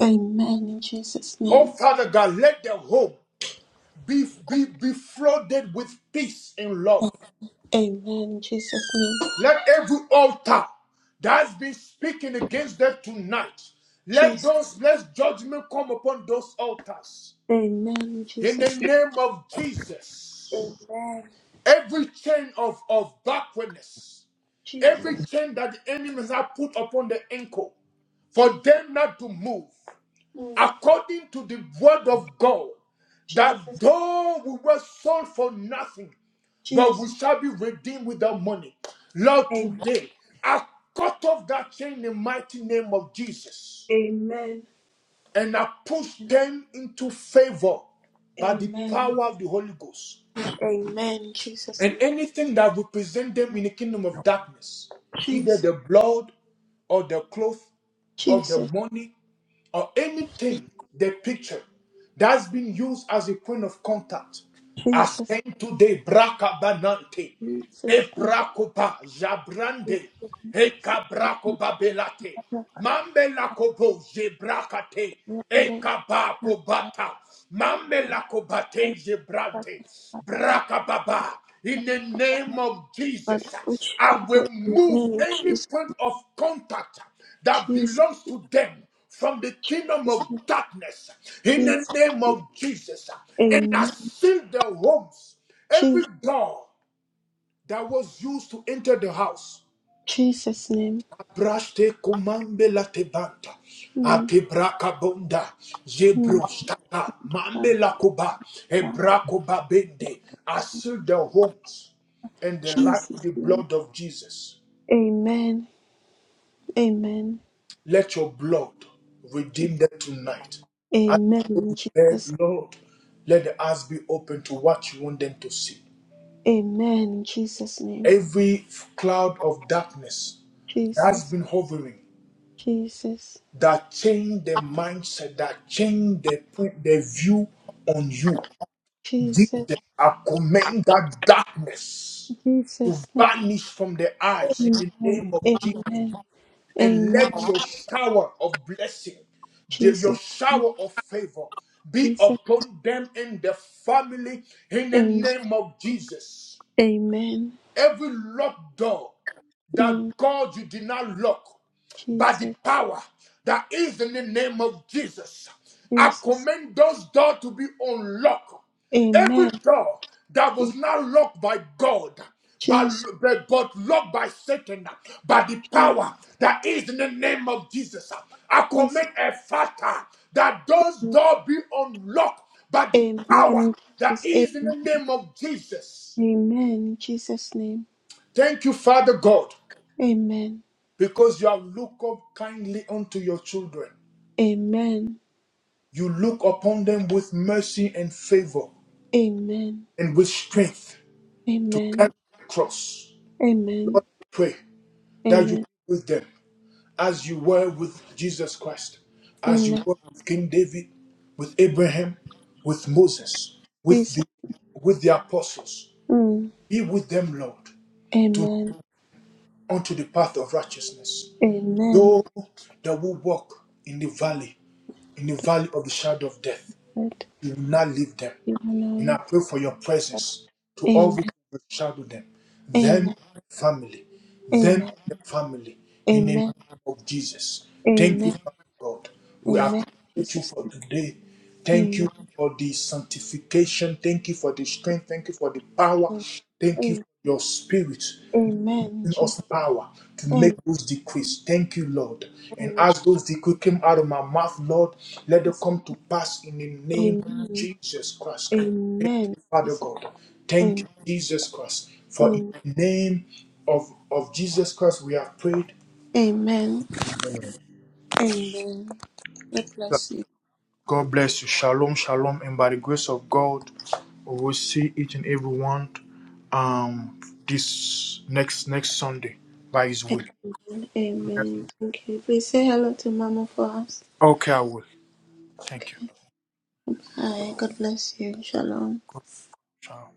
Amen. In Jesus'
Oh,
name.
Father God, let the home be, be, be flooded with peace and love.
Amen. In Jesus' name.
Let every altar that's been speaking against them tonight, let those,
Jesus.
let judgment come upon those altars.
Amen. In
In the
Jesus'
name of
name.
Jesus,
Amen.
every chain of, of backwardness,
Jesus.
every chain that the enemies have put upon the ankle, for
Jesus.
them not to move,
Mm.
according to the word of God, that
Jesus.
though we were sold for nothing, but we
Jesus.
shall be redeemed without money. Lord,
Amen.
today I cut off that chain in the mighty name of Jesus
Amen.
and I push them into favor by the
Amen.
power of the Holy Ghost.
Amen. In Jesus'
And
name.
anything that represent them in the kingdom of darkness, either
Jesus.
the blood or the cloth or the
Jesus.
money or anything,
Jesus.
the picture that's been used as a point of contact, I
Jesus.
ascend to the braca banante,
name.
le
Jesus.
bracopa
name.
jabrande, e cabraco babelate, mambelacobo jebrakate, e cabaco bata, mammelacobate jebrante, bracababa. In the name of
But
Jesus,
which
I will move
Amen.
any
Jesus.
point of contact that
Jesus.
belongs to them from the kingdom
Jesus.
of
name.
darkness in the
Jesus.
name of Jesus and I
Amen.
seal their homes. Every
Jesus.
door that was used to enter the house.
Jesus name.
Abraste kumambe la tebanta.
Mm-hmm.
Atebra kabonda. Mambe la kuba. Ebra bende. I seal their homes and the life
Jesus
with the
name.
blood of Jesus.
Amen. Amen.
Let your blood
Je-
redeem them tonight. As
Amen.
they go
in
to
Jesus.
bed, Lord, let the eyes be open to what you want them to see.
Amen. In Jesus' name.
Every cloud of darkness that has
Jesus.
been hovering,
Jesus.
that changed their mindset, that changed their, point- their view on you.
Jesus.
Jesus, I command that darkness to
Jesus. name.
vanish from their eyes in the
Amen.
name of Jesus.
Amen.
and let
Amen.
your shower of blessing, the- your
Jesus.
shower of favor be
Jesus.
upon them in the family in the
Amen.
name of Jesus.
Amen.
Every locked door that
Mm.
God you did not lock by the
Jesus.
power that is in the name of Jesus, I
Jesus.
command those doors to be unlocked. Every
Amen.
door that
Je-
was not locked by God, but,
Jesus.
but, but locked by Satan, by the
Je-
power that is in the name of Jesus, I
Jesus.
command a father that those doors be unlocked by the power
Amen. In
that
Jesus.
is in
Amen.
the name of Jesus.
Amen. In Jesus' name.
Thank you, Father God,
Amen.
because you have looked up kindly unto your children.
Amen.
You look upon them with mercy and favor
Amen.
and with strength to
Amen.
carry the cross.
Amen.
Lord, I pray that you
Amen.
be with them as you were with Jesus Christ, as you
Amen.
were with King David, with Abraham, with Moses, with the
Jesus.
with the apostles.
Mm.
Be with them, Lord, to
Amen.
unto the path of righteousness.
Amen.
Though they will walk in the valley in the valley of the shadow of death.
Lord,
You will not leave them.
you are now
And I
and
pray for your
forever.
presence to all
Amen.
who overshadow them, them and
Amen.
their family, them and
Amen.
their family, in the name
Amen.
of Jesus. Thank you,
Amen.
Father God. We
Amen.
appreciate you
Jesus.
for today. Thank
Amen.
you for the sanctification. Thank you for the strength. Thank you for the power. Thank you for
Amen.
your spirit
Amen.
giving us
Jesus.
power to make those decrees. Thank you, Lord. And
Amen.
as those decrees came out of my mouth, Lord, let them
Jesus.
come to pass in the name of
Amen.
Jesus Christ. Thank
Amen.
you, Father
Jesus.
God. Thank you,
Amen.
Jesus Christ. For in
Amen.
the name of, of Jesus Christ, we have prayed.
Amen. Amen. God bless you.
God bless you. Shalom, shalom. And by the grace of God, we will see each and every one um, this next next Sunday by His will.
Amen.
Yes.
Amen. Thank you. Please say hello to Mama for us.
Okay, I will.
Okay.
Thank you.
Hi, God bless you. Shalom.
so